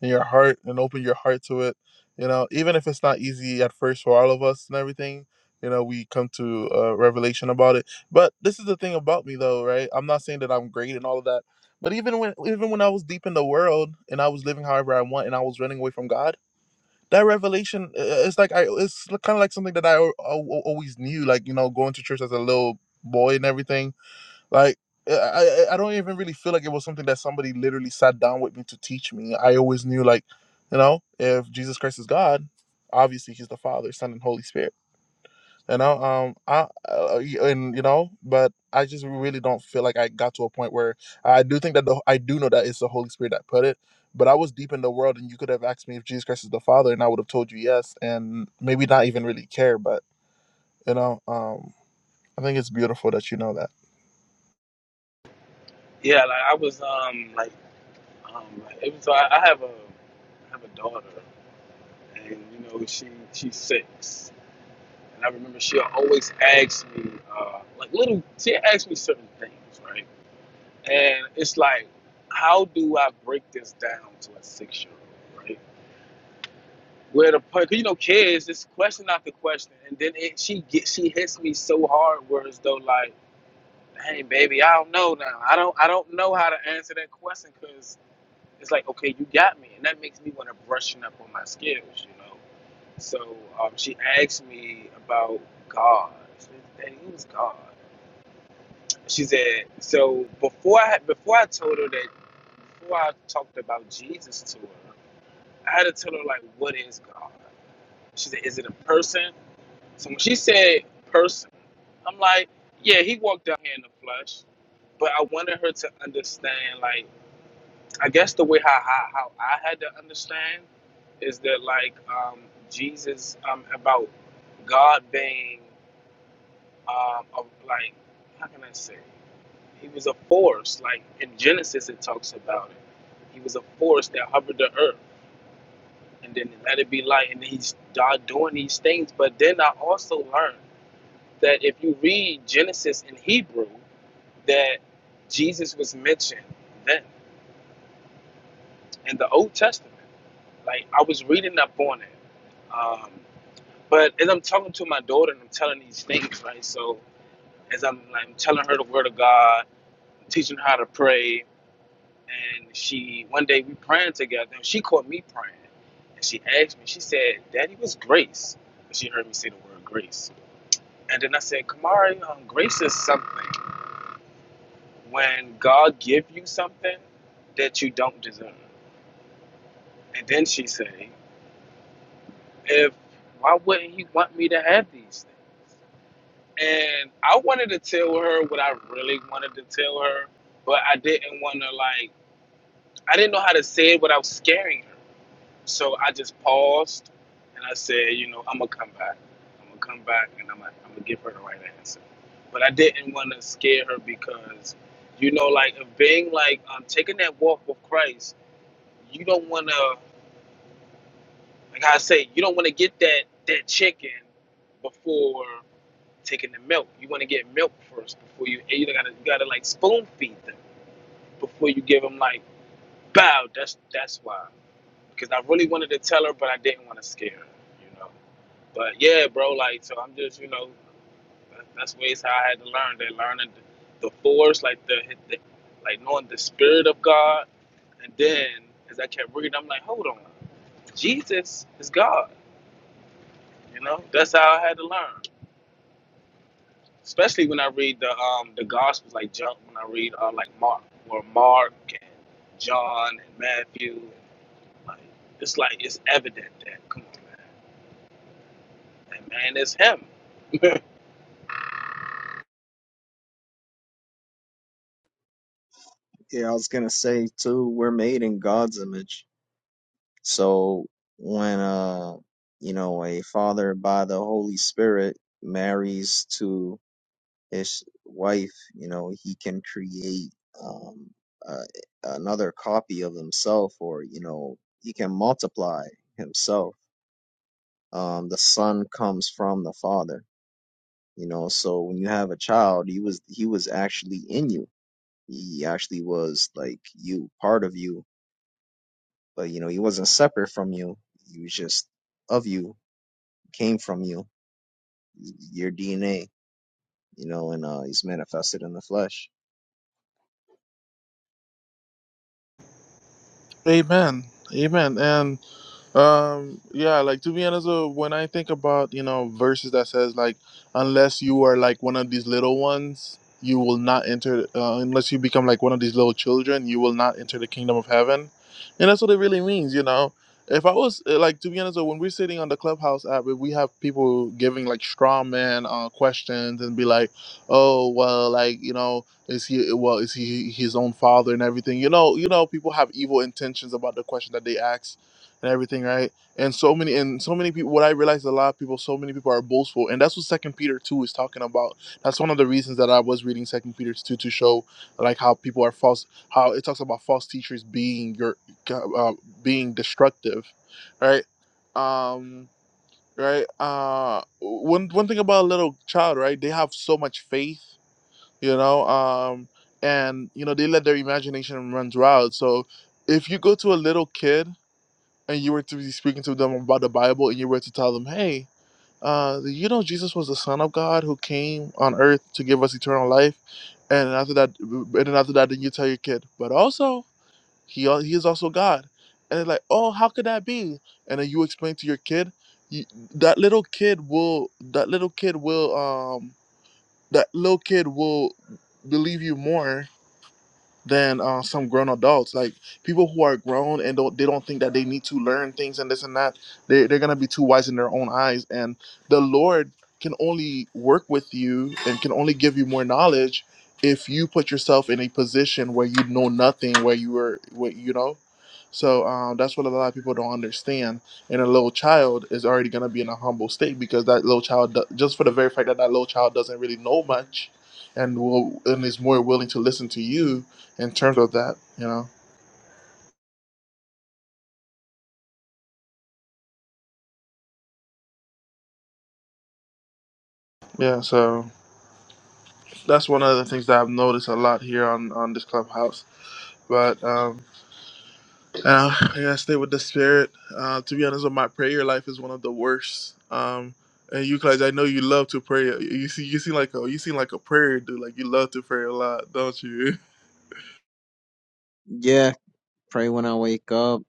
Speaker 1: in your heart and open your heart to it. You know, even if it's not easy at first for all of us and everything, you know, we come to a revelation about it. But this is the thing about me though, right? I'm not saying that I'm great and all of that. But even when even when I was deep in the world and I was living however I want and I was running away from God, that revelation uh, it's like I it's kind of like something that I al- al- always knew like, you know, going to church as a little boy and everything like I, I I don't even really feel like it was something that somebody literally sat down with me to teach me. I always knew like, you know, if Jesus Christ is God, obviously He's the Father, Son, and Holy Spirit. You know, um, I uh, and you know, but I just really don't feel like I got to a point where I do think that the I do know that it's the Holy Spirit that put it. But I was deep in the world, and you could have asked me if Jesus Christ is the Father, and I would have told you yes, and maybe not even really care. But you know, um. I think it's beautiful that you know that.
Speaker 4: yeah like i was um like um like, it was i, I have a I have a daughter and you know she she's six And I remember she'll always ask me, uh, like little, she asked me certain things, right? And it's like, how do I break this down to a six-year-old, right? Where the per- you know kids, it's question after question, and then it, she get, she hits me so hard, where it's though like, hey baby, I don't know now, I don't I don't know how to answer that question because it's like, okay, you got me, and that makes me want to brushing up on my skills, you know. So um, she asked me about God. She said, Daddy, who's God? She said, so before I, before I told her that, before I talked about Jesus to her, I had to tell her, like, what is God? She said, is it a person? So when she said person, I'm like, yeah, he walked down here in the flesh. But I wanted her to understand, like, I guess the way how, how, how I had to understand is that, like, um, Jesus, um, about God being, um, a, like, how can I say? He was a force. Like in Genesis, it talks about it. He was a force that hovered the earth, and then let it be light. And he's God doing these things. But then I also learned that if you read Genesis in Hebrew, that Jesus was mentioned then in the Old Testament. Like I was reading up on it. Um, but as I'm talking to my daughter and I'm telling these things, right? So as I'm like telling her the word of God, teaching her how to pray, and she one day we praying together and she caught me praying and she asked me she said daddy was grace and she heard me say the word grace and then i said kamari um, grace is something when god give you something that you don't deserve and then she said if why wouldn't he want me to have these things and i wanted to tell her what i really wanted to tell her but i didn't want to like i didn't know how to say it without scaring her So I just paused and I said, you know, I'm gonna come back. I'm gonna come back and I'm gonna, I'm gonna give her the right answer. But I didn't want to scare her because, you know, like of being like um, taking that walk with Christ, you don't want to, like I say, you don't want to get that that chicken before taking the milk. You want to get milk first before you. You gotta you gotta like spoon feed them before you give them like, bow. That's that's why. Because I really wanted to tell her, but I didn't want to scare her. You know. But yeah, bro, like so I'm just, you know, that- that's ways how I had to learn. They learning the force, like the, the like knowing the spirit of God. And then as I kept reading, I'm like, hold on, Jesus is God. You know, that's how I had to learn. Especially when I read the um the Gospels, like John, when I read uh, like Mark or Mark and John and Matthew, like it's like it's evident that come on, man, that man is him.
Speaker 3: Yeah, I was gonna say too, we're made in God's image. So when uh you know, a father by the Holy Spirit marries to his wife, you know, he can create um, uh, another copy of himself, or you know, he can multiply himself. Um, the son comes from the father, you know. So when you have a child, he was he was actually in you. He actually was like you, part of you, but you know, he wasn't separate from you. He was just of you, came from you, your DNA, you know, and uh, he's manifested in the flesh.
Speaker 1: Amen. Amen. And Um, yeah, like to be honest, uh, when I think about you know verses that says like, unless you are like one of these little ones, you will not enter. Uh, unless you become like one of these little children, you will not enter the kingdom of heaven, and that's what it really means, you know. If I was uh, like to be honest, uh, when we're sitting on the clubhouse app, if we have people giving like straw man uh, questions and be like, oh well, like you know, is he well is he his own father and everything, you know, you know, people have evil intentions about the question that they ask and everything, right? And so many and so many people what I realized a lot of people, so many people are boastful. And that's what Second Peter two is talking about. That's one of the reasons that I was reading Second Peter two to show like how people are false how it talks about false teachers being your uh, being destructive, right? Um right uh one one thing about a little child right they have so much faith you know um and you know they let their imagination run wild so if you go to a little kid and you were to be speaking to them about the Bible, and you were to tell them, hey, uh, you know, Jesus was the Son of God who came on earth to give us eternal life, and after that, and then after that, then you tell your kid, but also he al- he is also God, and they're like, oh, how could that be? And then you explain to your kid, you, that little kid will, that little kid will, um, that little kid will believe you more than uh, some grown adults. Like people who are grown and don't they don't think that they need to learn things and this and that. They they're gonna be too wise in their own eyes. And the Lord can only work with you and can only give you more knowledge if you put yourself in a position where you know nothing, where you were, what you know. So um, that's what a lot of people don't understand. And a little child is already gonna be in a humble state because that little child, do- just for the very fact that that little child doesn't really know much, and will and is more willing to listen to you, in terms of that, you know. Yeah, so that's one of the things that I've noticed a lot here on on this clubhouse. But um, uh, I gotta stay with the spirit. Uh, to be honest, with my prayer life is one of the worst. Um, and you guys, I know you love to pray. You see, you seem like a you seem like a prayer dude. Like you love to pray a lot, don't you?
Speaker 3: Yeah, pray when I wake up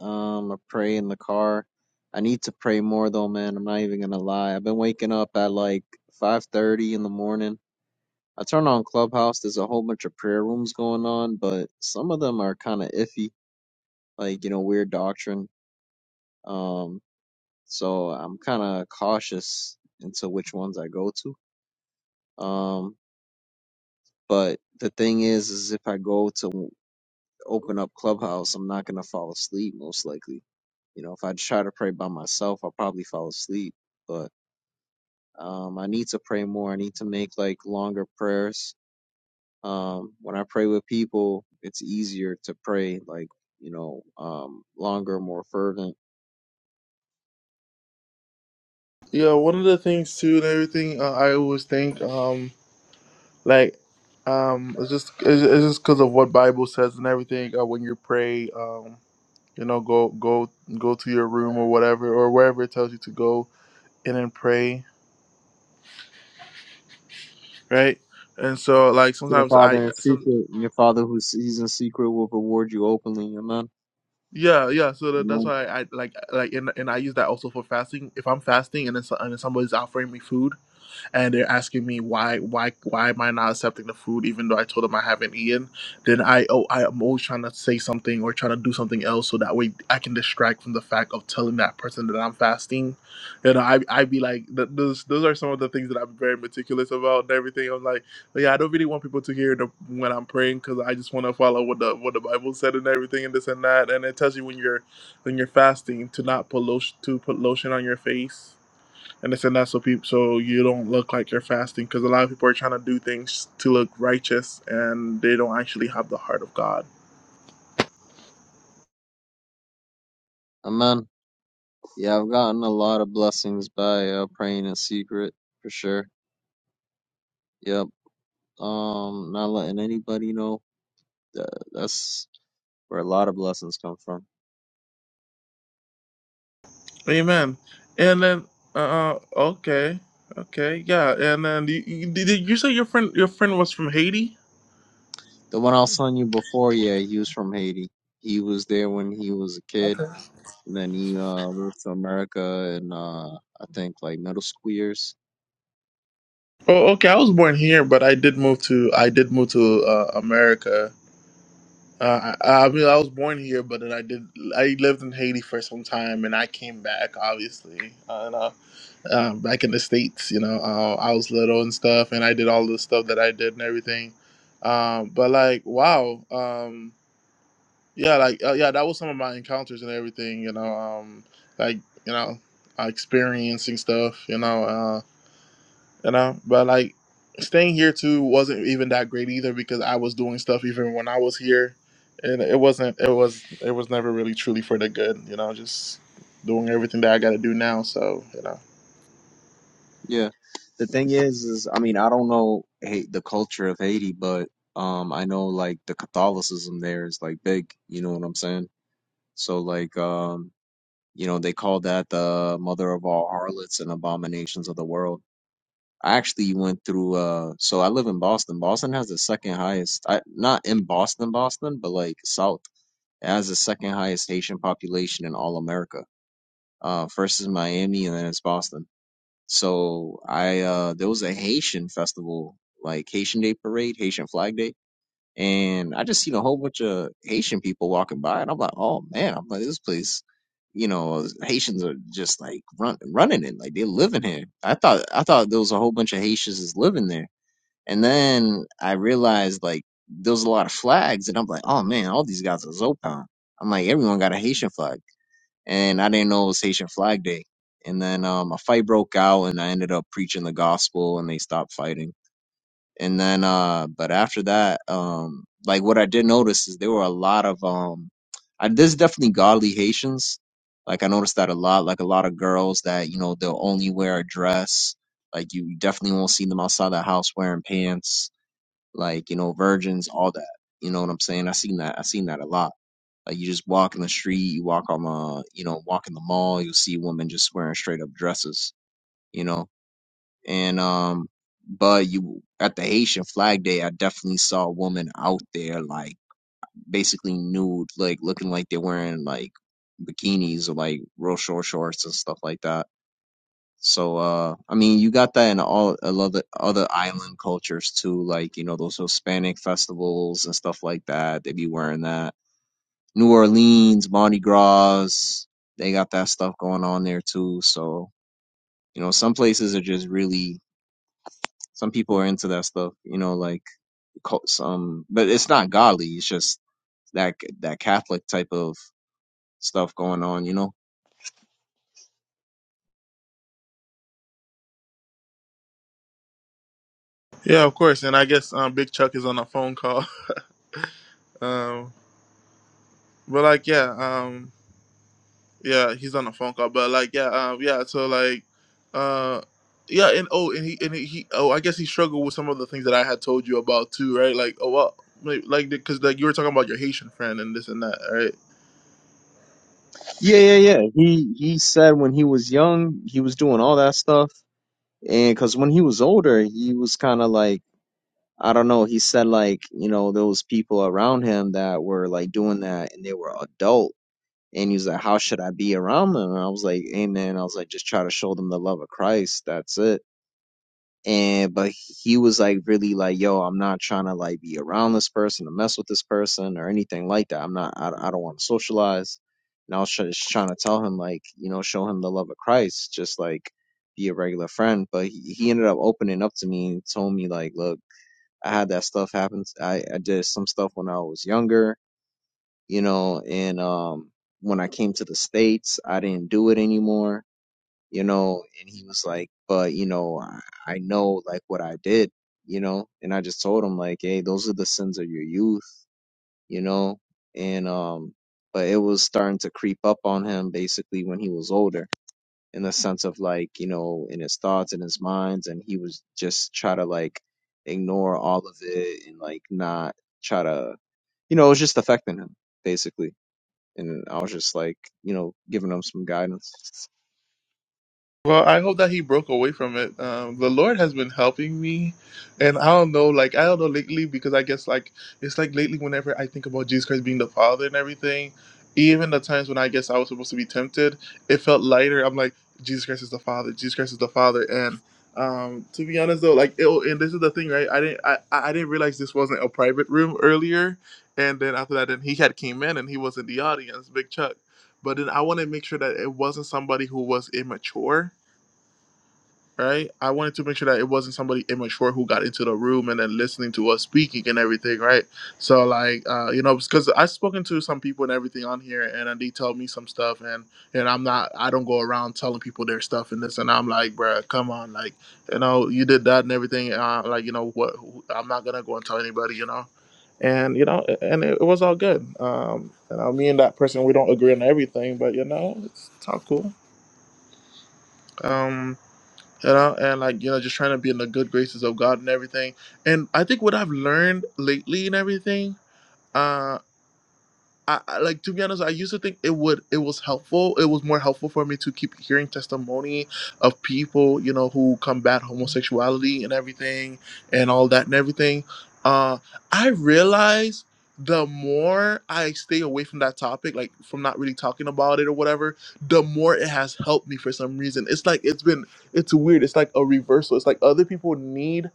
Speaker 3: Um, I pray in the car. I need to pray more though, man. I'm not even gonna lie. I've been waking up at like 5:30 in the morning. I turn on Clubhouse. There's a whole bunch of prayer rooms going on, but some of them are kind of iffy, like you know, weird doctrine. Um, so I'm kind of cautious into which ones I go to. Um, but the thing is, is if I go to open up Clubhouse, I'm not gonna fall asleep most likely. You know, if I try to pray by myself, I'll probably fall asleep. But Um, I need to pray more. I need to make like longer prayers. Um, when I pray with people, it's easier to pray like, you know, um, longer, more fervent.
Speaker 1: Yeah, one of the things too, and everything uh, I always think, um, like, um, it's just it's, it's just because of what Bible says and everything. Uh, when you pray, um, you know go go go to your room or whatever or wherever it tells you to go and then pray right and so like
Speaker 3: To your
Speaker 1: sometimes i
Speaker 3: father in
Speaker 1: some
Speaker 3: secret, and your father who sees in secret will reward you openly. Amen.
Speaker 1: yeah yeah so that, that's
Speaker 3: Amen.
Speaker 1: why i I like like and, and i use that also for fasting if i'm fasting and then, so- and then somebody's offering me food and they're asking me why why why am I not accepting the food even though I told them I haven't eaten, then I oh I am always trying to say something or trying to do something else so that way I can distract from the fact of telling that person that I'm fasting. You know, I I be like th- those those are some of the things that I'm very meticulous about and everything. I'm like, but yeah, I don't really want people to hear the, when I'm praying because I just want to follow what the what the Bible said and everything and this and that. And it tells you when you're when you're fasting to not put lotion to put lotion on your face and this and that, so people, so you don't look like you're fasting, because a lot of people are trying to do things to look righteous, and they don't actually have the heart of God.
Speaker 3: Amen. Yeah, I've gotten a lot of blessings by uh, praying in secret for sure. Yep. Um, not letting anybody know. That, that's where a lot of blessings come from.
Speaker 1: Amen. And then, uh, uh, okay, okay, yeah. And then, you, you, did did you say your friend, your friend was from Haiti?
Speaker 3: The one I was telling you before, yeah, he was from Haiti. He was there when he was a kid,
Speaker 1: Okay.
Speaker 3: and then he uh moved to America in uh I think like middle school years.
Speaker 1: Oh, okay. I was born here, but I did move to, I did move to uh, America Uh, I, I mean, I was born here, but then I did. I lived in Haiti for some time, and I came back, obviously, uh, and, uh, um, back in the states. You know, uh, I was little and stuff, and I did all the stuff that I did and everything. Um, but like, wow, um, yeah, like, uh, yeah, that was some of my encounters and everything. You know, um, like, you know, uh, experiencing stuff. You know, uh, you know. But like staying here too wasn't even that great either because I was doing stuff even when I was here, and it wasn't. It was. It was never really truly for the good, you know. Just doing everything that I got to do now. So you know.
Speaker 3: Yeah. The thing is is I mean, I don't know hey, the culture of Haiti, but um I know like the Catholicism there is like big, you know what I'm saying? So like um you know, they call that the mother of all harlots and abominations of the world. I actually went through uh so I live in Boston. Boston has the second highest I not in Boston, Boston, but like South. It has the second highest Haitian population in all America. Uh first is Miami and then it's Boston. So I uh there was a Haitian festival, like Haitian Day Parade, Haitian Flag Day, and I just seen a whole bunch of Haitian people walking by and I'm like, "Oh man, I'm like this place you know, Haitians are just like run, running it, like they're living here. I thought I thought there was a whole bunch of Haitians is living there and then I realized like there was a lot of flags, and I'm like, oh man, all these guys are Zopan. I'm like, everyone got a Haitian flag, and I didn't know it was Haitian Flag Day. And then um, a fight broke out, and I ended up preaching the gospel, and they stopped fighting. And then, uh, but after that, um, like what I did notice is there were a lot of um, I, there's definitely godly Haitians. Like I noticed that a lot, like a lot of girls that you know they'll only wear a dress. Like you definitely won't see them outside the house wearing pants like you know virgins all that you know what i'm saying i seen that i seen that a lot like you just walk in the street you walk on the you know walk in the mall you'll see women just wearing straight up dresses you know and um but you at the haitian flag day i definitely saw a woman out there like basically nude like looking like they're wearing like bikinis or like real short shorts and stuff like that so, uh, I mean, you got that in all a lot of other island cultures too, like, you know, those Hispanic festivals and stuff like that. They be wearing that. New Orleans, Mardi Gras, they got that stuff going on there too. So, you know, some places are just really, some people are into that stuff, you know, like cult- some, but it's not godly. It's just that, that Catholic type of stuff going on, you know?
Speaker 1: Yeah, of course. And I guess um, Big Chuck is on a phone call. Um, but like, yeah. Um, Yeah, he's on a phone call, but like, yeah, um, yeah. So like, uh, yeah, and oh, and he and he, he- oh, I guess he struggled with some of the things that I had told you about too, right? Like, oh, well, like, because like 'cause, like, you were talking about your Haitian friend and this and that, right?
Speaker 3: Yeah, yeah, yeah. He, he said when he was young, he was doing all that stuff And because when he was older, he was kind of like, I don't know, he said like, you know, those people around him that were like doing that and they were adult. And he's like, How should I be around them? And I was like, Amen. I was like, Just try to show them the love of Christ. That's it and but he was like really like yo i'm not trying to like be around this person or mess with this person or anything like that i'm not i, I don't want to socialize and i was try- just trying to tell him like you know show him the love of christ just like be a regular friend but he, he ended up opening up to me and told me like look i had that stuff happen i i did some stuff when i was younger you know and um when i came to the states i didn't do it anymore you know, and he was like, but you know, I, I know like what I did, you know, and I just told him like, hey, those are the sins of your youth, you know, and um, but it was starting to creep up on him basically when he was older, in the sense of like, you know, in his thoughts and his minds, and he was just try to like ignore all of it and like not try to, you know, it was just affecting him basically, and I was just like, you know, giving him some guidance.
Speaker 1: Well, I hope that he broke away from it. Um, the Lord has been helping me, and I don't know, like I don't know lately because I guess like it's like lately whenever I think about Jesus Christ being the Father and everything, even the times when I guess I was supposed to be tempted, it felt lighter. I'm like Jesus Christ is the Father. Jesus Christ is the Father, and um, to be honest though, like it, and this is the thing, right? I didn't I I I didn't realize this wasn't a private room earlier, and then after that, then he had came in and he was in the audience, Big Chuck. But then I want to make sure that it wasn't somebody who was immature right? I wanted to make sure that it wasn't somebody immature who got into the room and then listening to us speaking and everything, right? So like, uh, you know, because I've spoken to some people and everything on here, and then they tell me some stuff, and and I'm not, I don't go around telling people their stuff and this, and I'm like, bruh, come on, like, you know, you did that and everything, uh, like, you know, what? I'm not gonna go and tell anybody, you know. And you know, and it, it was all good. Um, you know, me and that person, we don't agree on everything, but you know, it's, it's all cool. Um, you know, and like you know, just trying to be in the good graces of God and everything. And I think what I've learned lately and everything. uh, I, I like to be honest, I used to think it would it was helpful. It was more helpful for me to keep hearing testimony of people, you know, who combat homosexuality and everything and all that and everything. Uh I realize the more I stay away from that topic, like from not really talking about it or whatever, the more it has helped me for some reason. It's like it's been it's weird. It's like a reversal. It's like other people need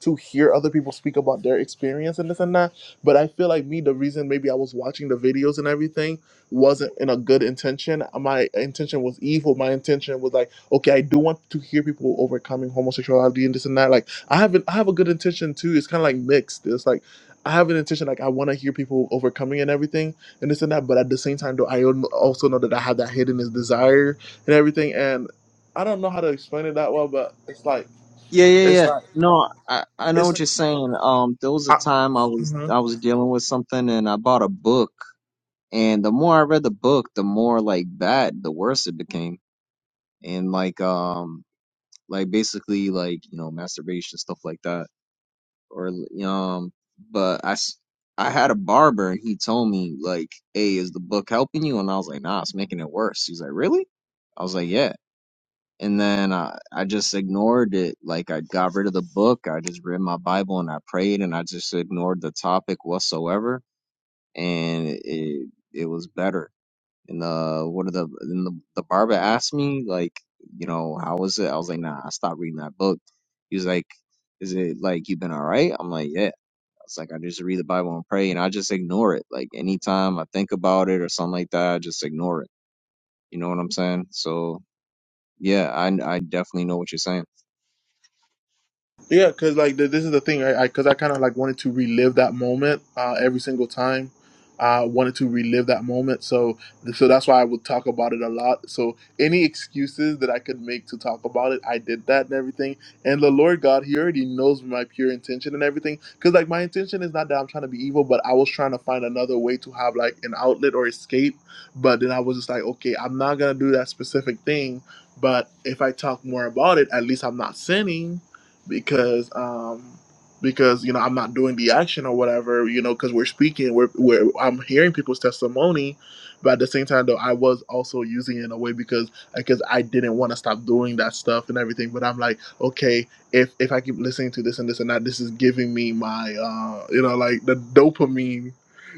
Speaker 1: to hear other people speak about their experience and this and that but I feel like me, the reason maybe I was watching the videos and everything wasn't in a good intention. My intention was evil. My intention was like, okay, I do want to hear people overcoming homosexuality and this and that. Like, I have an, I have a good intention too. It's kind of like mixed. It's like I have an intention, like I want to hear people overcoming and everything and this and that. But at the same time, though, I al- also know that I have that hidden desire and everything. And I don't know how to explain it that well, but it's like
Speaker 3: Yeah, yeah,
Speaker 1: it's
Speaker 3: yeah.
Speaker 1: like
Speaker 3: No, I, I know
Speaker 1: it's
Speaker 3: what
Speaker 1: like.
Speaker 3: you're saying. Um, there was a
Speaker 1: I,
Speaker 3: time I was
Speaker 1: Mhm.
Speaker 3: I was dealing with something and I bought a book and the more I read the book, the more like bad, the worse it became. And like um like basically like, you know, masturbation, stuff like that. Or um but I s- I had a barber and he told me like, "Hey, is the book helping you?" And I was like, "Nah, it's making it worse." He's like, "Really?" I was like, "Yeah." and then I, I just ignored it. Like I got rid of the book. I just read my Bible and I prayed and I just ignored the topic whatsoever. And it it was better. And uh, one of the and the, the barber asked me like, you know, how was it? I was like, nah, I stopped reading that book. He was like, is it like you've been all right? I'm like, yeah. I was like, I just read the Bible and pray, and I just ignore it. Like anytime I think about it or something like that, I just ignore it. You know what I'm saying? So yeah, I I definitely know what you're saying.
Speaker 1: Yeah, because like th- this is the thing, right? I Because I kind of like wanted to relive that moment uh, every single time. I wanted to relive that moment, so so that's why I would talk about it a lot. So any excuses that I could make to talk about it, I did that and everything. And the Lord God, He already knows my pure intention and everything. Because like my intention is not that I'm trying to be evil, but I was trying to find another way to have like an outlet or escape. But then I was just like, okay, I'm not gonna do that specific thing. But if I talk more about it, at least I'm not sinning because um because you know I'm not doing the action or whatever you know because we're speaking we're, we're I'm hearing people's testimony but at the same time though I was also using it in a way because because I didn't want to stop doing that stuff and everything but I'm like okay if if I keep listening to this and this and that this is giving me my uh you know like the dopamine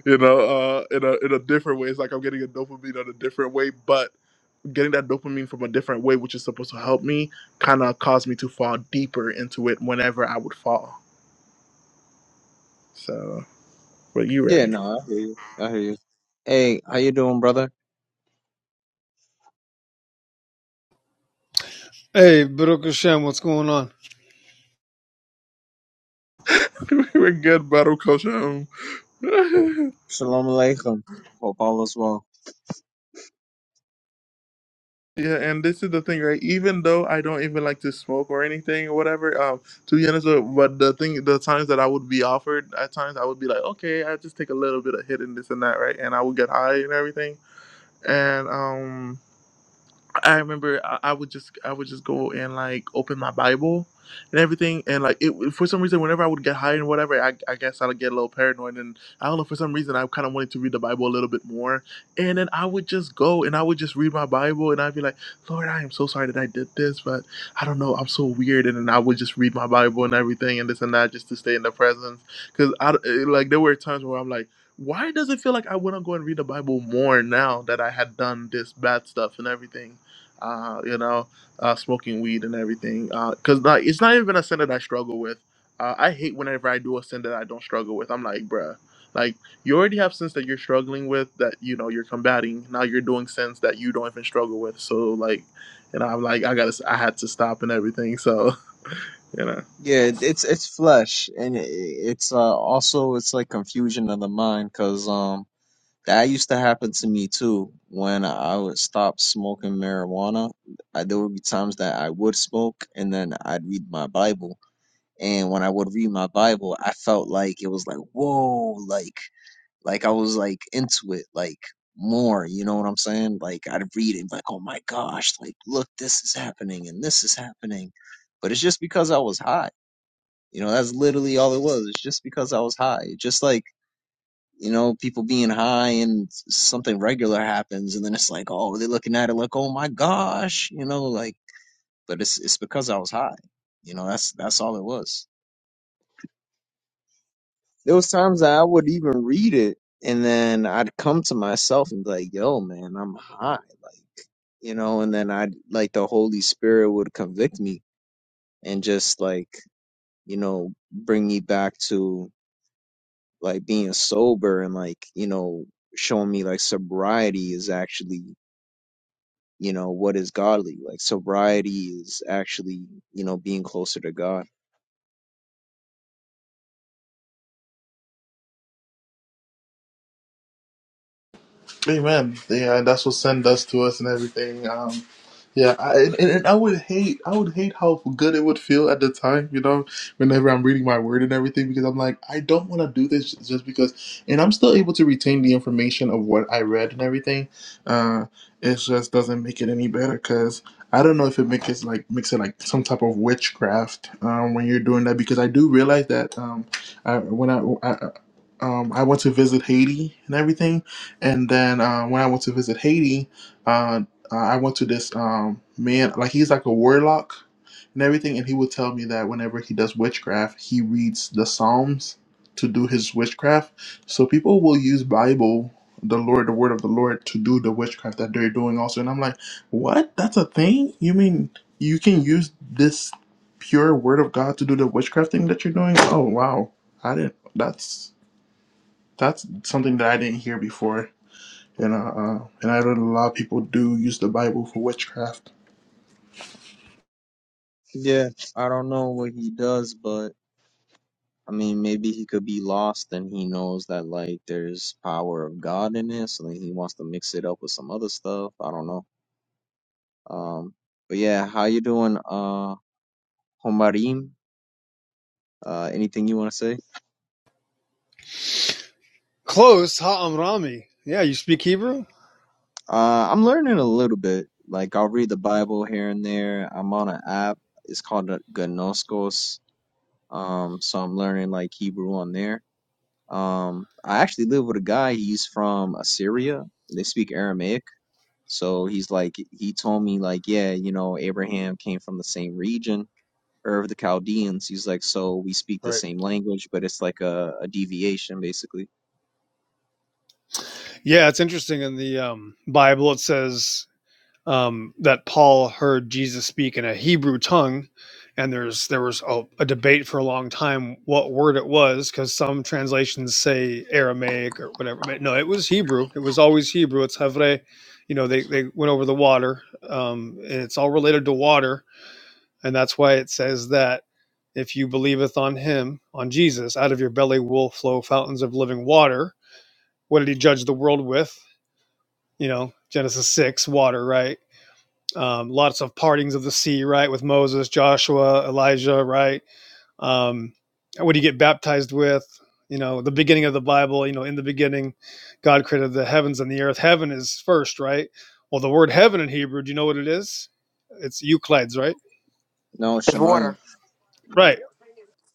Speaker 1: you know uh in a in a different way it's like I'm getting a dopamine on a different way but getting that dopamine from a different way, which is supposed to help me, kind of caused me to fall deeper into it whenever I would fall. So, but you
Speaker 3: Yeah,
Speaker 1: right.
Speaker 3: no, I hear you. I hear you. Hey, how you doing, brother?
Speaker 6: Hey, Baruch Hashem, what's going on?
Speaker 1: We're good, battle culture. Um,
Speaker 3: Shalom alaikum. Hope all is well.
Speaker 1: yeah, and this is the thing, right? Even though I don't even like to smoke or anything or whatever, um, to be honest, uh, but the thing, the times that I would be offered, at times I would be like, okay, I'll just take a little bit of hit and this and that, right? And I would get high and everything. And um, I remember I, I would just I would just go and like open my Bible and everything and like it for some reason whenever I would get high and whatever I, I guess I would get a little paranoid and I don't know for some reason I kind of wanted to read the Bible a little bit more and then I would just go and I would just read my Bible and I'd be like Lord I am so sorry that I did this but I don't know I'm so weird and then I would just read my Bible and everything and this and that just to stay in the presence because I it- like there were times where I'm like why does it feel like I want to go and read the Bible more now that I had done this bad stuff and everything? uh, you know, uh, smoking weed and everything. Because not, it's not even a sin that I struggle with. Uh, I hate whenever I do a sin that I don't struggle with. I'm like, bruh, like you already have sins that you're struggling with that you know you're combating. Now you're doing sins that you don't even struggle with. So like, you know, I'm like, I gotta, s- I had to stop and everything. So, you know.
Speaker 3: Yeah, it- it's it's flesh, and it, it's uh, also it's like confusion of the mind, cause um that used to happen to me too when I would stop smoking marijuana. I, there would be times that I would smoke, and then I'd read my Bible, and when I would read my Bible, I felt like it was like whoa, like. Like I was like into it like more, you know what I'm saying? Like I'd read it like, oh my gosh, like look, this is happening and this is happening. But it's just because I was high. You know, that's literally all it was. It's just because I was high. Just like, you know, people being high and something regular happens and then it's like, oh, they're looking at it like, oh my gosh, you know, like but it's it's because I was high. You know, that's that's all it was. There was times that I would even read it and then I'd come to myself and be like, yo, man, I'm high. Like, you know, and then I'd like the Holy Spirit would convict me and just like, you know, bring me back to like being sober and like, you know, showing me like sobriety is actually, you know, what is godly. Like sobriety is actually, you know, being closer to God.
Speaker 1: Amen. Yeah, and that's what sent us to us and everything. Um, yeah, I, and, and I would hate, I would hate how good it would feel at the time, you know, whenever I'm reading my word and everything, because I'm like, I don't want to do this just because, and I'm still able to retain the information of what I read and everything. Uh, it just doesn't make it any better because I don't know if it makes it like makes it like some type of witchcraft um, when you're doing that because I do realize that um, I, when I, I um, I went to visit Haiti and everything and then uh, when I went to visit Haiti, uh, uh, I went to this um, man, like he's like a warlock and everything, and he would tell me that whenever he does witchcraft, he reads the Psalms to do his witchcraft. So people will use Bible, the Lord, the Word of the Lord, to do the witchcraft that they're doing also. And I'm like, what? That's a thing? You mean you can use this pure Word of God to do the witchcraft thing that you're doing? Oh wow, I didn't. That's that's something that I didn't hear before and I, uh, and I know a lot of people do use the Bible for witchcraft.
Speaker 3: Yeah, I don't know what he does, but I mean, maybe he could be lost and he knows that like there's power of God in it, so then he wants to mix it up with some other stuff. I don't know. Um, but yeah, how you doing, uh, Homarim? Uh, anything you want to say?
Speaker 6: Close, ha'amrami. Yeah, you speak Hebrew?
Speaker 3: Uh, I'm learning a little bit. Like I'll read the Bible here and there. I'm on an app. It's called a- Gnoskos. Um, so I'm learning like Hebrew on there. Um, I actually live with a guy. He's from Assyria. They speak Aramaic So he's like, he told me, like, yeah, you know, Abraham came from the same region, or of the Chaldeans. He's like, so we speak the
Speaker 6: Right.
Speaker 3: same language, but it's like a, a deviation, basically.
Speaker 6: Yeah, it's interesting. In the um, Bible, it says um, that Paul heard Jesus speak in a Hebrew tongue, and there's there was a, a debate for a long time what word it was because some translations say Aramaic or whatever, but no, it was Hebrew. It was always Hebrew. It's Hevre. You know, they they went over the water, um, and it's all related to water And that's why it says that if you believeth on him, on Jesus, out of your belly will flow fountains of living water. What did he judge the world with? You know, Genesis 6, water, right? Um, lots of partings of the sea, right? With Moses, Joshua, Elijah, right? Um, what do you get baptized with? You know, the beginning of the Bible, you know, in the beginning, God created the heavens and the earth. Heaven is first, right? Well, the word heaven in Hebrew, do you know what it is? It's Euclides, right?
Speaker 3: No,
Speaker 7: It's
Speaker 3: Shemayim.
Speaker 7: water.
Speaker 6: Right.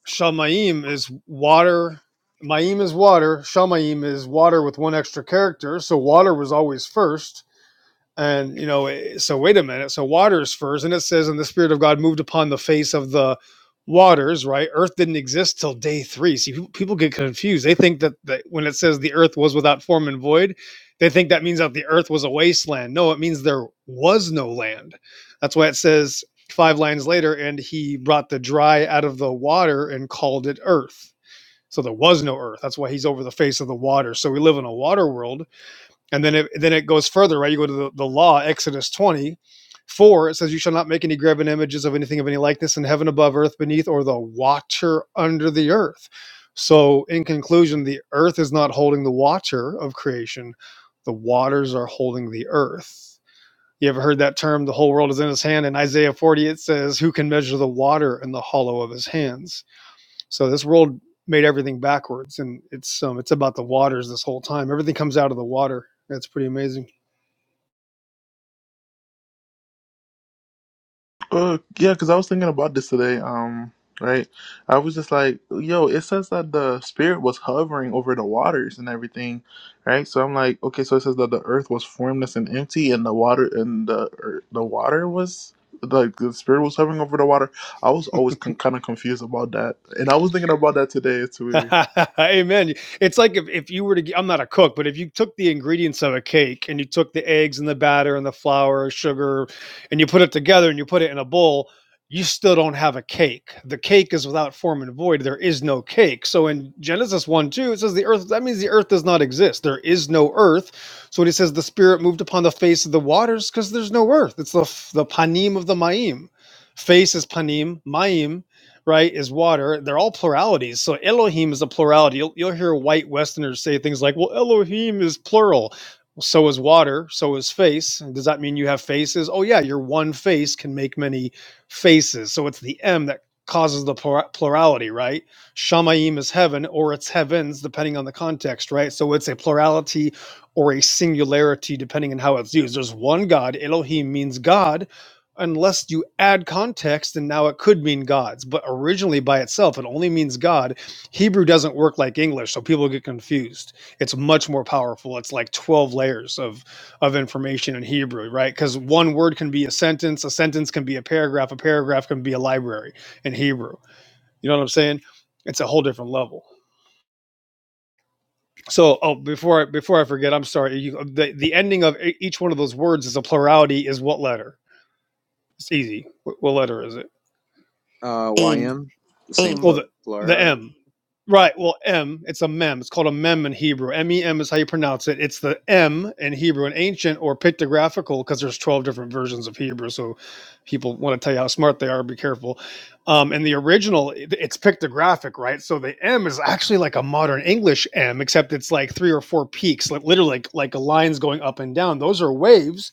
Speaker 6: Shamayim is water. Maim is water. Shamayim is water with one extra character. So water was always first. And you know, eh, so wait a minute. So waters first, and it says, "And the Spirit of God moved upon the face of the waters." Right? Earth didn't exist till day three. See, people, people get confused. They think that, that when it says the earth was without form and void, they think that means that the earth was a wasteland. No, it means there was no land. That's why it says five lines later, "And he brought the dry out of the water and called it earth." So there was no earth. That's why he's over the face of the water. So we live in a water world and then it then it goes further, right? You go to the, the law, Exodus twenty four. It says, "You shall not make any graven images of anything of any likeness in heaven above, earth beneath, or the watcher under the earth." So, in conclusion, the earth is not holding the watcher of creation; the waters are holding the earth. You ever heard that term? The whole world is in his hand. In Isaiah forty, it says, "Who can measure the water in the hollow of his hands?" So this world made everything backwards, and it's um, it's about the waters this whole time. Everything comes out of the water. That's pretty amazing.
Speaker 1: Uh, yeah, because I was thinking about this today. Um, right, I was just like, yo, it says that the spirit was hovering over the waters and everything, right? So I'm like, okay, so it says that the earth was formless and empty, and the water and the ear- the water was like the spirit was hovering over the water. I was always con- kind of confused about that, and I was thinking about that today. It's weird.
Speaker 6: Amen. It's like if, if you were to, g- I'm not a cook, but if you took the ingredients of a cake and you took the eggs and the batter and the flour, sugar, and you put it together and you put it in a bowl, you still don't have a cake. The cake is without form and void. There is no cake. So in Genesis 1 2, it says the earth, that means the earth does not exist. There is no earth. So when he says the spirit moved upon the face of the waters, because there's no earth, it's the, f- the panim of the maim. Face is panim, maim right, is water. They're all pluralities. So Elohim is a plurality. You'll, you'll hear white Westerners say things like, well, Elohim is plural. So is water. So is face. Does that mean you have faces? Oh, yeah, your one face can make many faces. So it's the M that causes the plura- plurality, right? Shamaim is heaven or it's heavens, depending on the context, right? So it's a plurality or a singularity, depending on how it's used. There's one God. Elohim means God unless you add context and now it could mean gods but originally by itself it only means god hebrew doesn't work like english so people get confused it's much more powerful it's like 12 layers of of information in hebrew right because one word can be a sentence a sentence can be a paragraph a paragraph can be a library in hebrew you know what i'm saying it's a whole different level so oh before i before i forget i'm sorry you, the, the ending of e- each one of those words is a plurality is what letter it's easy Wh- what letter is it
Speaker 3: Uh,
Speaker 7: Aim.
Speaker 3: YM, the same
Speaker 6: Well,
Speaker 7: Aim.
Speaker 3: plur-
Speaker 6: the the
Speaker 3: plural.
Speaker 6: M, right? Well, M. It's a mem. It's called a mem in Hebrew. M E M is how you pronounce it. It's the M in Hebrew, an ancient or pictographical, because there's twelve different versions of Hebrew. So people want to tell you how smart they are. Be careful. Um, and the original, it- it's pictographic, right? So the M is actually like a modern English M, except it's like three or four peaks, like literally like, like a lines going up and down. Those are waves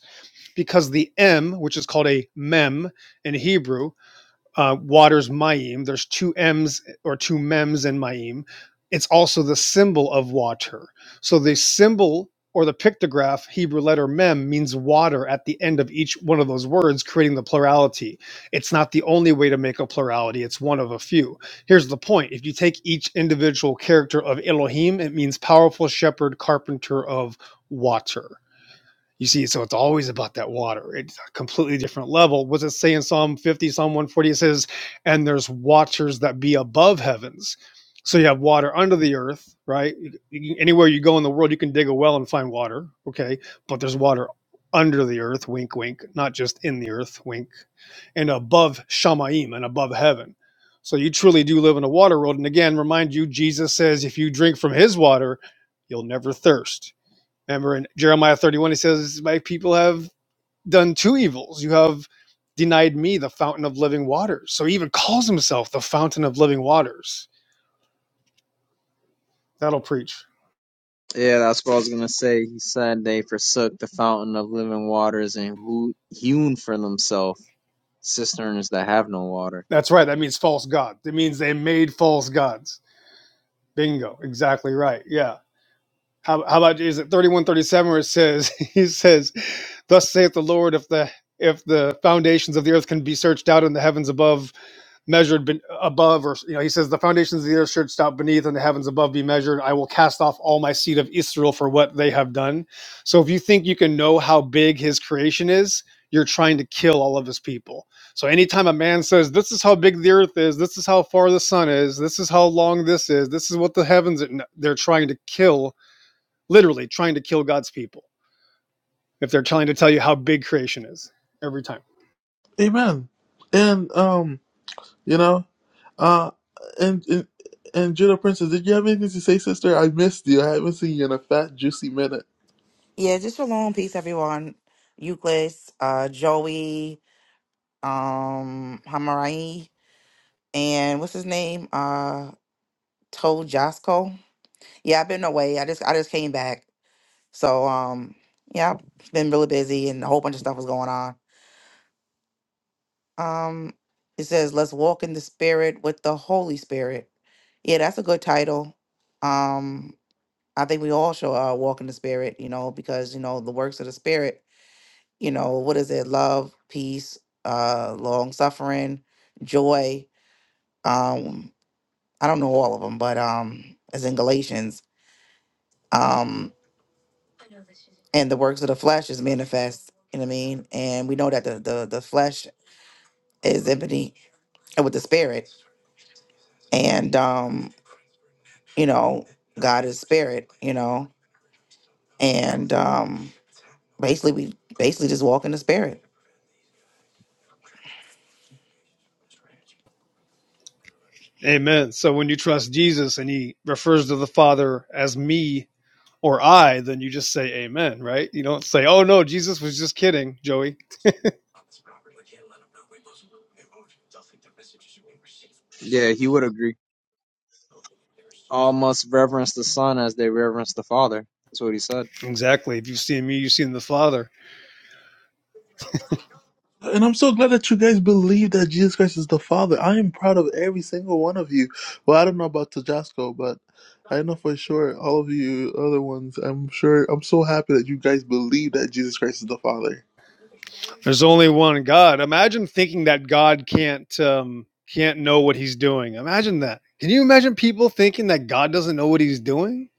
Speaker 6: because the M, which is called a mem in Hebrew, uh, waters Mayim. There's two M's or two Mems in Mayim. It's also the symbol of water. So the symbol or the pictograph Hebrew letter Mem means water at the end of each one of those words, creating the plurality. It's not the only way to make a plurality, it's one of a few. Here's the point if you take each individual character of Elohim, it means powerful shepherd, carpenter of water you see, so it's always about that water. It's a completely different level. What's it say in Psalm 50, Psalm 140? It says, and there's watchers that be above heavens. So you have water under the earth, right? You- anywhere you go in the world, you can dig a well and find water, okay? But there's water under the earth, wink, wink, not just in the earth, wink, and above Shamaim and above heaven. So you truly do live in a water world. And again, remind you, Jesus says, if you drink from his water, you'll never thirst Remember in Jeremiah 31, he says, My people have done two evils. You have denied me the fountain of living waters. So he even calls himself the fountain of living waters. That'll preach.
Speaker 3: Yeah, that's what I was going to say. He said they forsook the fountain of living waters and who hewn for themselves cisterns that have no water.
Speaker 6: That's right. That means false God. It means they made false gods. Bingo. Exactly right. Yeah. How, how about is it 3137 where it says, He says, Thus saith the Lord, if the if the foundations of the earth can be searched out and the heavens above, measured ben- above, or you know, he says, "The foundations of the earth should stop beneath, and the heavens above be measured. I will cast off all my seed of Israel for what they have done." So, if you think you can know how big his creation is, you're trying to kill all of his people. So, anytime a man says, "This is how big the earth is. This is how far the sun is. This is how long this is. This is what the heavens," no, they're trying to kill, literally trying to kill God's people. If they're trying to tell you how big creation is, every time.
Speaker 1: Amen. And um. You know, uh, and and and Judo Princess, did you have anything to say, sister? I missed you. I haven't seen you in a fat, juicy minute.
Speaker 7: Yeah, just shalom. Peace, everyone. Euclid, uh, Joey, um, Hamarai, and what's his name? Uh, Toe Josco. Yeah, I've been away. I just I just came back. So, um, yeah, I've been really busy and a whole bunch of stuff was going on. Um, it says, let's walk in the spirit with the Holy Spirit. Yeah, that's a good title. Um, I think we all should uh, walk in the spirit, you know, because, you know, the works of the spirit you know, what is it? Love, peace, uh, long suffering, joy. Um, I don't know all of them, but um, as in Galatians, um, and the works of the flesh is manifest. You know what I mean? And we know that the the, the flesh is enmity with the spirit, and um, you know, God is spirit. You know, and um, basically we basically just walk in the spirit.
Speaker 6: Amen. So when you trust Jesus and he refers to the Father as me or I, then you just say amen, right? You don't say, oh no, Jesus was just kidding, Joey.
Speaker 3: Yeah, he would agree. All must reverence the Son as they reverence the Father. That's what he said.
Speaker 6: Exactly. If you've seen me, you've seen the Father.
Speaker 1: And I'm so glad that you guys believe that Jesus Christ is the Father. I am proud of every single one of you. Well, I don't know about Tajasco, but I know for sure all of you other ones. I'm sure. I'm so happy that you guys believe that Jesus Christ is the Father.
Speaker 6: There's only one God. Imagine thinking that God can't um, can't know what he's doing. Imagine that. Can you imagine people thinking that God doesn't know what he's doing?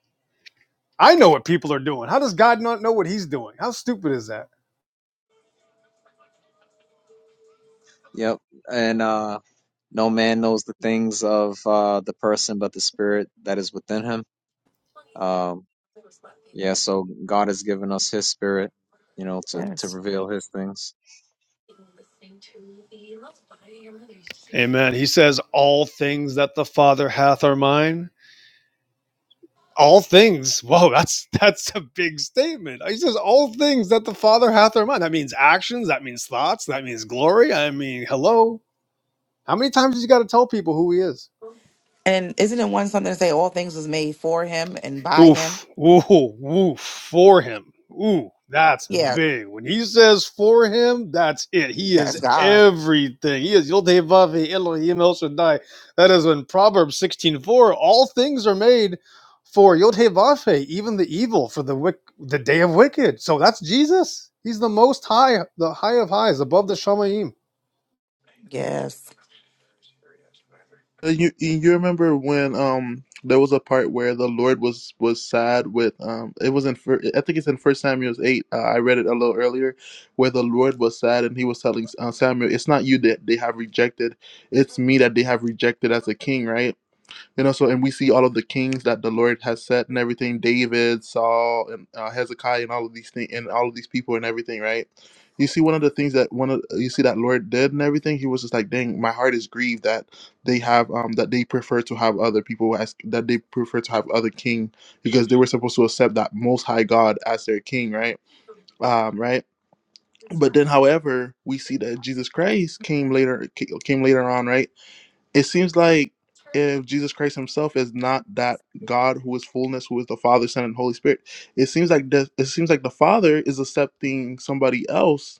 Speaker 6: I know what people are doing. How does God not know what he's doing? How stupid is that?
Speaker 3: Yep. And, uh, No man knows the things of uh, the person but the spirit that is within him. Um, yeah, so God has given us his spirit, you know, to, to
Speaker 7: Yes.
Speaker 3: reveal his things.
Speaker 6: Amen. He says, All things that the Father hath are mine all things. Whoa, that's that's a big statement. He says all things that the Father hath in mind. That means actions. That means thoughts. That means glory. I mean, hello. How many times do you got to tell people who He is?
Speaker 7: And isn't it one something to say all things was made for him and by him?
Speaker 6: Oof, ooh, ooh, for him. Ooh, that's
Speaker 7: Yeah,
Speaker 6: big. When he says for him, that's it. He is
Speaker 7: That's God.
Speaker 6: everything. He is Yodhevavi Elohim El Shaddai. That is in Proverbs 16:4. All things are made for Yodhevafe, even the evil, for the wick, the day of wicked. So that's Jesus. He's the most high, the high of highs, above the Shamayim.
Speaker 7: Yes.
Speaker 1: Uh, You you remember when um there was a part where the Lord was was sad with um it was in fir- I think it's in First Samuel's eight uh, I read it a little earlier where the Lord was sad and he was telling uh, Samuel it's not you that they have rejected it's me that they have rejected as a king right you know, so and we see all of the kings that the Lord has set and everything, David, Saul, and uh, Hezekiah, and all of these things, and all of these people and everything, right? You see, one of the things that one of you see that Lord did and everything, he was just like, "Dang, my heart is grieved that they have um that they prefer to have other people as that they prefer to have other king because they were supposed to accept that Most High God as their king, right? Um, right." But then, however, we see that Jesus Christ came later, ca- came later on, right? it seems like if Jesus Christ himself is not that God who is fullness, who is the Father, Son, and Holy Spirit, it seems like the, it seems like the Father is accepting somebody else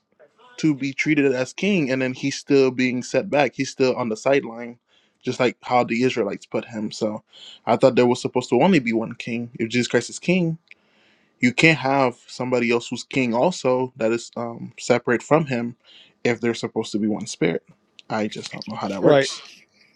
Speaker 1: to be treated as king, and then he's still being set back. He's still on the sideline, just like how the Israelites put him. So I thought there was supposed to only be one king. If Jesus Christ is king, you can't have somebody else who's king also that is um, separate from him if they're supposed to be one spirit. I just don't know how that
Speaker 6: Right.
Speaker 1: works.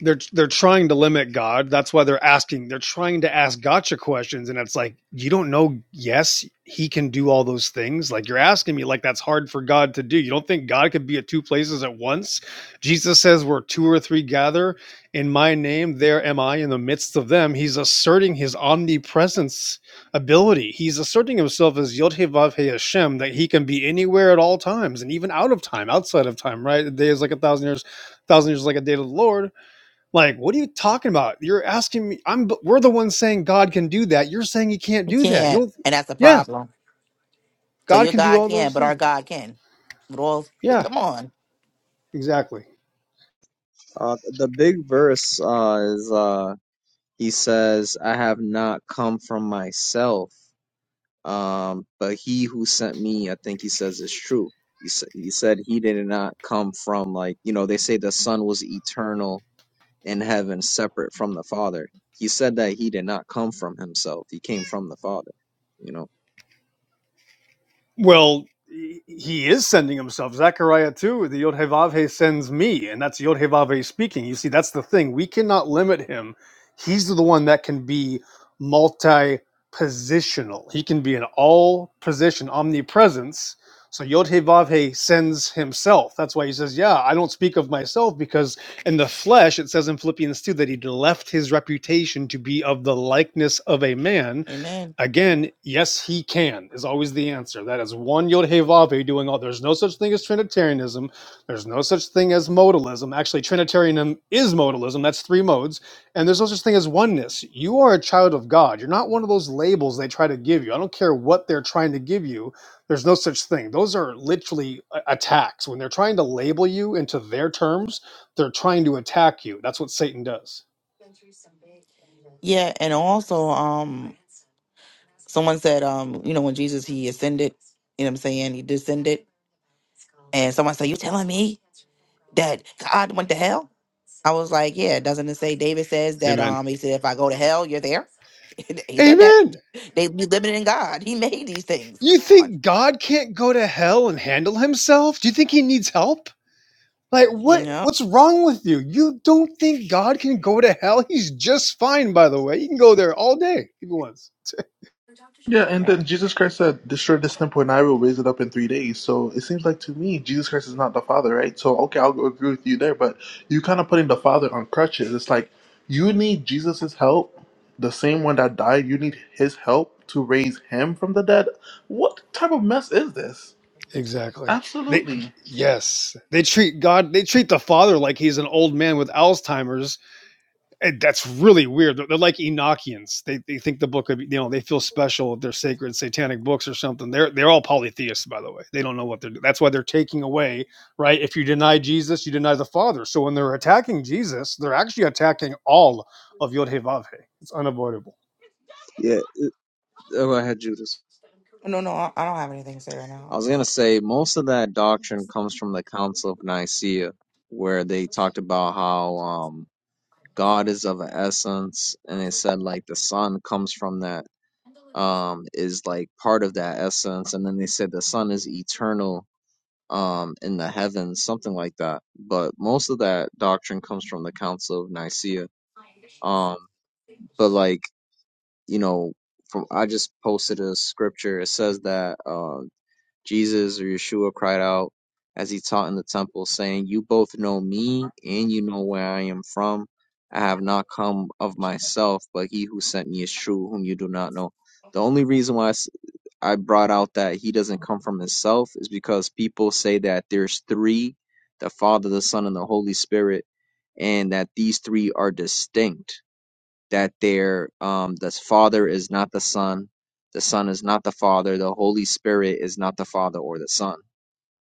Speaker 6: they're they're trying to limit God. That's why they're asking. They're trying to ask gotcha questions, and it's like you don't know. Yes, He can do all those things. Like you're asking me, like that's hard for God to do. You don't think God could be at two places at once? Jesus says, "Where two or three gather in My name, there am I in the midst of them." He's asserting His omnipresence ability. He's asserting Himself as Yod Heh Vav Heh Hashem, that He can be anywhere at all times, and even out of time, outside of time. Right? A day is like a thousand years. A thousand years is like a day to the Lord like, what are you talking about? You're asking me. I'm. We're the ones saying God can do that. You're saying He can't
Speaker 7: He
Speaker 6: do that.
Speaker 7: can't.
Speaker 6: You'll.
Speaker 7: And that's the
Speaker 6: Yeah,
Speaker 7: problem. So
Speaker 6: God
Speaker 7: your
Speaker 6: can do
Speaker 7: God
Speaker 6: all
Speaker 7: can,
Speaker 6: those
Speaker 7: but our
Speaker 6: things.
Speaker 7: God can. But all
Speaker 6: Yeah,
Speaker 7: come on.
Speaker 6: exactly.
Speaker 3: Uh, the big verse uh, is uh, he says, I have not come from myself, um, but he who sent me, I think he says, is true. He, sa- he said he did not come from, like, you know, they say the son was eternal in heaven separate from the Father. He said that he did not come from himself, he came from the Father. You know?
Speaker 6: Well, he is sending himself. Zechariah 2, the Yodhevavhe sends me, and that's Yodhevavhe speaking. You see, that's the thing. We cannot limit him. He's the one that can be multi positional, he can be in all position, omnipresence. So Yodhevavhe sends himself. That's why he says, Yeah, I don't speak of myself because in the flesh, it says in Philippians 2 that he left his reputation to be of the likeness of a man
Speaker 7: Amen.
Speaker 6: Again, yes, he can is always the answer. That is one Yod Hey Vav Hey doing all. There's no such thing as Trinitarianism. There's no such thing as modalism. Actually, Trinitarianism is modalism. That's three modes. And there's no such thing as oneness. You are a child of God. You're not one of those labels they try to give you. I don't care what they're trying to give you. There's no such thing. Those are literally a- attacks. When they're trying to label you into their terms, they're trying to attack you. That's what Satan does.
Speaker 7: Yeah, and also um Someone said, um, you know, when Jesus he ascended, you know what I'm saying, he descended. And someone said, You telling me that God went to hell? I was like, Yeah, doesn't it say David says that
Speaker 6: Amen.
Speaker 7: um he said, If I go to hell, you're there? he said that.
Speaker 6: Amen.
Speaker 7: They we living in God. He made these things. Come
Speaker 6: You
Speaker 7: on.
Speaker 6: think God can't go to hell and handle himself? Do you think he needs help? Like what
Speaker 7: No.
Speaker 6: what's wrong with you? You don't think God can go to hell? He's just fine by the way. He can go there all day if he wants.
Speaker 1: Yeah, and
Speaker 7: Amen.
Speaker 1: then Jesus Christ said, "Destroy this temple, and I will raise it up in three days." So it seems like to me, Jesus Christ is not the Father, right? So okay, I'll agree with you there, but you kind of putting the Father on crutches. It's like you need Jesus's help, the same one that died. You need His help to raise Him from the dead. What type of mess is this?
Speaker 6: Exactly. They
Speaker 1: Absolutely.
Speaker 6: yes, they treat God they treat the father like he's an old man with Alzheimer's And that's really weird. They're, they're like Enochians. They, they think the book of you know they feel special. They're sacred satanic books or something. They're they're all polytheists by the way. They don't know what they're. do- That's why they're taking away right. If you deny Jesus, you deny the Father. So when they're attacking Jesus, they're actually attacking all of Yod Heh Vav Heh. It's unavoidable.
Speaker 3: Yeah. Oh, go ahead, Judas.
Speaker 7: No, no, I I don't have anything to say right
Speaker 3: I
Speaker 7: now.
Speaker 3: was going to say most of that doctrine comes from the Council of Nicaea, where they talked about how um, God is of an essence, and they said like the Son comes from that, um, is like part of that essence, and then they said the Son is eternal um in the heavens something like that but most of that doctrine comes from the council of nicaea Um, but like you know from i just posted a scripture it says that uh jesus or yeshua cried out as he taught in the temple saying you both know me and you know where i am from i have not come of myself but he who sent me is true whom you do not know the only reason why I s- I brought out that he doesn't come from himself is because people say that there's three the father the son and the holy spirit and that these three are distinct that their um the father is not the son the son is not the father the holy spirit is not the father or the son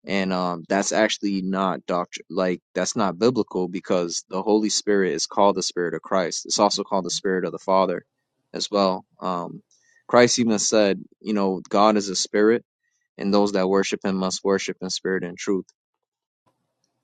Speaker 3: and um that's actually not doctrine like that's not biblical because the holy spirit is called the spirit of christ it's also called the spirit of the father as well um christ even said you know god is a spirit and those that worship him must worship in spirit and truth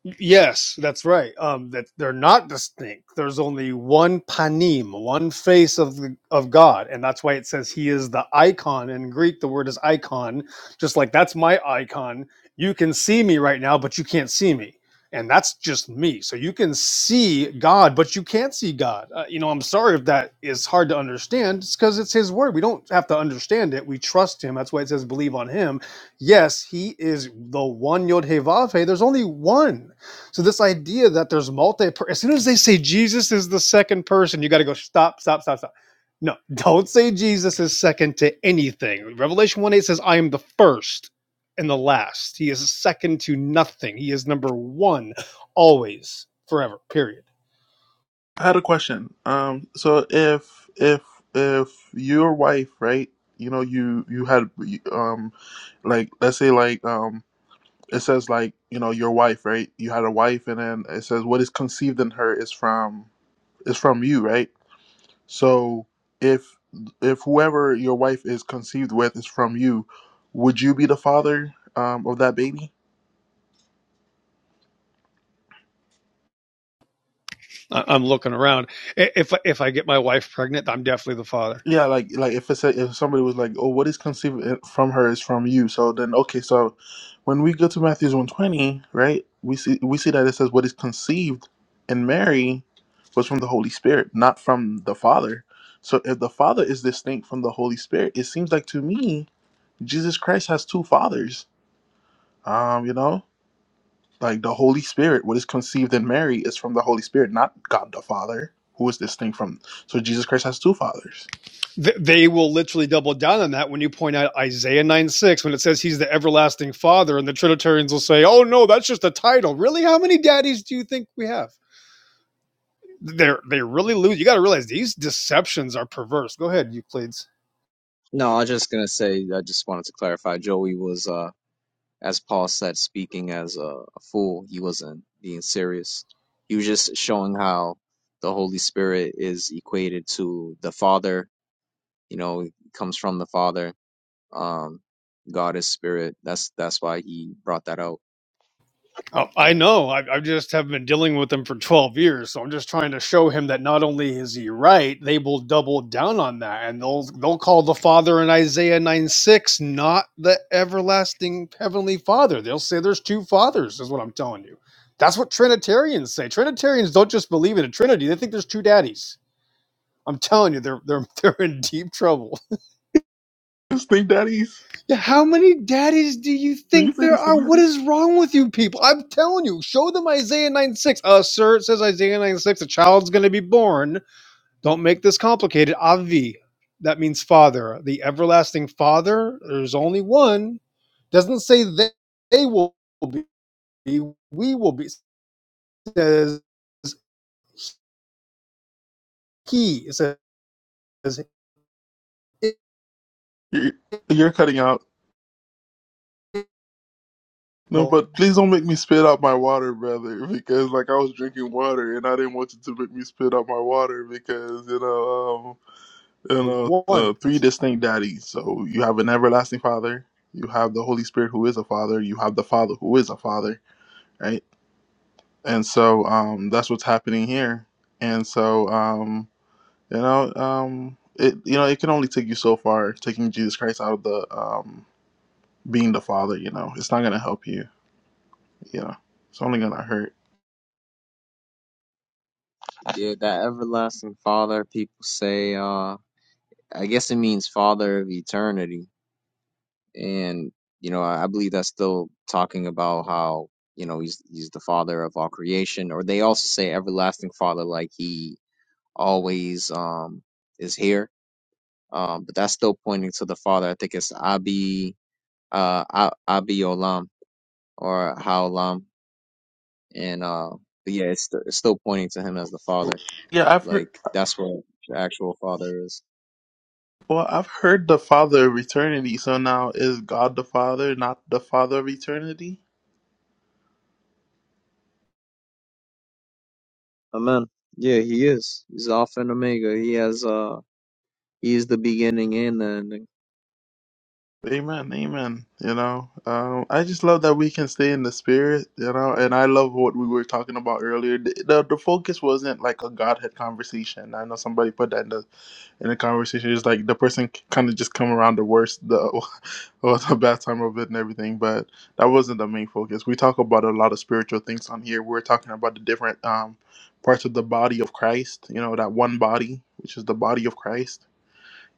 Speaker 6: Yes, that's right. Um, that they're not distinct. There's only one panim, one face of the, of God, and that's why it says He is the icon. In Greek, the word is icon. Just like that's my icon. You can see me right now, but you can't see me, and that's just me. So you can see God, but you can't see God. Uh, you know, I'm sorry if that is hard to understand. It's because it's His word. We don't have to understand it. We trust Him. That's why it says believe on Him. Yes, He is the one Yod Hey Vav Hey. There's only one so this idea that there's multi as soon as they say Jesus is the second person, you got to go stop, stop, stop, stop. No, don't say Jesus is second to anything. Revelation 1 8 says, I am the first and the last. He is second to nothing. He is number one always, forever, period.
Speaker 1: I had a question. Um, so if if if your wife, right? You know, you you had um, like let's say like um it says like you know your wife right you had a wife and then it says what is conceived in her is from is from you right so if if whoever your wife is conceived with is from you would you be the father um, of that baby
Speaker 6: I- am looking around. If if I get my wife pregnant, I'm definitely the father.
Speaker 1: Yeah, like like if it's a, if somebody was like, "Oh, what is conceived i- from her is from you," so then okay, so when we go to Matthew's one twenty, right? We see we see that it says what is conceived in Mary was from the Holy Spirit, not from the Father. So if the Father is distinct from the Holy Spirit, it seems like to me Jesus Christ has two fathers. Um, you know, like the Holy Spirit, what is conceived in Mary is from the Holy Spirit, not God the Father, who is distinct from. So Jesus Christ has two fathers.
Speaker 6: Th- they will literally double down on that when you point out Isaiah 9 6, when it says he's the everlasting father, and the Trinitarians will say, oh no, that's just a title. Really? How many daddies do you think we have? They're, they really lose. You got to realize these deceptions are perverse. Go ahead, Euclid.
Speaker 3: No, I was just gonna say, I just wanted to clarify. Joey was, uh, as Paul said, speaking as a, a fool. He wasn't being serious. He was just showing how the Holy Spirit is equated to the Father. You know, it comes from the Father. Um, God is spirit. That's that's why he brought that out.
Speaker 6: Oh, I know. I, I just have been dealing with him for 12 years, so I'm just trying to show him that not only is he right, they will double down on that, and they'll they'll call the Father in Isaiah 9 6 not the everlasting heavenly Father. They'll say there's two fathers, is what I'm telling you. That's what Trinitarians say. Trinitarians don't just believe in a Trinity; they think there's two daddies. I'm telling you, they're they're they're in deep trouble.
Speaker 1: Distinct daddies.
Speaker 6: Yeah, How many daddies do you
Speaker 1: Did you
Speaker 6: think
Speaker 1: say
Speaker 6: there
Speaker 1: this
Speaker 6: are? What
Speaker 1: spaghetti?
Speaker 6: is wrong with you people? I'm telling you, show them Isaiah 9 6. Uh, sir, it says Isaiah 9 6, a child's going to be born. Don't make this complicated. Avi, that means father. The everlasting father, there's only one. Doesn't say they, they will be, we will be. It says he. It says it,
Speaker 1: You're, you're cutting out. No,
Speaker 6: the
Speaker 1: but please don't make me spit out my water, brother, because like I was drinking water and I didn't want you to make me spit out my water because you know, um, you know,
Speaker 6: one.
Speaker 1: uh, three distinct daddies. So you have an everlasting father, you have the Holy Spirit who is a father, you have the Father who is a father, right? And so um, that's what's happening here. And so um, you know, um, it you know, it can only take you so far taking Jesus Christ out of the um being the father, you know, it's not gonna help you. You know, it's only gonna hurt.
Speaker 3: Yeah, that everlasting Father. People say, uh, I guess it means Father of eternity and you know I, I believe that's still talking about how you know he's he's the father of all creation or they also say everlasting father like he always um is here um but that's still pointing to the father i think it's abi uh A- abi olam or haolam and uh but yeah it's, st- it's still pointing to him as the father
Speaker 1: Yeah, I've
Speaker 3: like
Speaker 1: heard.
Speaker 3: that's what the actual father is
Speaker 1: Well, I've heard the Father of eternity. So now is God the Father, not the Father of eternity?
Speaker 3: amen yeah he is he's alpha and omega he has uh he is the beginning and the ending
Speaker 1: Amen, amen. You know, um, I just love that we can stay in the spirit. You know, and I love what we were talking about earlier. The the, the focus wasn't like a Godhead conversation. I know somebody put that in the in a conversation. It's like the person kind of just come around the worst, the the bad time of it and everything. But that wasn't the main focus. We talk about a lot of spiritual things on here. We're talking about the different um, parts of the body of Christ. You know, that one body, which is the body of Christ.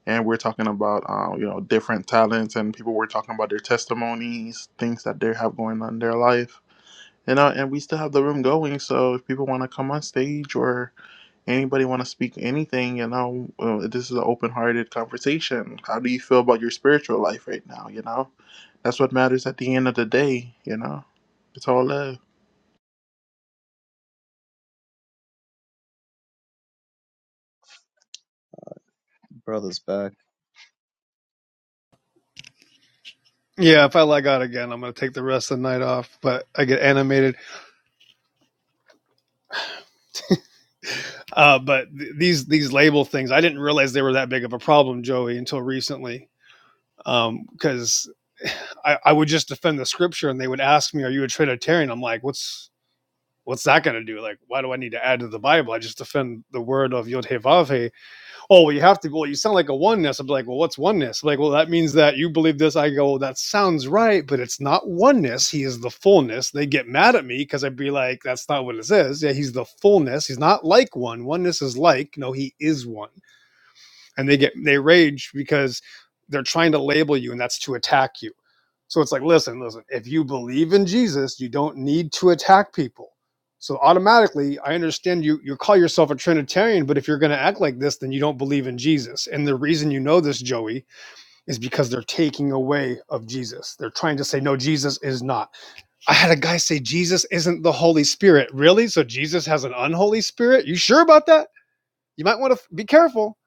Speaker 1: And we're talking about uh, you know different talents and people were talking about their testimonies, things that they have going on in their life. And uh, and we still have the room going. So if people want to come on stage or Anybody want to speak anything? You know, uh, this is an open-hearted conversation. How do you feel about your spiritual life right now? You know, that's what matters at the end of the day. You know, it's all love.
Speaker 3: Brother's back.
Speaker 6: Yeah, if I lag out again, I'm going to take the rest of the night off, but I get animated. Uh, but th- these these label things, I didn't realize they were that big of a problem, Joey, until recently, because um, I, I would just defend the scripture, and they would ask me, "Are you a Trinitarian?" I'm like, "What's what's that going to do? Like, why do I need to add to the Bible? I just defend the word of Yod Heh Vav Heh oh, well, you have to, well, you sound like a oneness. I'm like, well, what's oneness? I'm like, well, that means that you believe this. I go, well, that sounds right, but it's not oneness. He is the fullness. They get mad at me because I'd be like, that's not what it says. Yeah, he's the fullness. He's not like one. Oneness is like, no, he is one and they get they rage because they're trying to label you and that's to attack you so it's like listen listen if you believe in jesus you don't need to attack people so automatically i understand you you call yourself a trinitarian but if you're going to act like this then you don't believe in jesus and the reason you know this joey is because they're taking away of jesus they're trying to say no jesus is not i had a guy say jesus isn't the holy spirit really so jesus has an unholy spirit you sure about that you might want to be careful.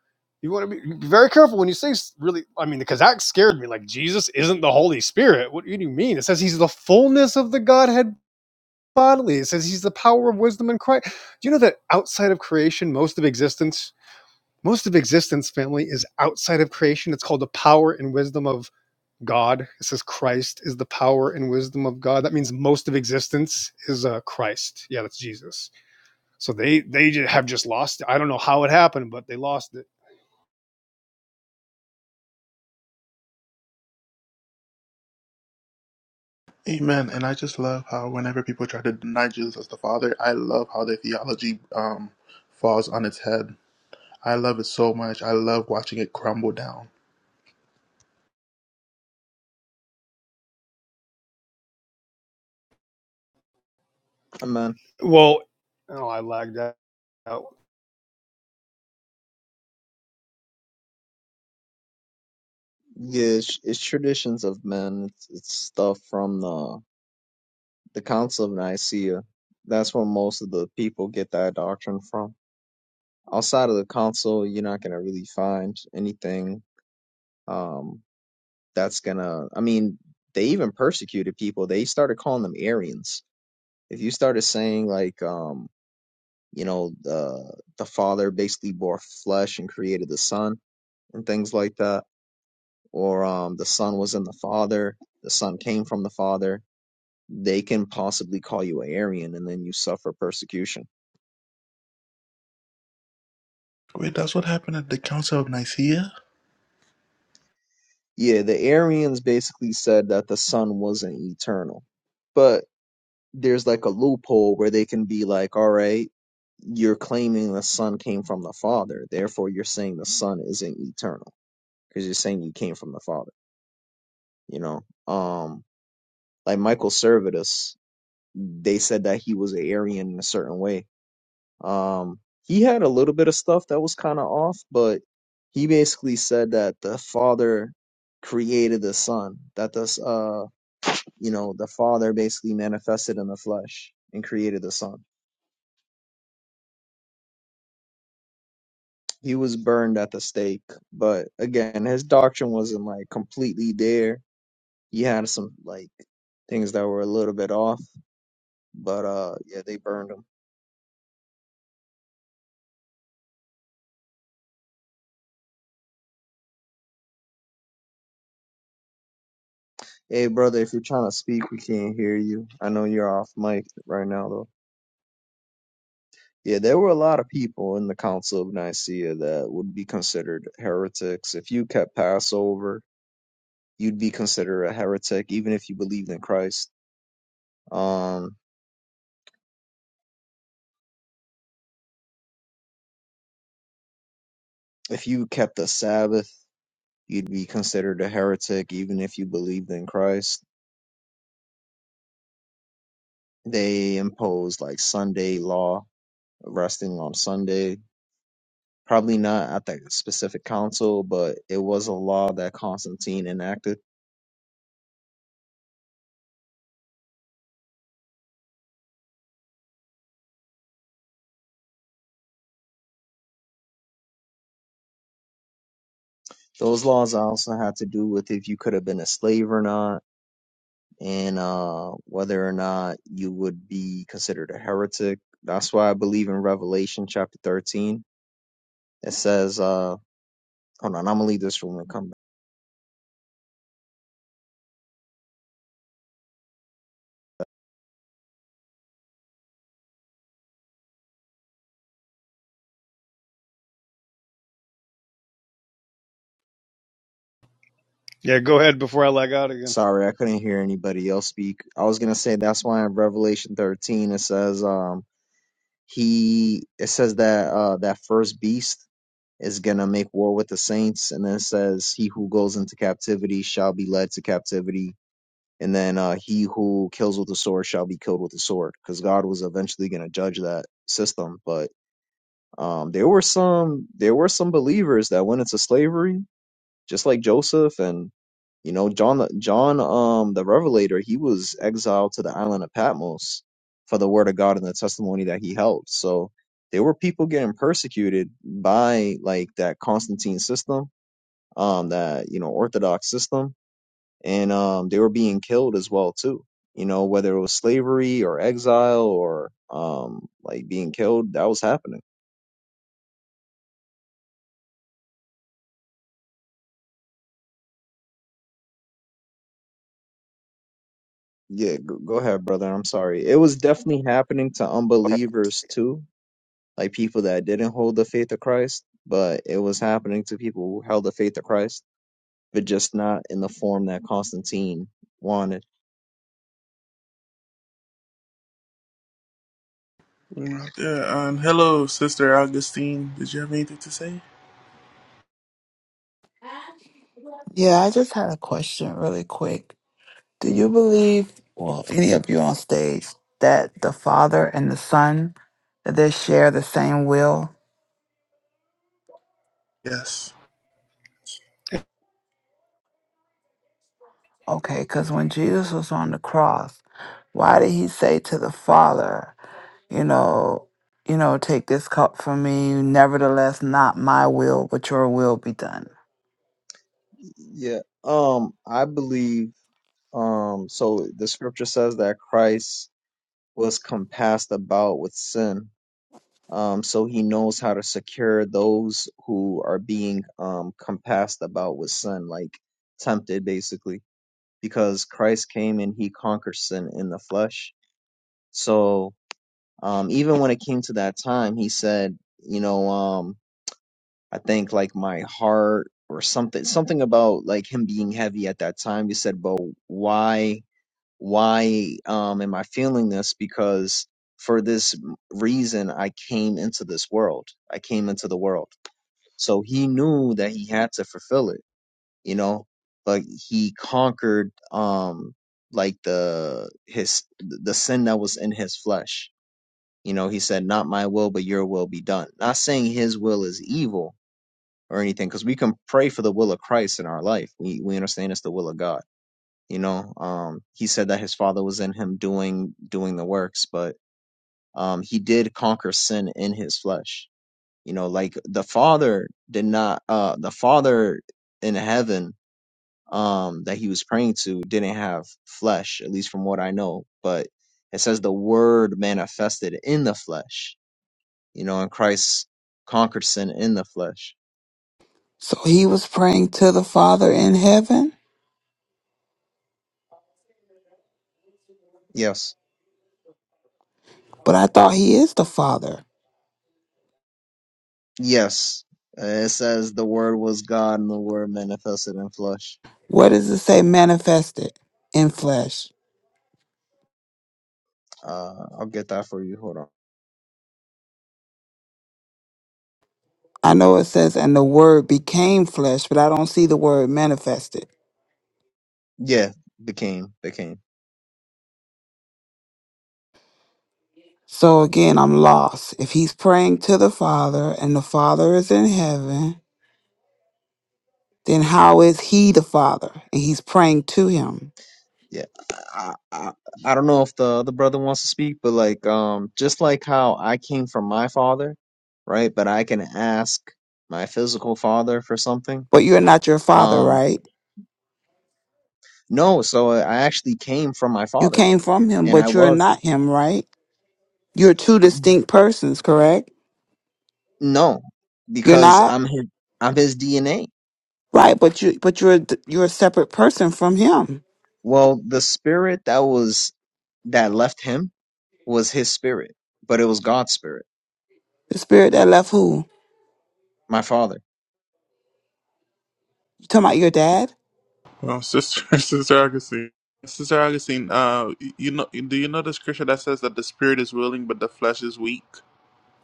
Speaker 6: You want to be be very careful when you say really. I mean, because that scared me. Like Jesus isn't the Holy Spirit. What do you mean? It says he's the fullness of the Godhead bodily. It says he's the power of wisdom and Christ. Do you know that outside of creation, most of existence, most of existence, family is outside of creation. It's called the power and wisdom of God. It says Christ is the power and wisdom of God. That means most of existence is uh, Christ. Yeah, that's Jesus. So they they have just lost. it. I don't know how it happened, but they lost it
Speaker 1: Amen. And I just love how whenever people try to deny Jesus as the Father, I love how their theology um, falls on its head. I love it so much. I love watching it crumble down.
Speaker 3: Hey, man.
Speaker 6: Well, oh, I lagged out.
Speaker 3: Yeah, it's, it's traditions of men. It's, it's stuff from the the Council of Nicaea. That's where most of the people get that doctrine from. Outside of the council, you're not gonna really find anything um that's gonna. I mean, they even persecuted people. They started calling them Arians. If you started saying like um you know the the father basically bore flesh and created the son and things like that or um, the Son was in the Father, the Son came from the Father, they can possibly call you a Arian and then you suffer persecution.
Speaker 1: Wait, that's what happened at the Council of Nicaea?
Speaker 3: Yeah, the Arians basically said that the Son wasn't eternal. But there's like a loophole where they can be like, all right, you're claiming the Son came from the Father, therefore you're saying the Son isn't eternal because you're saying you came from the Father, you know? Um, like Michael Servetus, they said that he was an Arian in a certain way Um, he had a little bit of stuff that was kind of off, but he basically said that the father created the son, that this, uh, you know, the father basically manifested in the flesh and created the son. He was burned at the stake, but again, his doctrine wasn't like completely there. He had some like things that were a little bit off, but uh, yeah, they burned him. Hey, brother, if you're trying to speak, we can't hear you. I know you're off mic right now, though. Yeah, there were a lot of people in the Council of Nicaea that would be considered heretics. If you kept Passover, you'd be considered a heretic, even if you believed in Christ. Um, if you kept the Sabbath, you'd be considered a heretic, even if you believed in Christ. They imposed like Sunday law, resting on Sunday. Probably not at that specific council, but it was a law that Constantine enacted. Those laws also had to do with if you could have been a slave or not and uh, whether or not you would be considered a heretic. That's why I believe in Revelation chapter 13. It says, uh, hold on, I'm going to leave this room and come back.
Speaker 6: Yeah, go ahead before I lag out again.
Speaker 3: Sorry, I couldn't hear anybody else speak. I was going to say that's why in Revelation 13 it says, um, he, it says that, uh, that first beast is going to make war with the saints. And then it says, he who goes into captivity shall be led to captivity And then uh, he who kills with a sword shall be killed with a sword, because God was eventually going to judge that system. But um, there were some there were some believers that went into slavery, just like Joseph and you know John the- John um the Revelator. He was exiled to the island of Patmos for the word of God and the testimony that he held. So there were people getting persecuted by like that Constantine system, um that you know Orthodox system and um, they were being killed as well too. You know, whether it was slavery or exile or um, like being killed, that was happening. Yeah, go, go ahead, brother. I'm sorry. It was definitely happening to
Speaker 8: Go ahead.
Speaker 3: unbelievers too, like people that didn't hold the faith of Christ, but it was happening to people who held the faith of Christ, but just not in the form that Constantine wanted.
Speaker 1: Yeah, and hello, Sister Augustine. Did you have anything to say?
Speaker 8: Yeah, I just had a question really quick. Do you believe, well, any of you on stage, that the Father and the Son, that they share the same will?
Speaker 1: Yes.
Speaker 8: Okay, because when Jesus was on the cross, why did he say to the Father, you know, you know, take this cup from me, nevertheless, not my will, but your will be done?
Speaker 3: Yeah. Um, I believe. Um, so the scripture says that Christ was compassed about with sin um, so he knows how to secure those who are being um, compassed about with sin, like tempted, basically, because Christ came and he conquered sin in the flesh. So um, even when it came to that time, he said, you know, um, I think like my heart or something, something about like him being heavy at that time. He said, but why? why um am i feeling this because for this reason i came into this world i came into the world so he knew that he had to fulfill it you know but he conquered um like the his the sin that was in his flesh you know he said not my will but your will be done not saying his will is evil or anything because we can pray for the will of christ in our life we we understand it's the will of god you know um he said that his father was in him doing doing the works but um he did conquer sin in his flesh you know like the father did not uh the father in heaven um that he was praying to didn't have flesh at least from what i know but it says the word manifested in the flesh you know and christ conquered sin in the flesh
Speaker 8: So he was praying to the Father in heaven,
Speaker 3: yes
Speaker 8: but I thought he is the Father.
Speaker 3: yes Uh, it says the word was god and the word manifested in flesh
Speaker 8: What does it say manifested in flesh?
Speaker 3: Uh, I'll get that for you. Hold on.
Speaker 8: I know it says, and the word became flesh, but I don't see the word manifested.
Speaker 3: Yeah, became became.
Speaker 8: So again, I'm lost. If he's praying to the Father and the Father is in heaven, then how is he the Father? And he's praying to him.
Speaker 3: Yeah, I, I I don't know if the other brother wants to speak, but like um, just like how I came from my father, right? But I can ask my physical father for something.
Speaker 8: But you're not your Father,
Speaker 3: Um,
Speaker 8: right?
Speaker 3: no, so I actually came from my
Speaker 8: You
Speaker 3: father,
Speaker 8: came from him,
Speaker 3: and I
Speaker 8: but you're
Speaker 3: was
Speaker 8: not him, right? You're two distinct persons, correct?
Speaker 3: no
Speaker 8: You're
Speaker 3: because
Speaker 8: not
Speaker 3: I'm his I'm his DNA.
Speaker 8: right, but you but you're d- you're a separate person from him.
Speaker 3: Well, the spirit that was that left him was his spirit, but it was God's spirit,
Speaker 8: The spirit that left who?
Speaker 3: my father
Speaker 8: You talking about your dad?
Speaker 1: Well, sister, sister Augustine, sister Augustine, uh, you know, do you know the scripture that says that the spirit is willing but the flesh is weak?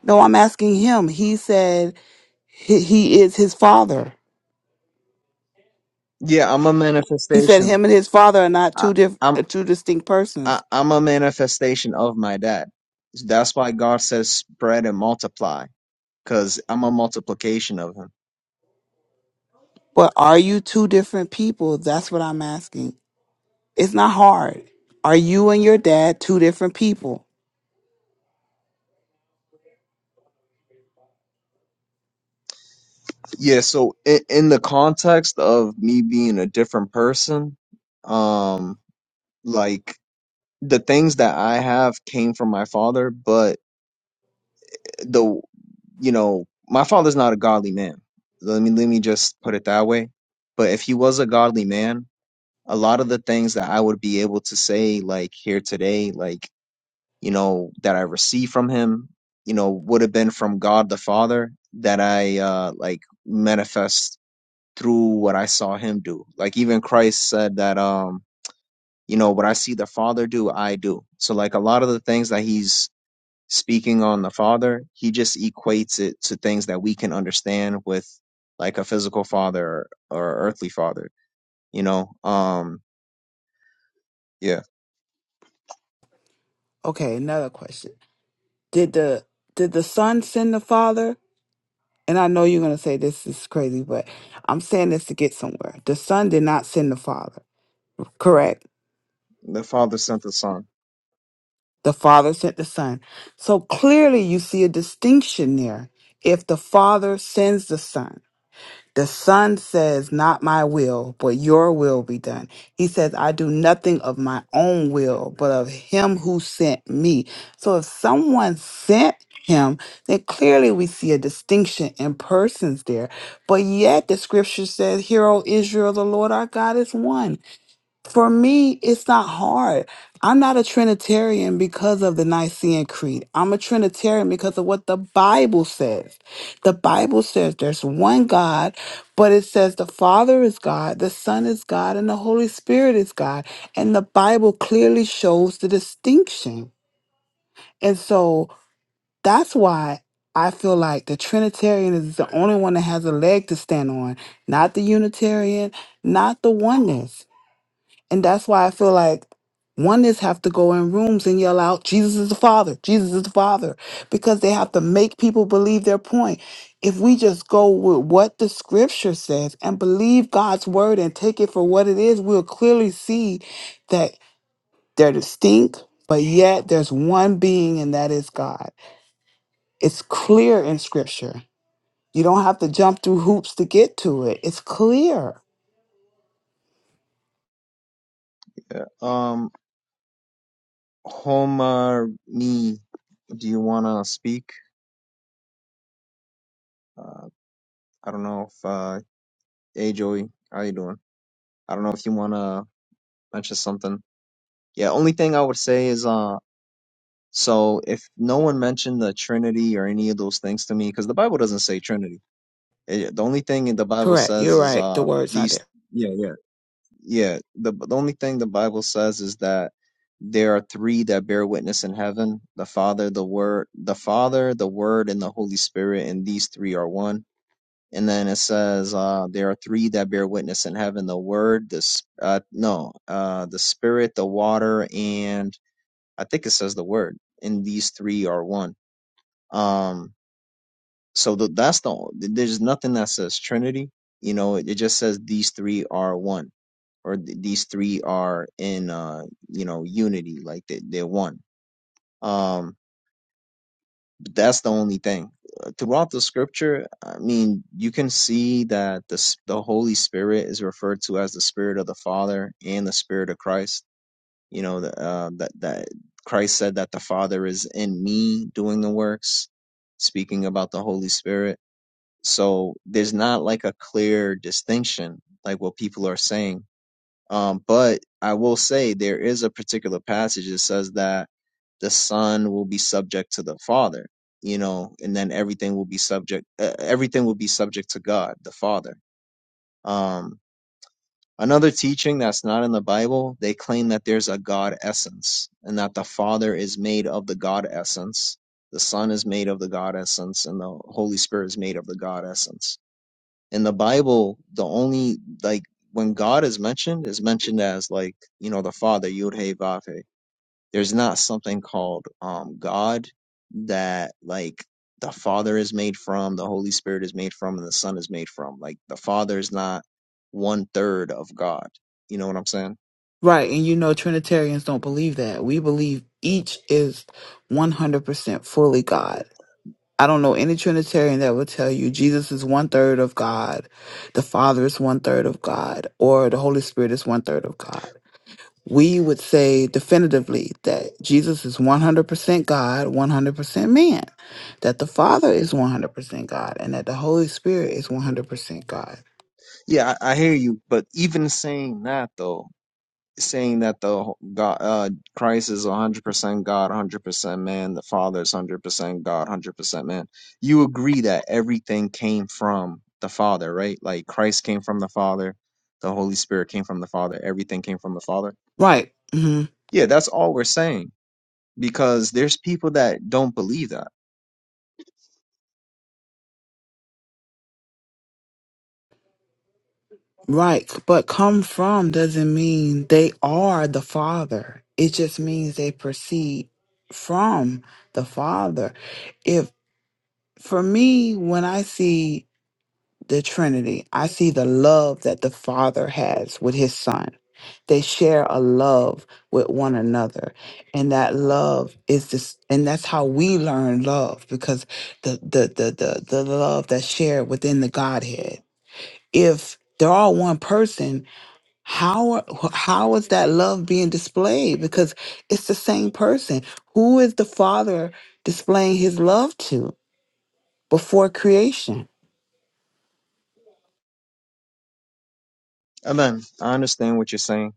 Speaker 8: No, I'm asking him. He said he, he is his father.
Speaker 3: Yeah, I'm a
Speaker 8: He said
Speaker 3: manifestation.
Speaker 8: him and his father are not
Speaker 3: I,
Speaker 8: two diff-
Speaker 3: I'm
Speaker 8: uh, two distinct
Speaker 3: I,
Speaker 8: persons.
Speaker 3: I'm a manifestation of my dad. That's why God says spread and multiply, because I'm a multiplication of him.
Speaker 8: But are you two different people? That's what I'm asking. It's not hard. Are you and your dad two different people?
Speaker 3: Yeah, so in, in the context of me being a different person, um, like the things that I have came from my father, but the you know my father's not a godly man. Let me let me just put it that way. But if he was a godly man, a lot of the things that I would be able to say, like here today, like, you know, that I received from him, you know, would have been from God the Father that I, uh, like manifest through what I saw him do. Like, even Christ said that, um, you know, what I see the Father do, I do. So, like, a lot of the things that he's speaking on the Father, he just equates it to things that we can understand with like a physical father or, or earthly father, you know, um, yeah.
Speaker 8: Okay, another question. Did the did the son send the father? And I know you're going to say this is crazy, but I'm saying this to get somewhere. The son did not send the father, correct?
Speaker 3: The Father sent the Son.
Speaker 8: The Father sent the Son. So clearly you see a distinction there. If the Father sends the Son, the Son says, Not my will, but your will be done. He says, I do nothing of my own will, but of him who sent me. So if someone sent him, then clearly we see a distinction in persons there. But yet the scripture says, Hear, O Israel, the Lord our God is one. For me, it's not hard. I'm not a Trinitarian because of the Nicene Creed. I'm a Trinitarian because of what the Bible says. The Bible says there's one God, but it says the Father is God, the Son is God, and the Holy Spirit is God. And the Bible clearly shows the distinction. And so that's why I feel like the Trinitarian is the only one that has a leg to stand on, not the Unitarian, not the oneness. And that's why I feel like oneness have to go in rooms and yell out, Jesus is the Father, Jesus is the Father, because they have to make people believe their point. If we just go with what the scripture says and believe God's word and take it for what it is, we'll clearly see that they're distinct, but yet there's one being, and that is God. It's clear in scripture. You don't have to jump through hoops to get to it. It's clear.
Speaker 3: Yeah. Um, Homer, me, do you wanna speak? Uh, I don't know if uh, hey Joey, how you doing? I don't know if you wanna mention something. Yeah, only thing I would say is uh, so if no one mentioned the Trinity or any of those things to me, because the Bible doesn't say Trinity. It, the only thing the Bible
Speaker 8: Correct.
Speaker 3: says
Speaker 8: You're
Speaker 3: is
Speaker 8: right. The
Speaker 3: uh
Speaker 8: word's not there.
Speaker 3: these. Yeah, yeah. yeah, the, the only thing the Bible says is that there are three that bear witness in heaven: the Father, the Word, the Father, the Word, and the Holy Spirit, and these three are one. And then it says uh, there are three that bear witness in heaven: the Word, the s- uh, no, uh, the Spirit, the water, and I think it says the Word. And these three are one. Um, so the, that's the there's nothing that says Trinity. You know, it, it just says these three are one or th- these three are in uh you know unity like they, they're one um but that's the only thing Uh, throughout the scripture i mean you can see that the s- the holy spirit is referred to as the spirit of the father and the spirit of christ you know the, uh, that that christ said that the father is in me doing the works speaking about the holy spirit so there's not like a clear distinction like what people are saying Um, but I will say there is a particular passage that says that the son will be subject to the father, you know, and then everything will be subject, uh, everything will be subject to God, the father. Um, another teaching that's not in the Bible, they claim that there's a God essence and that the father is made of the God essence. The son is made of the God essence and the Holy Spirit is made of the God essence in the Bible, the only like when God is mentioned is mentioned as like you know the Father Yud Hey Vav Hey. There's not something called um God that like the Father is made from, the Holy Spirit is made from, and the Son is made from. Like the Father is not one third of God. You know what I'm saying?
Speaker 8: Right, and you know Trinitarians don't believe that. We believe each is 100% fully God. I don't know any Trinitarian that will tell you Jesus is one third of God, the Father is one third of God, or the Holy Spirit is one third of God. We would say definitively that Jesus is 100% God, 100% man, that the Father is 100% God, and that the Holy Spirit is 100% God.
Speaker 3: Yeah, I, I hear you, but even saying that though, saying that the wh- God, uh, Christ is 100% God, 100% man, the Father is 100% God, 100% man. You agree that everything came from the Father, right? Like Christ came from the Father, the Holy Spirit came from the Father, everything came from the Father.
Speaker 8: Right. mm-hmm.
Speaker 3: Yeah, that's all we're saying because there's people that don't believe that.
Speaker 8: Right, but come from doesn't mean they are the Father. It just means they proceed from the Father. If for me, when I see the Trinity, I see the love that the Father has with his Son. They share a love with one another. And that love is this and that's how we learn love because the the the the, the love that's shared within the Godhead. If they're all one person, how are- wh- how is that love being displayed? Because it's the same person. Who is the Father displaying His love to before creation?
Speaker 3: Amen. I understand what you're saying.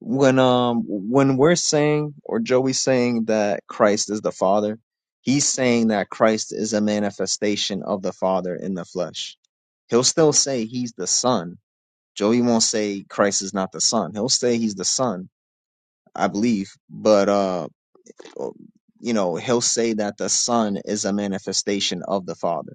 Speaker 3: When um when we're saying or Joey's saying that Christ is the Father, he's saying that Christ is a manifestation of the Father in the flesh. He'll still say he's the Son. Joey won't say Christ is not the Son. He'll say he's the Son, I believe, but uh you know, he'll say that the Son is a manifestation of the Father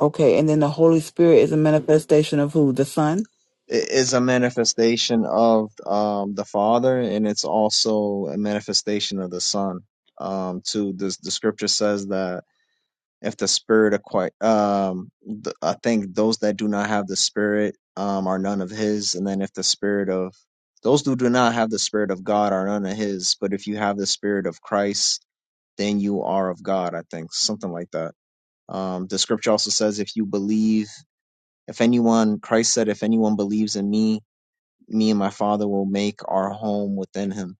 Speaker 8: Okay, and then the Holy Spirit is a manifestation of who? The Son.
Speaker 3: is a manifestation of um, the Father, and it's also a manifestation of the Son. Um, too, the, the Scripture says that if the Spirit acquire, um, th- I think those that do not have the Spirit um, are none of His, and then if the Spirit of those who do not have the Spirit of God are none of His, but if you have the Spirit of Christ, then you are of God. I think something like that. Um, the Scripture also says if you believe, if anyone, Christ said, if anyone believes in me me and my father will make our home within him.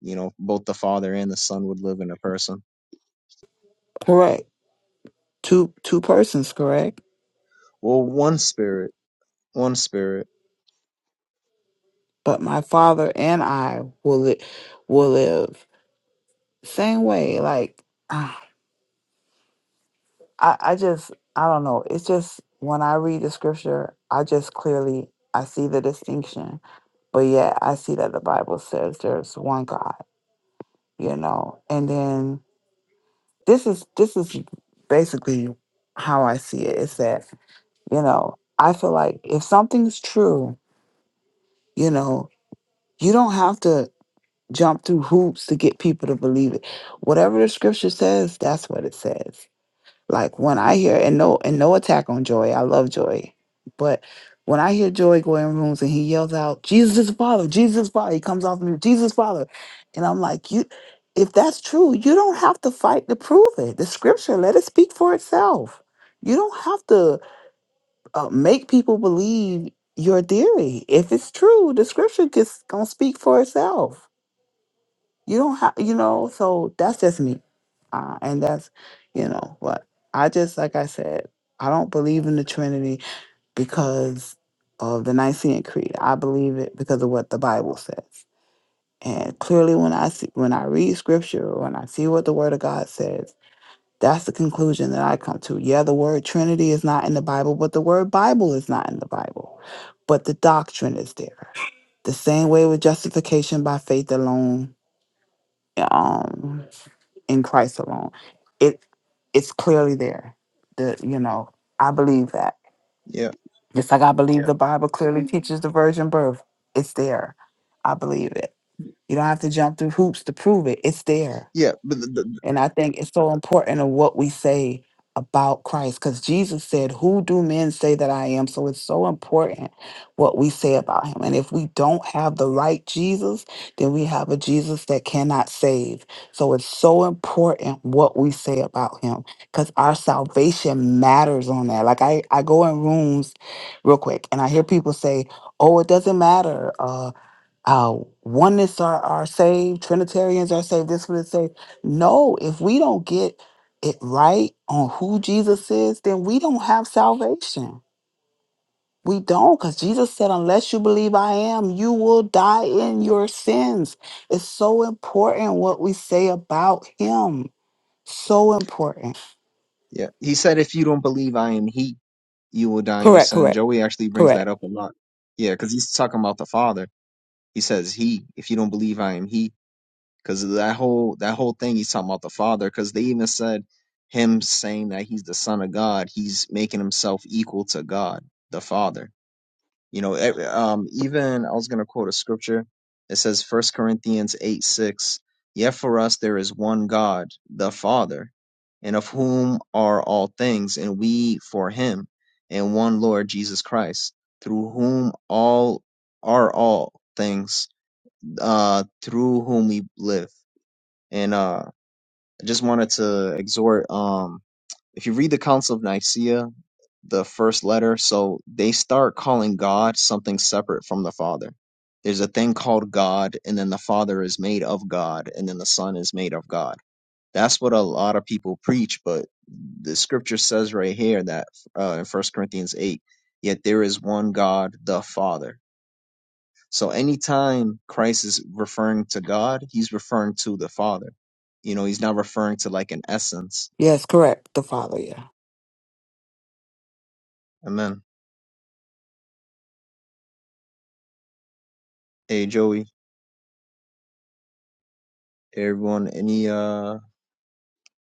Speaker 3: You know, both the father and the son would live in a person.
Speaker 8: Correct. Two two persons. Correct.
Speaker 3: Well, one spirit, one spirit.
Speaker 8: But my Father and I will li- will live same way. Like ah, I I just I don't know. It's just when I read the scripture, I just clearly I see the distinction But yet I see that the Bible says there's one God, you know. And then this is this is basically how I see it. It's that, you know, I feel like if something's true, you know, you don't have to jump through hoops to get people to believe it. Whatever the scripture says, that's what it says. Like when I hear and no and no attack on Joy, I love Joy, but when I hear Joy go in rooms and he yells out, "Jesus is the Father, Jesus is the Father," he comes off me, "Jesus is the Father," and I'm like, you. If that's true, you don't have to fight to prove it. The scripture, let it speak for itself. You don't have to uh, make people believe your theory. If it's true, the scripture just gonna speak for itself you don't have, you know, so that's just me. Uh, and that's, you know, what I just, like I said, I don't believe in the Trinity because of the Nicene Creed. I believe it because of what the Bible says. And clearly, when I see, when I read Scripture, when I see what the Word of God says, that's the conclusion that I come to. Yeah, the word Trinity is not in the Bible, but the word Bible is not in the Bible, but the doctrine is there. The same way with justification by faith alone. Um, in Christ alone. It it's clearly there. The you know, I believe that.
Speaker 3: Yeah,
Speaker 8: Just like I believe Yeah. the Bible clearly Mhm. teaches the virgin birth. It's there. I believe it. You don't have to jump through hoops to prove it. It's there.
Speaker 3: yeah, but the, the,
Speaker 8: And I think it's so important of what we say about Christ because Jesus said, Who do men say that I am? So it's so important what we say about him. And if we don't have the right Jesus, then we have a Jesus that cannot save. So it's so important what we say about him because our salvation matters on that. Like I, I go in rooms real quick and I hear people say, Oh, it doesn't matter. uh, uh, oneness are, are saved, Trinitarians are saved, this one is saved. No, if we don't get it right on who Jesus is, then we don't have salvation. We don't, because Jesus said, unless you believe I am, you will die in your sins. It's so important what we say about him. So important.
Speaker 3: yeah. He said, if you don't believe I am He, you will die in your
Speaker 8: Correct,
Speaker 3: sin.
Speaker 8: correct,
Speaker 3: Joey actually brings that
Speaker 8: correct.
Speaker 3: up a lot. Yeah, because he's talking about the father. He says He. If you don't believe I am He, because that whole that whole thing, he's talking about the father. Because they even said him saying that he's the son of God, he's making himself equal to God, the father You know, e- um, even I was going to quote a scripture. It says First Corinthians 8 6, Yet for us there is one God, the Father, and of whom are all things, and we for him, and one Lord Jesus Christ, through whom all are all things, uh, through whom we live. And uh, I just wanted to exhort, um, if you read the Council of Nicaea, the first letter. So they start calling God something separate from the Father. There's a thing called God, and then the Father is made of God, and then the Son is made of God. That's what a lot of people preach, but the scripture says right here that uh, in First Corinthians 8, yet there is one God, the Father. So anytime Christ is referring to God, he's referring to the Father. You know, he's not referring to like an essence.
Speaker 8: Yes, correct. The Father, yeah.
Speaker 3: Amen. Hey, Joey, hey, everyone, any uh,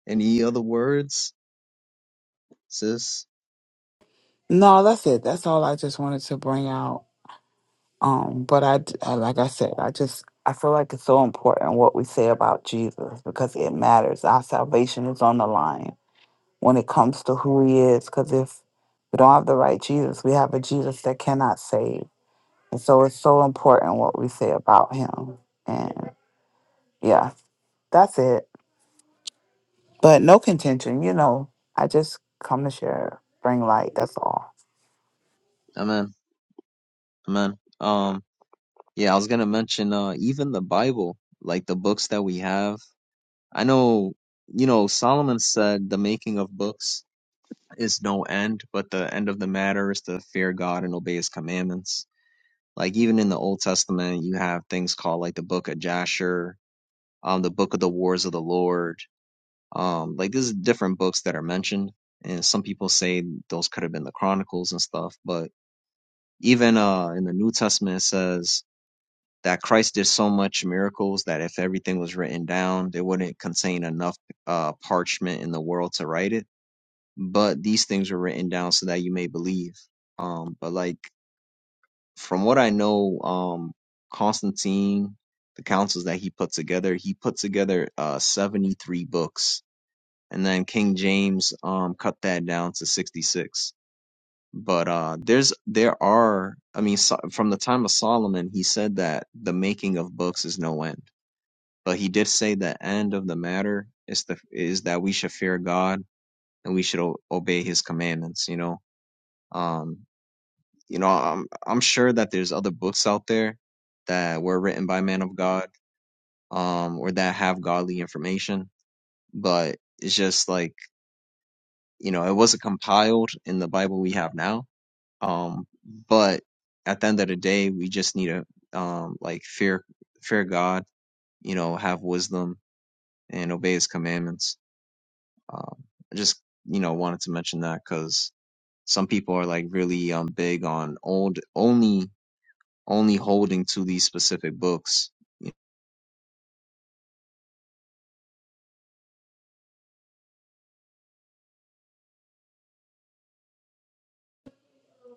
Speaker 3: Any other words, sis?
Speaker 8: No, that's it. That's all I just wanted to bring out. Um, but I, d- I- like I said, I just I feel like it's so important what we say about Jesus because it matters. Our salvation is on the line when it comes to who He is. Because if we don't have the right Jesus, we have a Jesus that cannot save, and so it's so important what we say about Him. And yeah, that's it. But no contention, you know. I just come to share, bring light. That's all.
Speaker 3: Amen. Amen. Um, yeah, I was gonna mention uh even the Bible, like the books that we have. I know, you know, Solomon said the making of books is no end, but the end of the matter is to fear God and obey his commandments. Like even in the Old Testament, you have things called like the book of Jasher, um, the book of the wars of the Lord. Um, like there's different books that are mentioned, and some people say those could have been the Chronicles and stuff, but Even uh, in the New Testament, it says that Christ did so much miracles that if everything was written down, they wouldn't contain enough uh, parchment in the world to write it. But these things were written down so that you may believe. Um, but like from what I know, um, Constantine, the councils that he put together, he put together uh, 73 books, and then King James um, cut that down to 66 but uh there's there are i mean so, from the time of solomon he said that the making of books is no end but he did say the end of the matter is the is that we should fear god and we should o- obey his commandments you know um you know i'm i'm sure that there's other books out there that were written by men of god um or that have godly information but it's just like you know it wasn't compiled in the bible we have now Um, but at the end of the day, we just need to um, like fear fear God, you know, have wisdom and obey His commandments. Um, I just you know wanted to mention that because some people are like really um big on old only only holding to these specific books.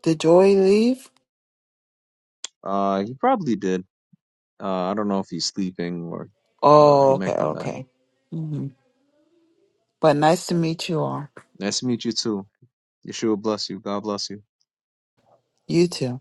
Speaker 8: Did Joy leave?
Speaker 3: Uh, he probably did. Uh, I don't know if he's sleeping or uh,
Speaker 8: Oh,
Speaker 3: he
Speaker 8: okay,
Speaker 3: might come back.
Speaker 8: okay. hmm But nice to meet you all.
Speaker 3: Nice to meet you too. Yeshua bless you. God bless you.
Speaker 8: You too.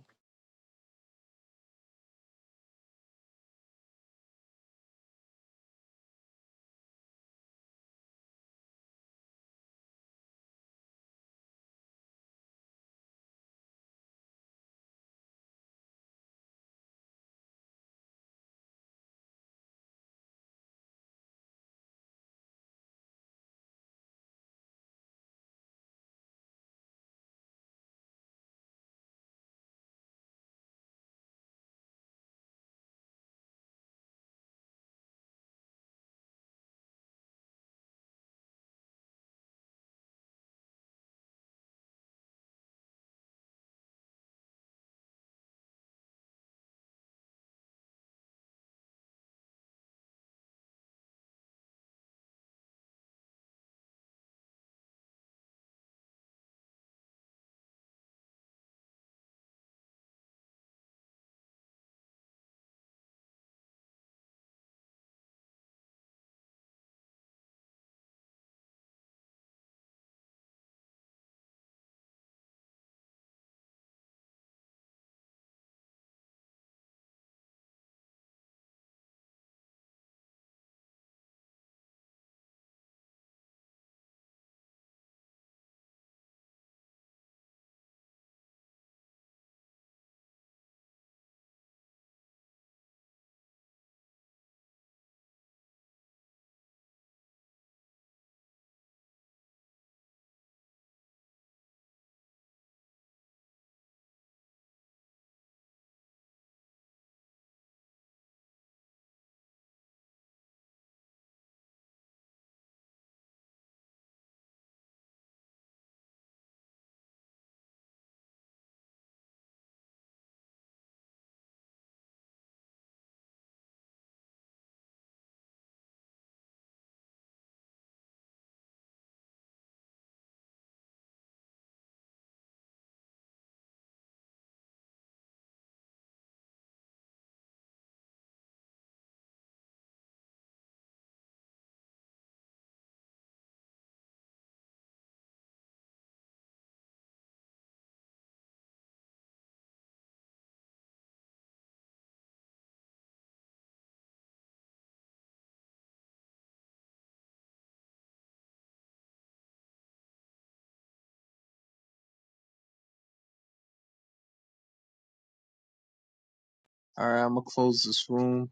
Speaker 3: All right, I'm gonna close this room.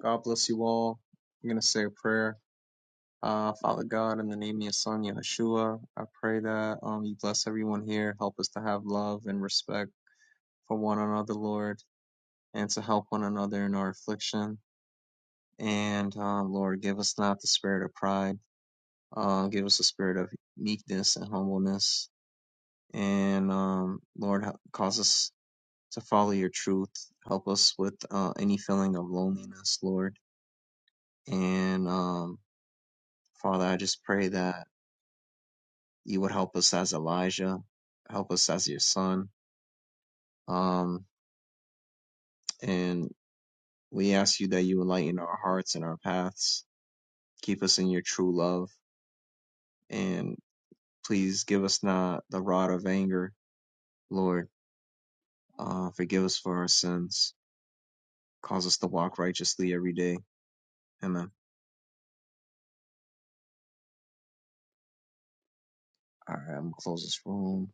Speaker 3: God bless you all. I'm going to say a prayer. Uh, Father God, in the name of your son, Yeshua, I pray that um, you bless everyone here. Help us to have love and respect for one another, Lord, and to help one another in our affliction. And um, Lord, give us not the spirit of pride. Uh, give us the spirit of meekness and humbleness. And um, Lord, cause us to follow your truth. Help us with uh, any feeling of loneliness, Lord. And um, Father, I just pray that you would help us as Elijah, help us as your son. Um, and we ask you that you enlighten our hearts and our paths, keep us in your true love, and please give us not the rod of anger, Lord. Uh, forgive us for our sins, cause us to walk righteously every day. Amen. All right, I'm gonna close this room.